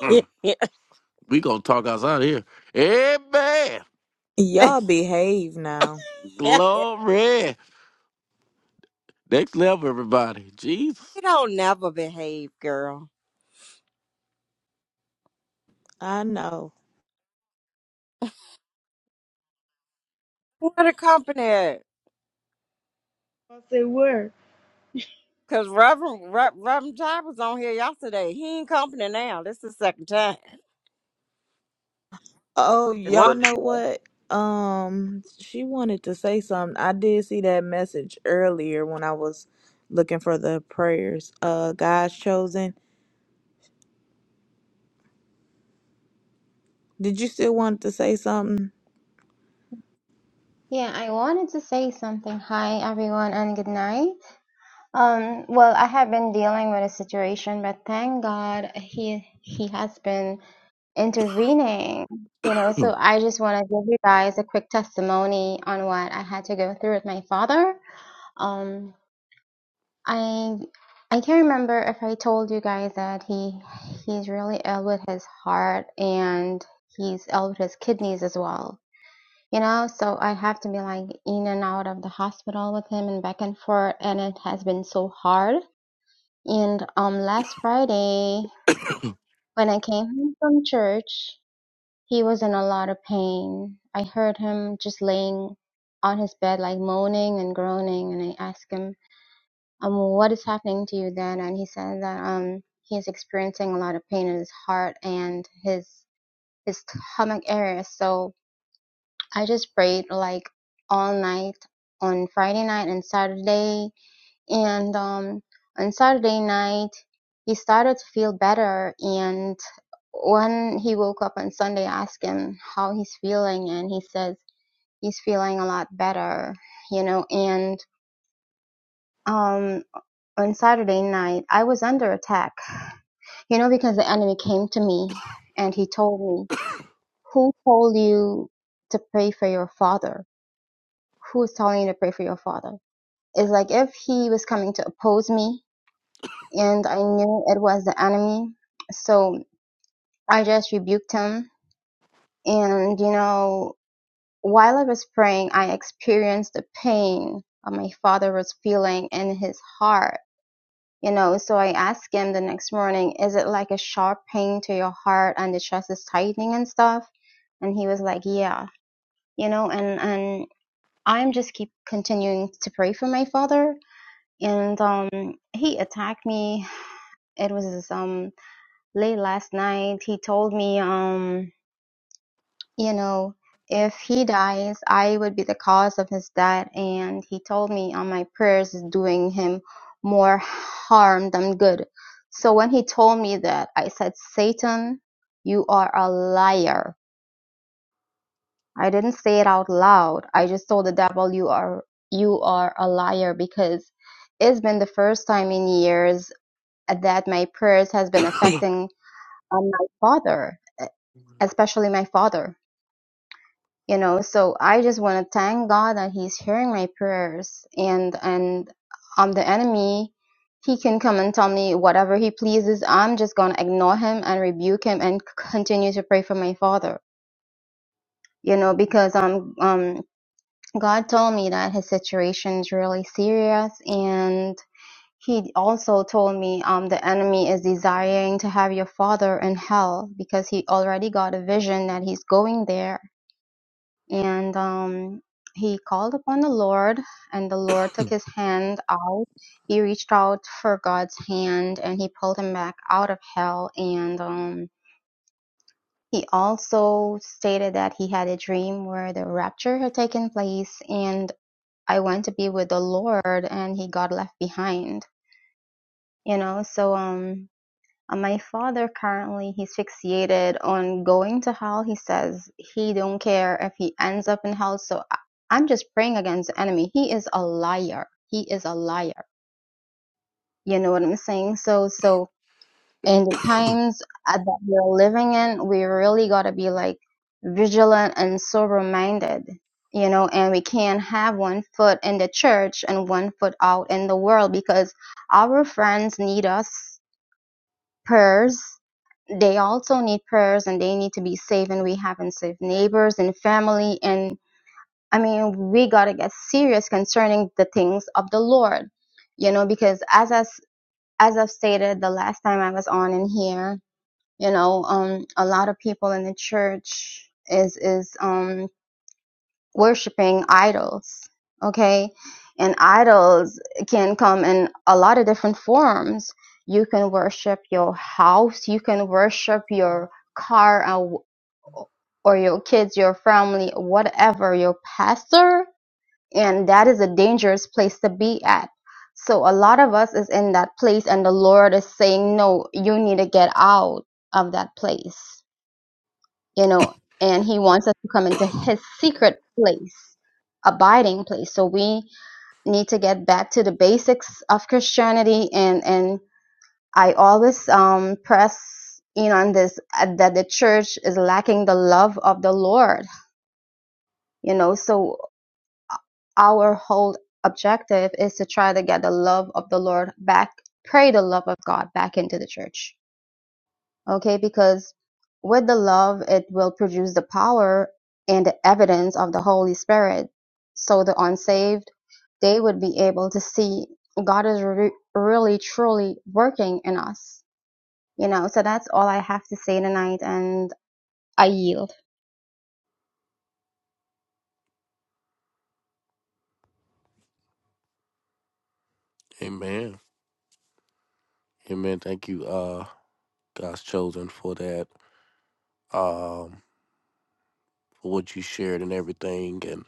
me. We gonna talk outside here. Amen.
Y'all behave now.
we
Glory. Next level, everybody. Jesus.
don't never behave, girl.
I know.
What a company.
I say where?
Cause Reverend Re- Reverend Todd was on here yesterday. He ain't company now. This is the second time.
Oh,
Yes.
What?
y'all
What did
know
you ask?
what? Um, she wanted to say something. I did see that message earlier when I was looking for the prayers. Uh, God's chosen. Did you still want to say something?
Yeah, I wanted to say something. Hi, everyone, and good night. Um, well, I have been dealing with a situation, but thank God he he has been intervening. You know, so I just want to give you guys a quick testimony on what I had to go through with my father. Um, I I can't remember if I told you guys that he he's really ill with his heart and he's ill with his kidneys as well you know so i have to be like in and out of the hospital with him and back and forth and it has been so hard and um last friday when i came home from church he was in a lot of pain i heard him just laying on his bed like moaning and groaning and i asked him um what is happening to you then and he said that um he's experiencing a lot of pain in his heart and his his stomach area so I just prayed like all night on Friday night and Saturday. And um, on Saturday night, he started to feel better. And when he woke up on Sunday, I asked him how he's feeling, and he says he's feeling a lot better, you know. And um, on Saturday night, I was under attack, you know, because the enemy came to me and he told me, Who told you to pray for your father? Who is telling you to pray for your father? It's like if he was coming to oppose me and I knew it was the enemy. So I just rebuked him. And, you know, while I was praying, I experienced the pain my father was feeling in his heart. You know, so I asked him the next morning, is it like a sharp pain to your heart and the chest is tightening and stuff? And he was like, yeah, you know, and, and I'm just keep continuing to pray for my father. And um, he attacked me it was um late last night he told me um you know if he dies i would be the cause of his death and he told me on my prayers is doing him more harm than good so when he told me that i said satan you are a liar i didn't say it out loud i just told the devil you are you are a liar because it's been the first time in years that my prayers has been affecting on my father, e- especially my father. You know, so I just want to thank God that He's hearing my prayers, and and I'm the enemy. He can come and tell me whatever he pleases. I'm just gonna ignore him and rebuke him and c- continue to pray for my father. You know, because um um God told me that his situation is really serious, and. He also told me, um, the enemy is desiring to have your father in hell because he already got a vision that he's going there. And um, he called upon the Lord, and the Lord took his hand out. He reached out for God's hand and he pulled him back out of hell. And um, he also stated that he had a dream where the rapture had taken place, and I went to be with the Lord, and he got left behind. You know, so um, Uh, my father currently he's fixated on going to hell. He says he don't care if he ends up in hell. So I- I'm just praying against the enemy. He is a liar. He is a liar. You know what I'm saying? So so in the times uh, that we're living in, we really gotta be like vigilant and sober minded. You know, and we can't have one foot in the church and one foot out in the world because our friends need us prayers they also need prayers and they need to be safe and we have unsafe neighbors and family and i mean we got to get serious concerning the things of the lord you know because as I, s- as i've stated the last time i was on in here you know um a lot of people in the church is is um worshiping idols okay and idols can come in a lot of different forms you can worship your house you can worship your car or or your kids your family whatever your pastor and that is a dangerous place to be at so a lot of us is in that place and the lord is saying no you need to get out of that place you know, and he wants us to come into his secret place, abiding place. So we need to get back to the basics of Christianity and and I always um press in on this uh, that the church is lacking the love of the Lord, you know. So our whole objective is to try to get the love of the Lord back, pray the love of God back into the church okay because with the love it will produce the power and the evidence of the holy spirit so the unsaved they would be able to see god is re- really truly working in us you know so that's all i have to say tonight and i yield
Amen. Amen. Thank you, uh, God's chosen for that. Um, for what you shared and everything and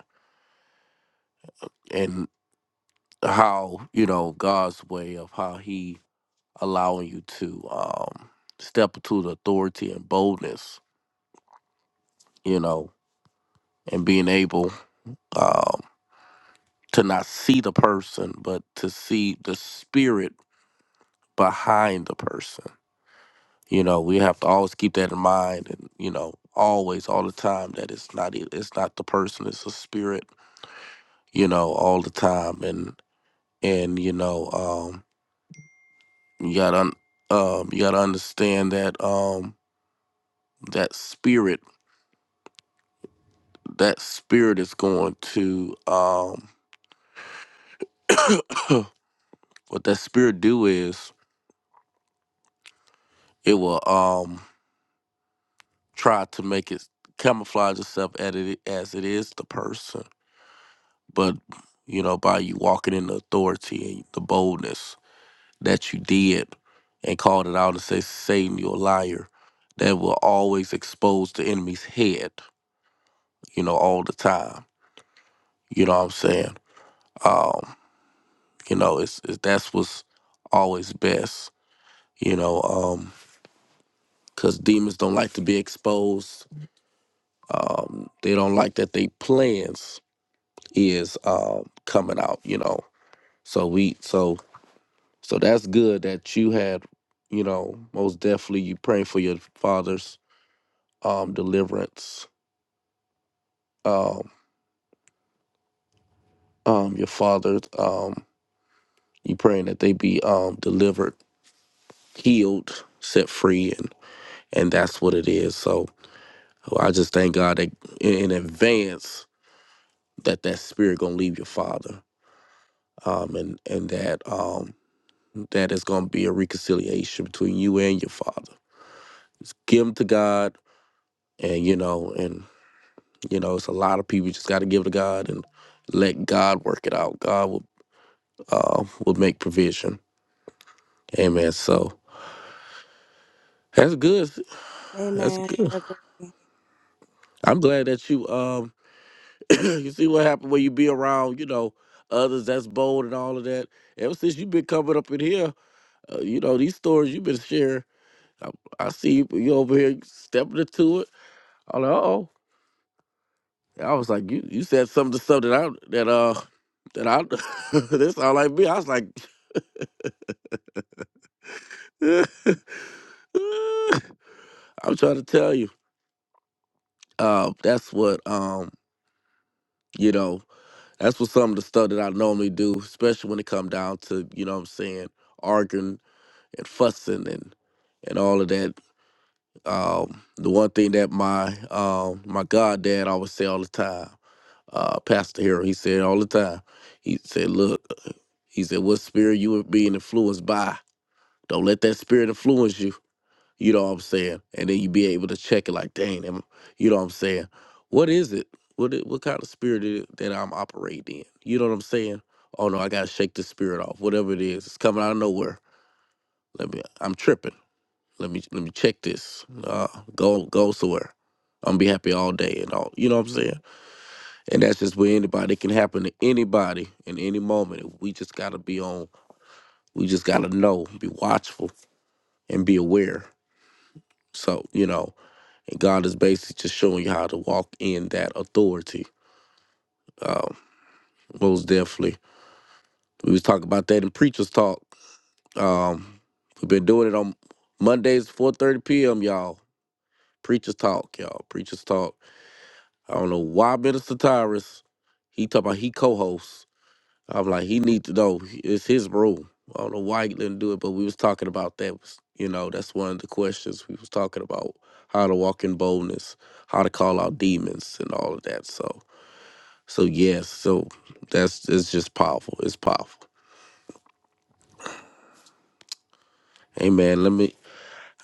and how, you know, God's way of how he allowing you to um step into the authority and boldness, you know, and being able um, to not see the person, but to see the spirit behind the person. You know, we have to always keep that in mind, and you know, always, all the time, that it's not it- it's not the person, it's the spirit. You know, all the time, and and you know, um, you gotta un- um, you gotta understand that um, that spirit, that spirit is going to um, what that spirit do is it will um try to make it camouflage itself at it as it is the person. But you know, by you walking in the authority and the boldness that you did and called it out and say, Satan, you're a liar, that will always expose the enemy's head, you know, all the time. You know what I'm saying? Um, you know, it's, it's that's what's always best, you know, um, because demons don't like to be exposed. Um, they don't like that they plans is um, coming out, you know So we so so that's good that you had, you know, most definitely you praying for your father's um deliverance. Um um your father's um you praying that they be um delivered, healed, set free and and that's what it is. So so I just thank God that in in advance that that spirit gonna leave your father. Um and and that um that is gonna be a reconciliation between you and your father. Give them to God and you know and You know, it's a lot of people. You just got to give to God and let God work it out. God will uh, will make provision. Amen. So that's good. That's
Amen.
good.
Agree.
Um, happy when you be around. You know, 'cause that's bold and all of that. Yeah. You know, these stories you've been sharing. I see you you do it. Oh, I was like, you you said some of the stuff that I that uh that I this all like me. I was like, I'm trying to tell you. Um, that's what um you know. That's what some of the stuff that I normally do, especially when it come down to, you know what I'm saying, arguing and fussing and, and all of that. Um, the one thing that my um, my goddad always say all the time, uh, Pastor Hero, he said all the time, he said, look, he said, what spirit you are being influenced by? Don't let that spirit influence you. You know what I'm saying? And then you be able to check it like, dang, am- you know what I'm saying? What is it? What it, what kind of spirit it is it that I'm operating in? You know what I'm saying? Oh no, I gotta shake this spirit off. Whatever it is, it's coming out of nowhere. Let me. I'm tripping. Let me let me check this. Uh, go go somewhere. I'm gonna be happy all day and all. You know what I'm saying? And that's just where anybody it can happen to anybody in any moment. We just gotta be on. We just gotta know, be watchful, and be aware. So you know, and God is basically just showing you how to walk in that authority. Um, most definitely. We was talking about that in Preachers Talk. Um, we've been doing it on Mondays, 4.30 p.m., y'all. Preachers Talk, y'all. Preachers Talk. I don't know why Minister Tyrus, he talking about he co-hosts. I'm like, he needs to know. It's his room. I don't know why he didn't do it, but we was talking about that. You know, that's one of the questions we was talking about. How to walk in boldness, how to call out demons and all of that. So, so yes, so that's, it's just powerful. It's powerful. Amen. Let me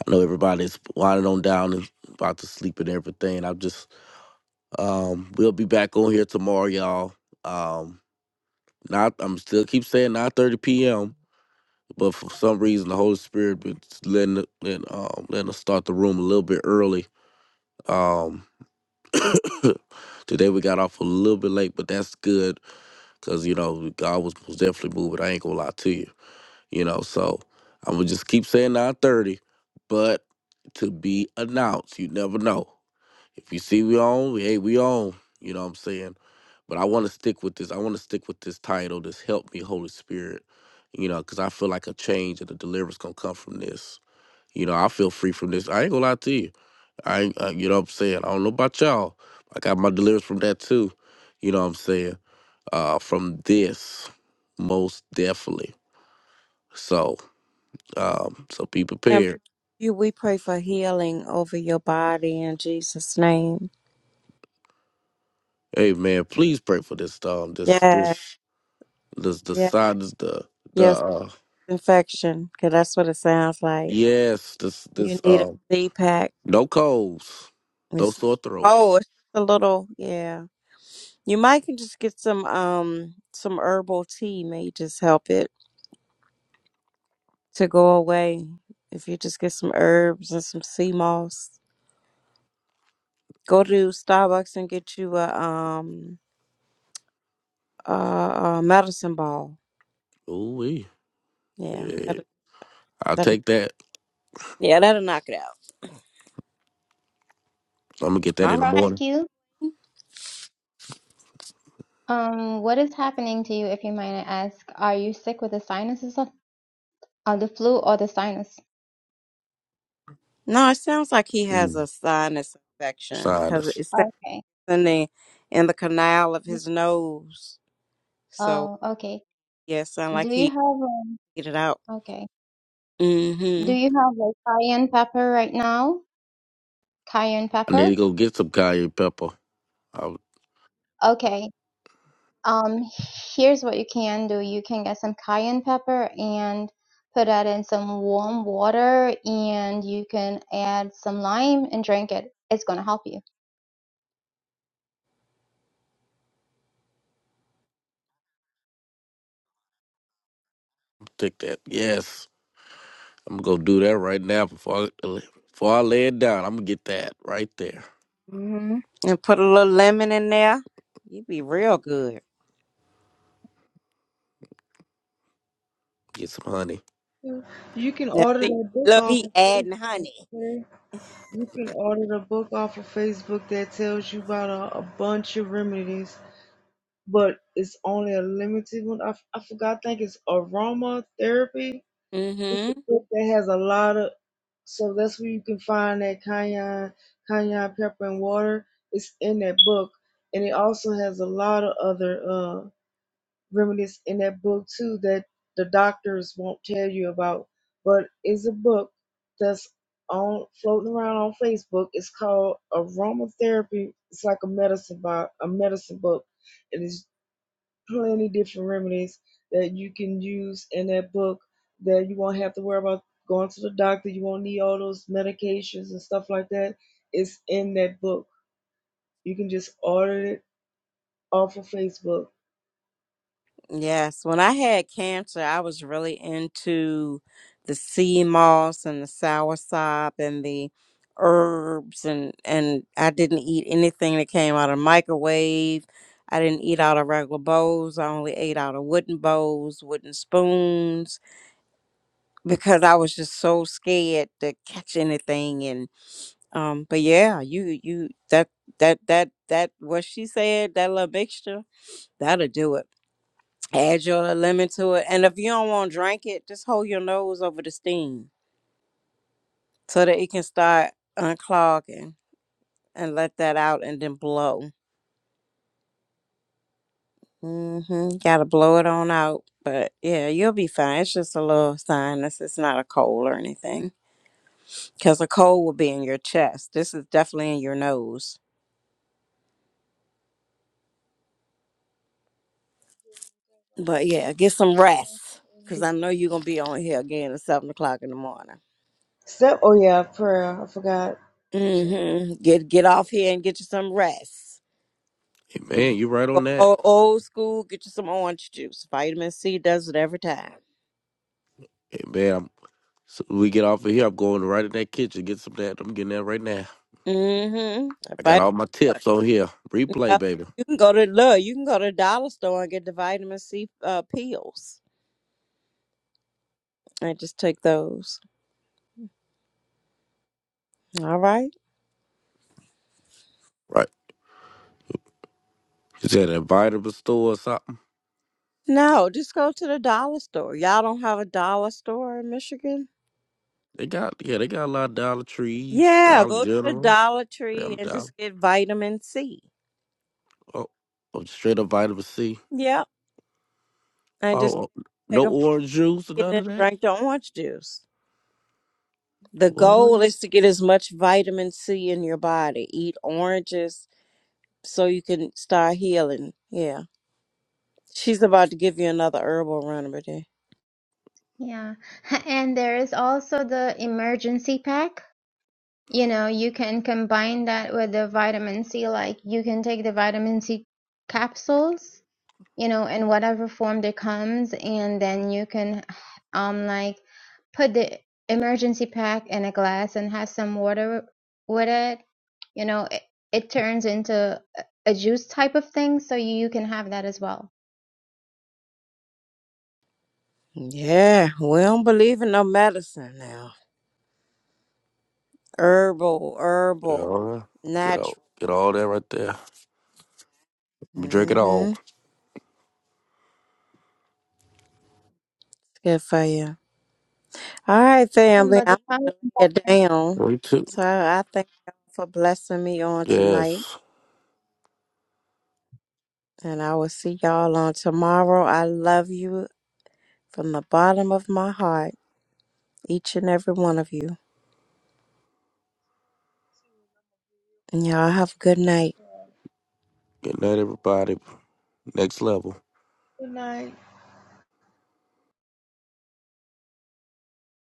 I know everybody's winding on down and about to sleep and everything. I'm just um we'll be back on here tomorrow, y'all. Um not I'm still keep saying 9:30 p.m. But for some reason the Holy Spirit been letting letting, um letting us start the room a little bit early. Um today we got off a little bit late, but that's good because you know God was most definitely moving. I ain't gonna lie to you, you know. So I'm gonna just keep saying 9:30, but to be announced, you know, you know. and- But I'll stick with this, you know, s- you know. I, ain't- uh, you know what I'm saying? I don't know. I got my deliverance from that too. You know, what I'm saying? uh, from this most definitely. So, um, so be
And
prepared.
you, we pray for healing over your body in Jesus' name.
Hey man, please pray for this um this
Yeah,
this this the
yeah,
sign is the the
yes,
uh
infection, because that's what it sounds like.
yes, this this
You need a
um
Z pack.
no colds, no
It's
sore
oh,
throats.
it's a little yeah. You might can just get some um some herbal tea. May just help it to go away. If you just get some herbs and some sea moss, go to Starbucks and get you a um a, a medicine ball.
Ooh wee.
Yeah,
I'll
that
take that.
Yeah, that'll knock it out.
I'm gonna get
Uh,
that in the
All right.
prophet
morning.
q um what is happening to you if you might ask are you sick with the sinuses of uh, the flu or the sinus
No, it sounds like he has
Mm.
a sinus infection because
Sinus.
it sounds
okay
in the in the canal of his nose. So
oh okay
yeah, it sounds
do
like
you
he
have um,
get it out.
okay
Mm-hmm.
Do you have like cayenne pepper right now? Cayenne pepper?
boy,
Okay. Um, here's what you can do. You can get some cayenne pepper and put that in some warm water, and you can add some lime and drink it. It's gonna help you.
Take that. Yes. I'm gonna go do that right now before I, uh, before I lay it down. I'm gonna get that right there.
Mm-hmm. And put a little lemon in there. You'd be real good.
Get some honey.
You can
Now
order
see,
the book
look,
off
he
of
adding
Facebook.
honey.
okay? You can order the book off of Facebook that tells you about a, a bunch of remedies, but it's only a limited one. I, f- I forgot. I think it's aromatherapy
Mm
It's
hmm.
a book that has a lot of so that's where you can find that cayenne, cayenne pepper and water. It's in that book, and it also has a lot of other uh, remedies in that book too that the doctors won't tell you about. But it's a book that's on floating around on Facebook. It's called Aromatherapy. It's like a medicine box, a medicine book, and it's plenty different remedies that you can use in that book that you won't have to worry about going to the doctor. You won't need all those medications and stuff like that. It's in that book. You can just order it off of Facebook.
Yes, when I had cancer, I was really into the sea moss and the soursop and the herbs and and I didn't eat anything that came out of the microwave. I didn't eat out of regular bowls. I only ate out of wooden bowls, wooden spoons because I was just so scared to catch anything and um but yeah, you you that that that that what she said, that little mixture, that'll do it add your lemon to it. And if you don't want to drink it, just hold your nose over the steam so that it can start unclogging and let that out and then blow. hmm Gotta blow it on out. But yeah, you'll be fine. It's just a little sinus. It's not a cold or anything. Because a cold will be in your chest. This is definitely in your nose. But yeah, get some rest. Because I know you're going to be on here again at 7 o'clock in the morning.
Step, oh yeah, prayer. I forgot. So-
hmm Get, get off here and get you some rest.
Hey
If
man,
you
you right
wanna
on
Go
that.
o- old school, get you some orange juice. Vitamin C does it every time.
Hey man, I'm, so we get off of here. I'm going right in that kitchen. Get some of that. I'm getting that right now.
Mm-hmm.
I got
Vitamin
all my
C.
tips on here. Replay,
Yep.
baby.
You can go to look. You can go to the dollar store and get the vitamin C uh, pills. I just take those. All right.
Right. You said a vitamin store or something.
No, just go to the dollar store. Y'all don't have a dollar store in Michigan?
They got yeah, they got a lot of Dollar Trees,
Yeah,
Dollar
go to the
General.
Dollar Tree
Damn
and
dollar.
just get vitamin C.
Oh, oh, straight up vitamin C.
Yep. And just
Oh, oh, no
take a
orange juice or
vitamin
none
and
of that.
drink the orange juice. The goal
What?
is to get as much vitamin C in your body. Eat oranges so you can start healing. Yeah. She's about to give you another herbal remedy.
Yeah. And there is also the emergency pack. You know, you can combine that with the vitamin C. Like you can take the vitamin C capsules you know, in whatever form it comes, and then you can, um, like put the emergency pack in a glass and have some water with it. You know, it, it turns into a juice type of thing, so you can have that as well.
Yeah, Yeah. we don't believe in no medicine now. Herbal,
Yeah, all
herbal,
right. get all
natural.
get all that right there. We drink it all.
Mm-hmm. Good for you. All right,
Um,
family.
but the
I'm here down.
Three, two.
So I thank y'all for blessing me on
Yeah.
tonight. And I will see y'all on tomorrow. I love you from the bottom of my heart. each and every one of you. And y'all have a good night.
Good night, everybody. Next level.
Good night.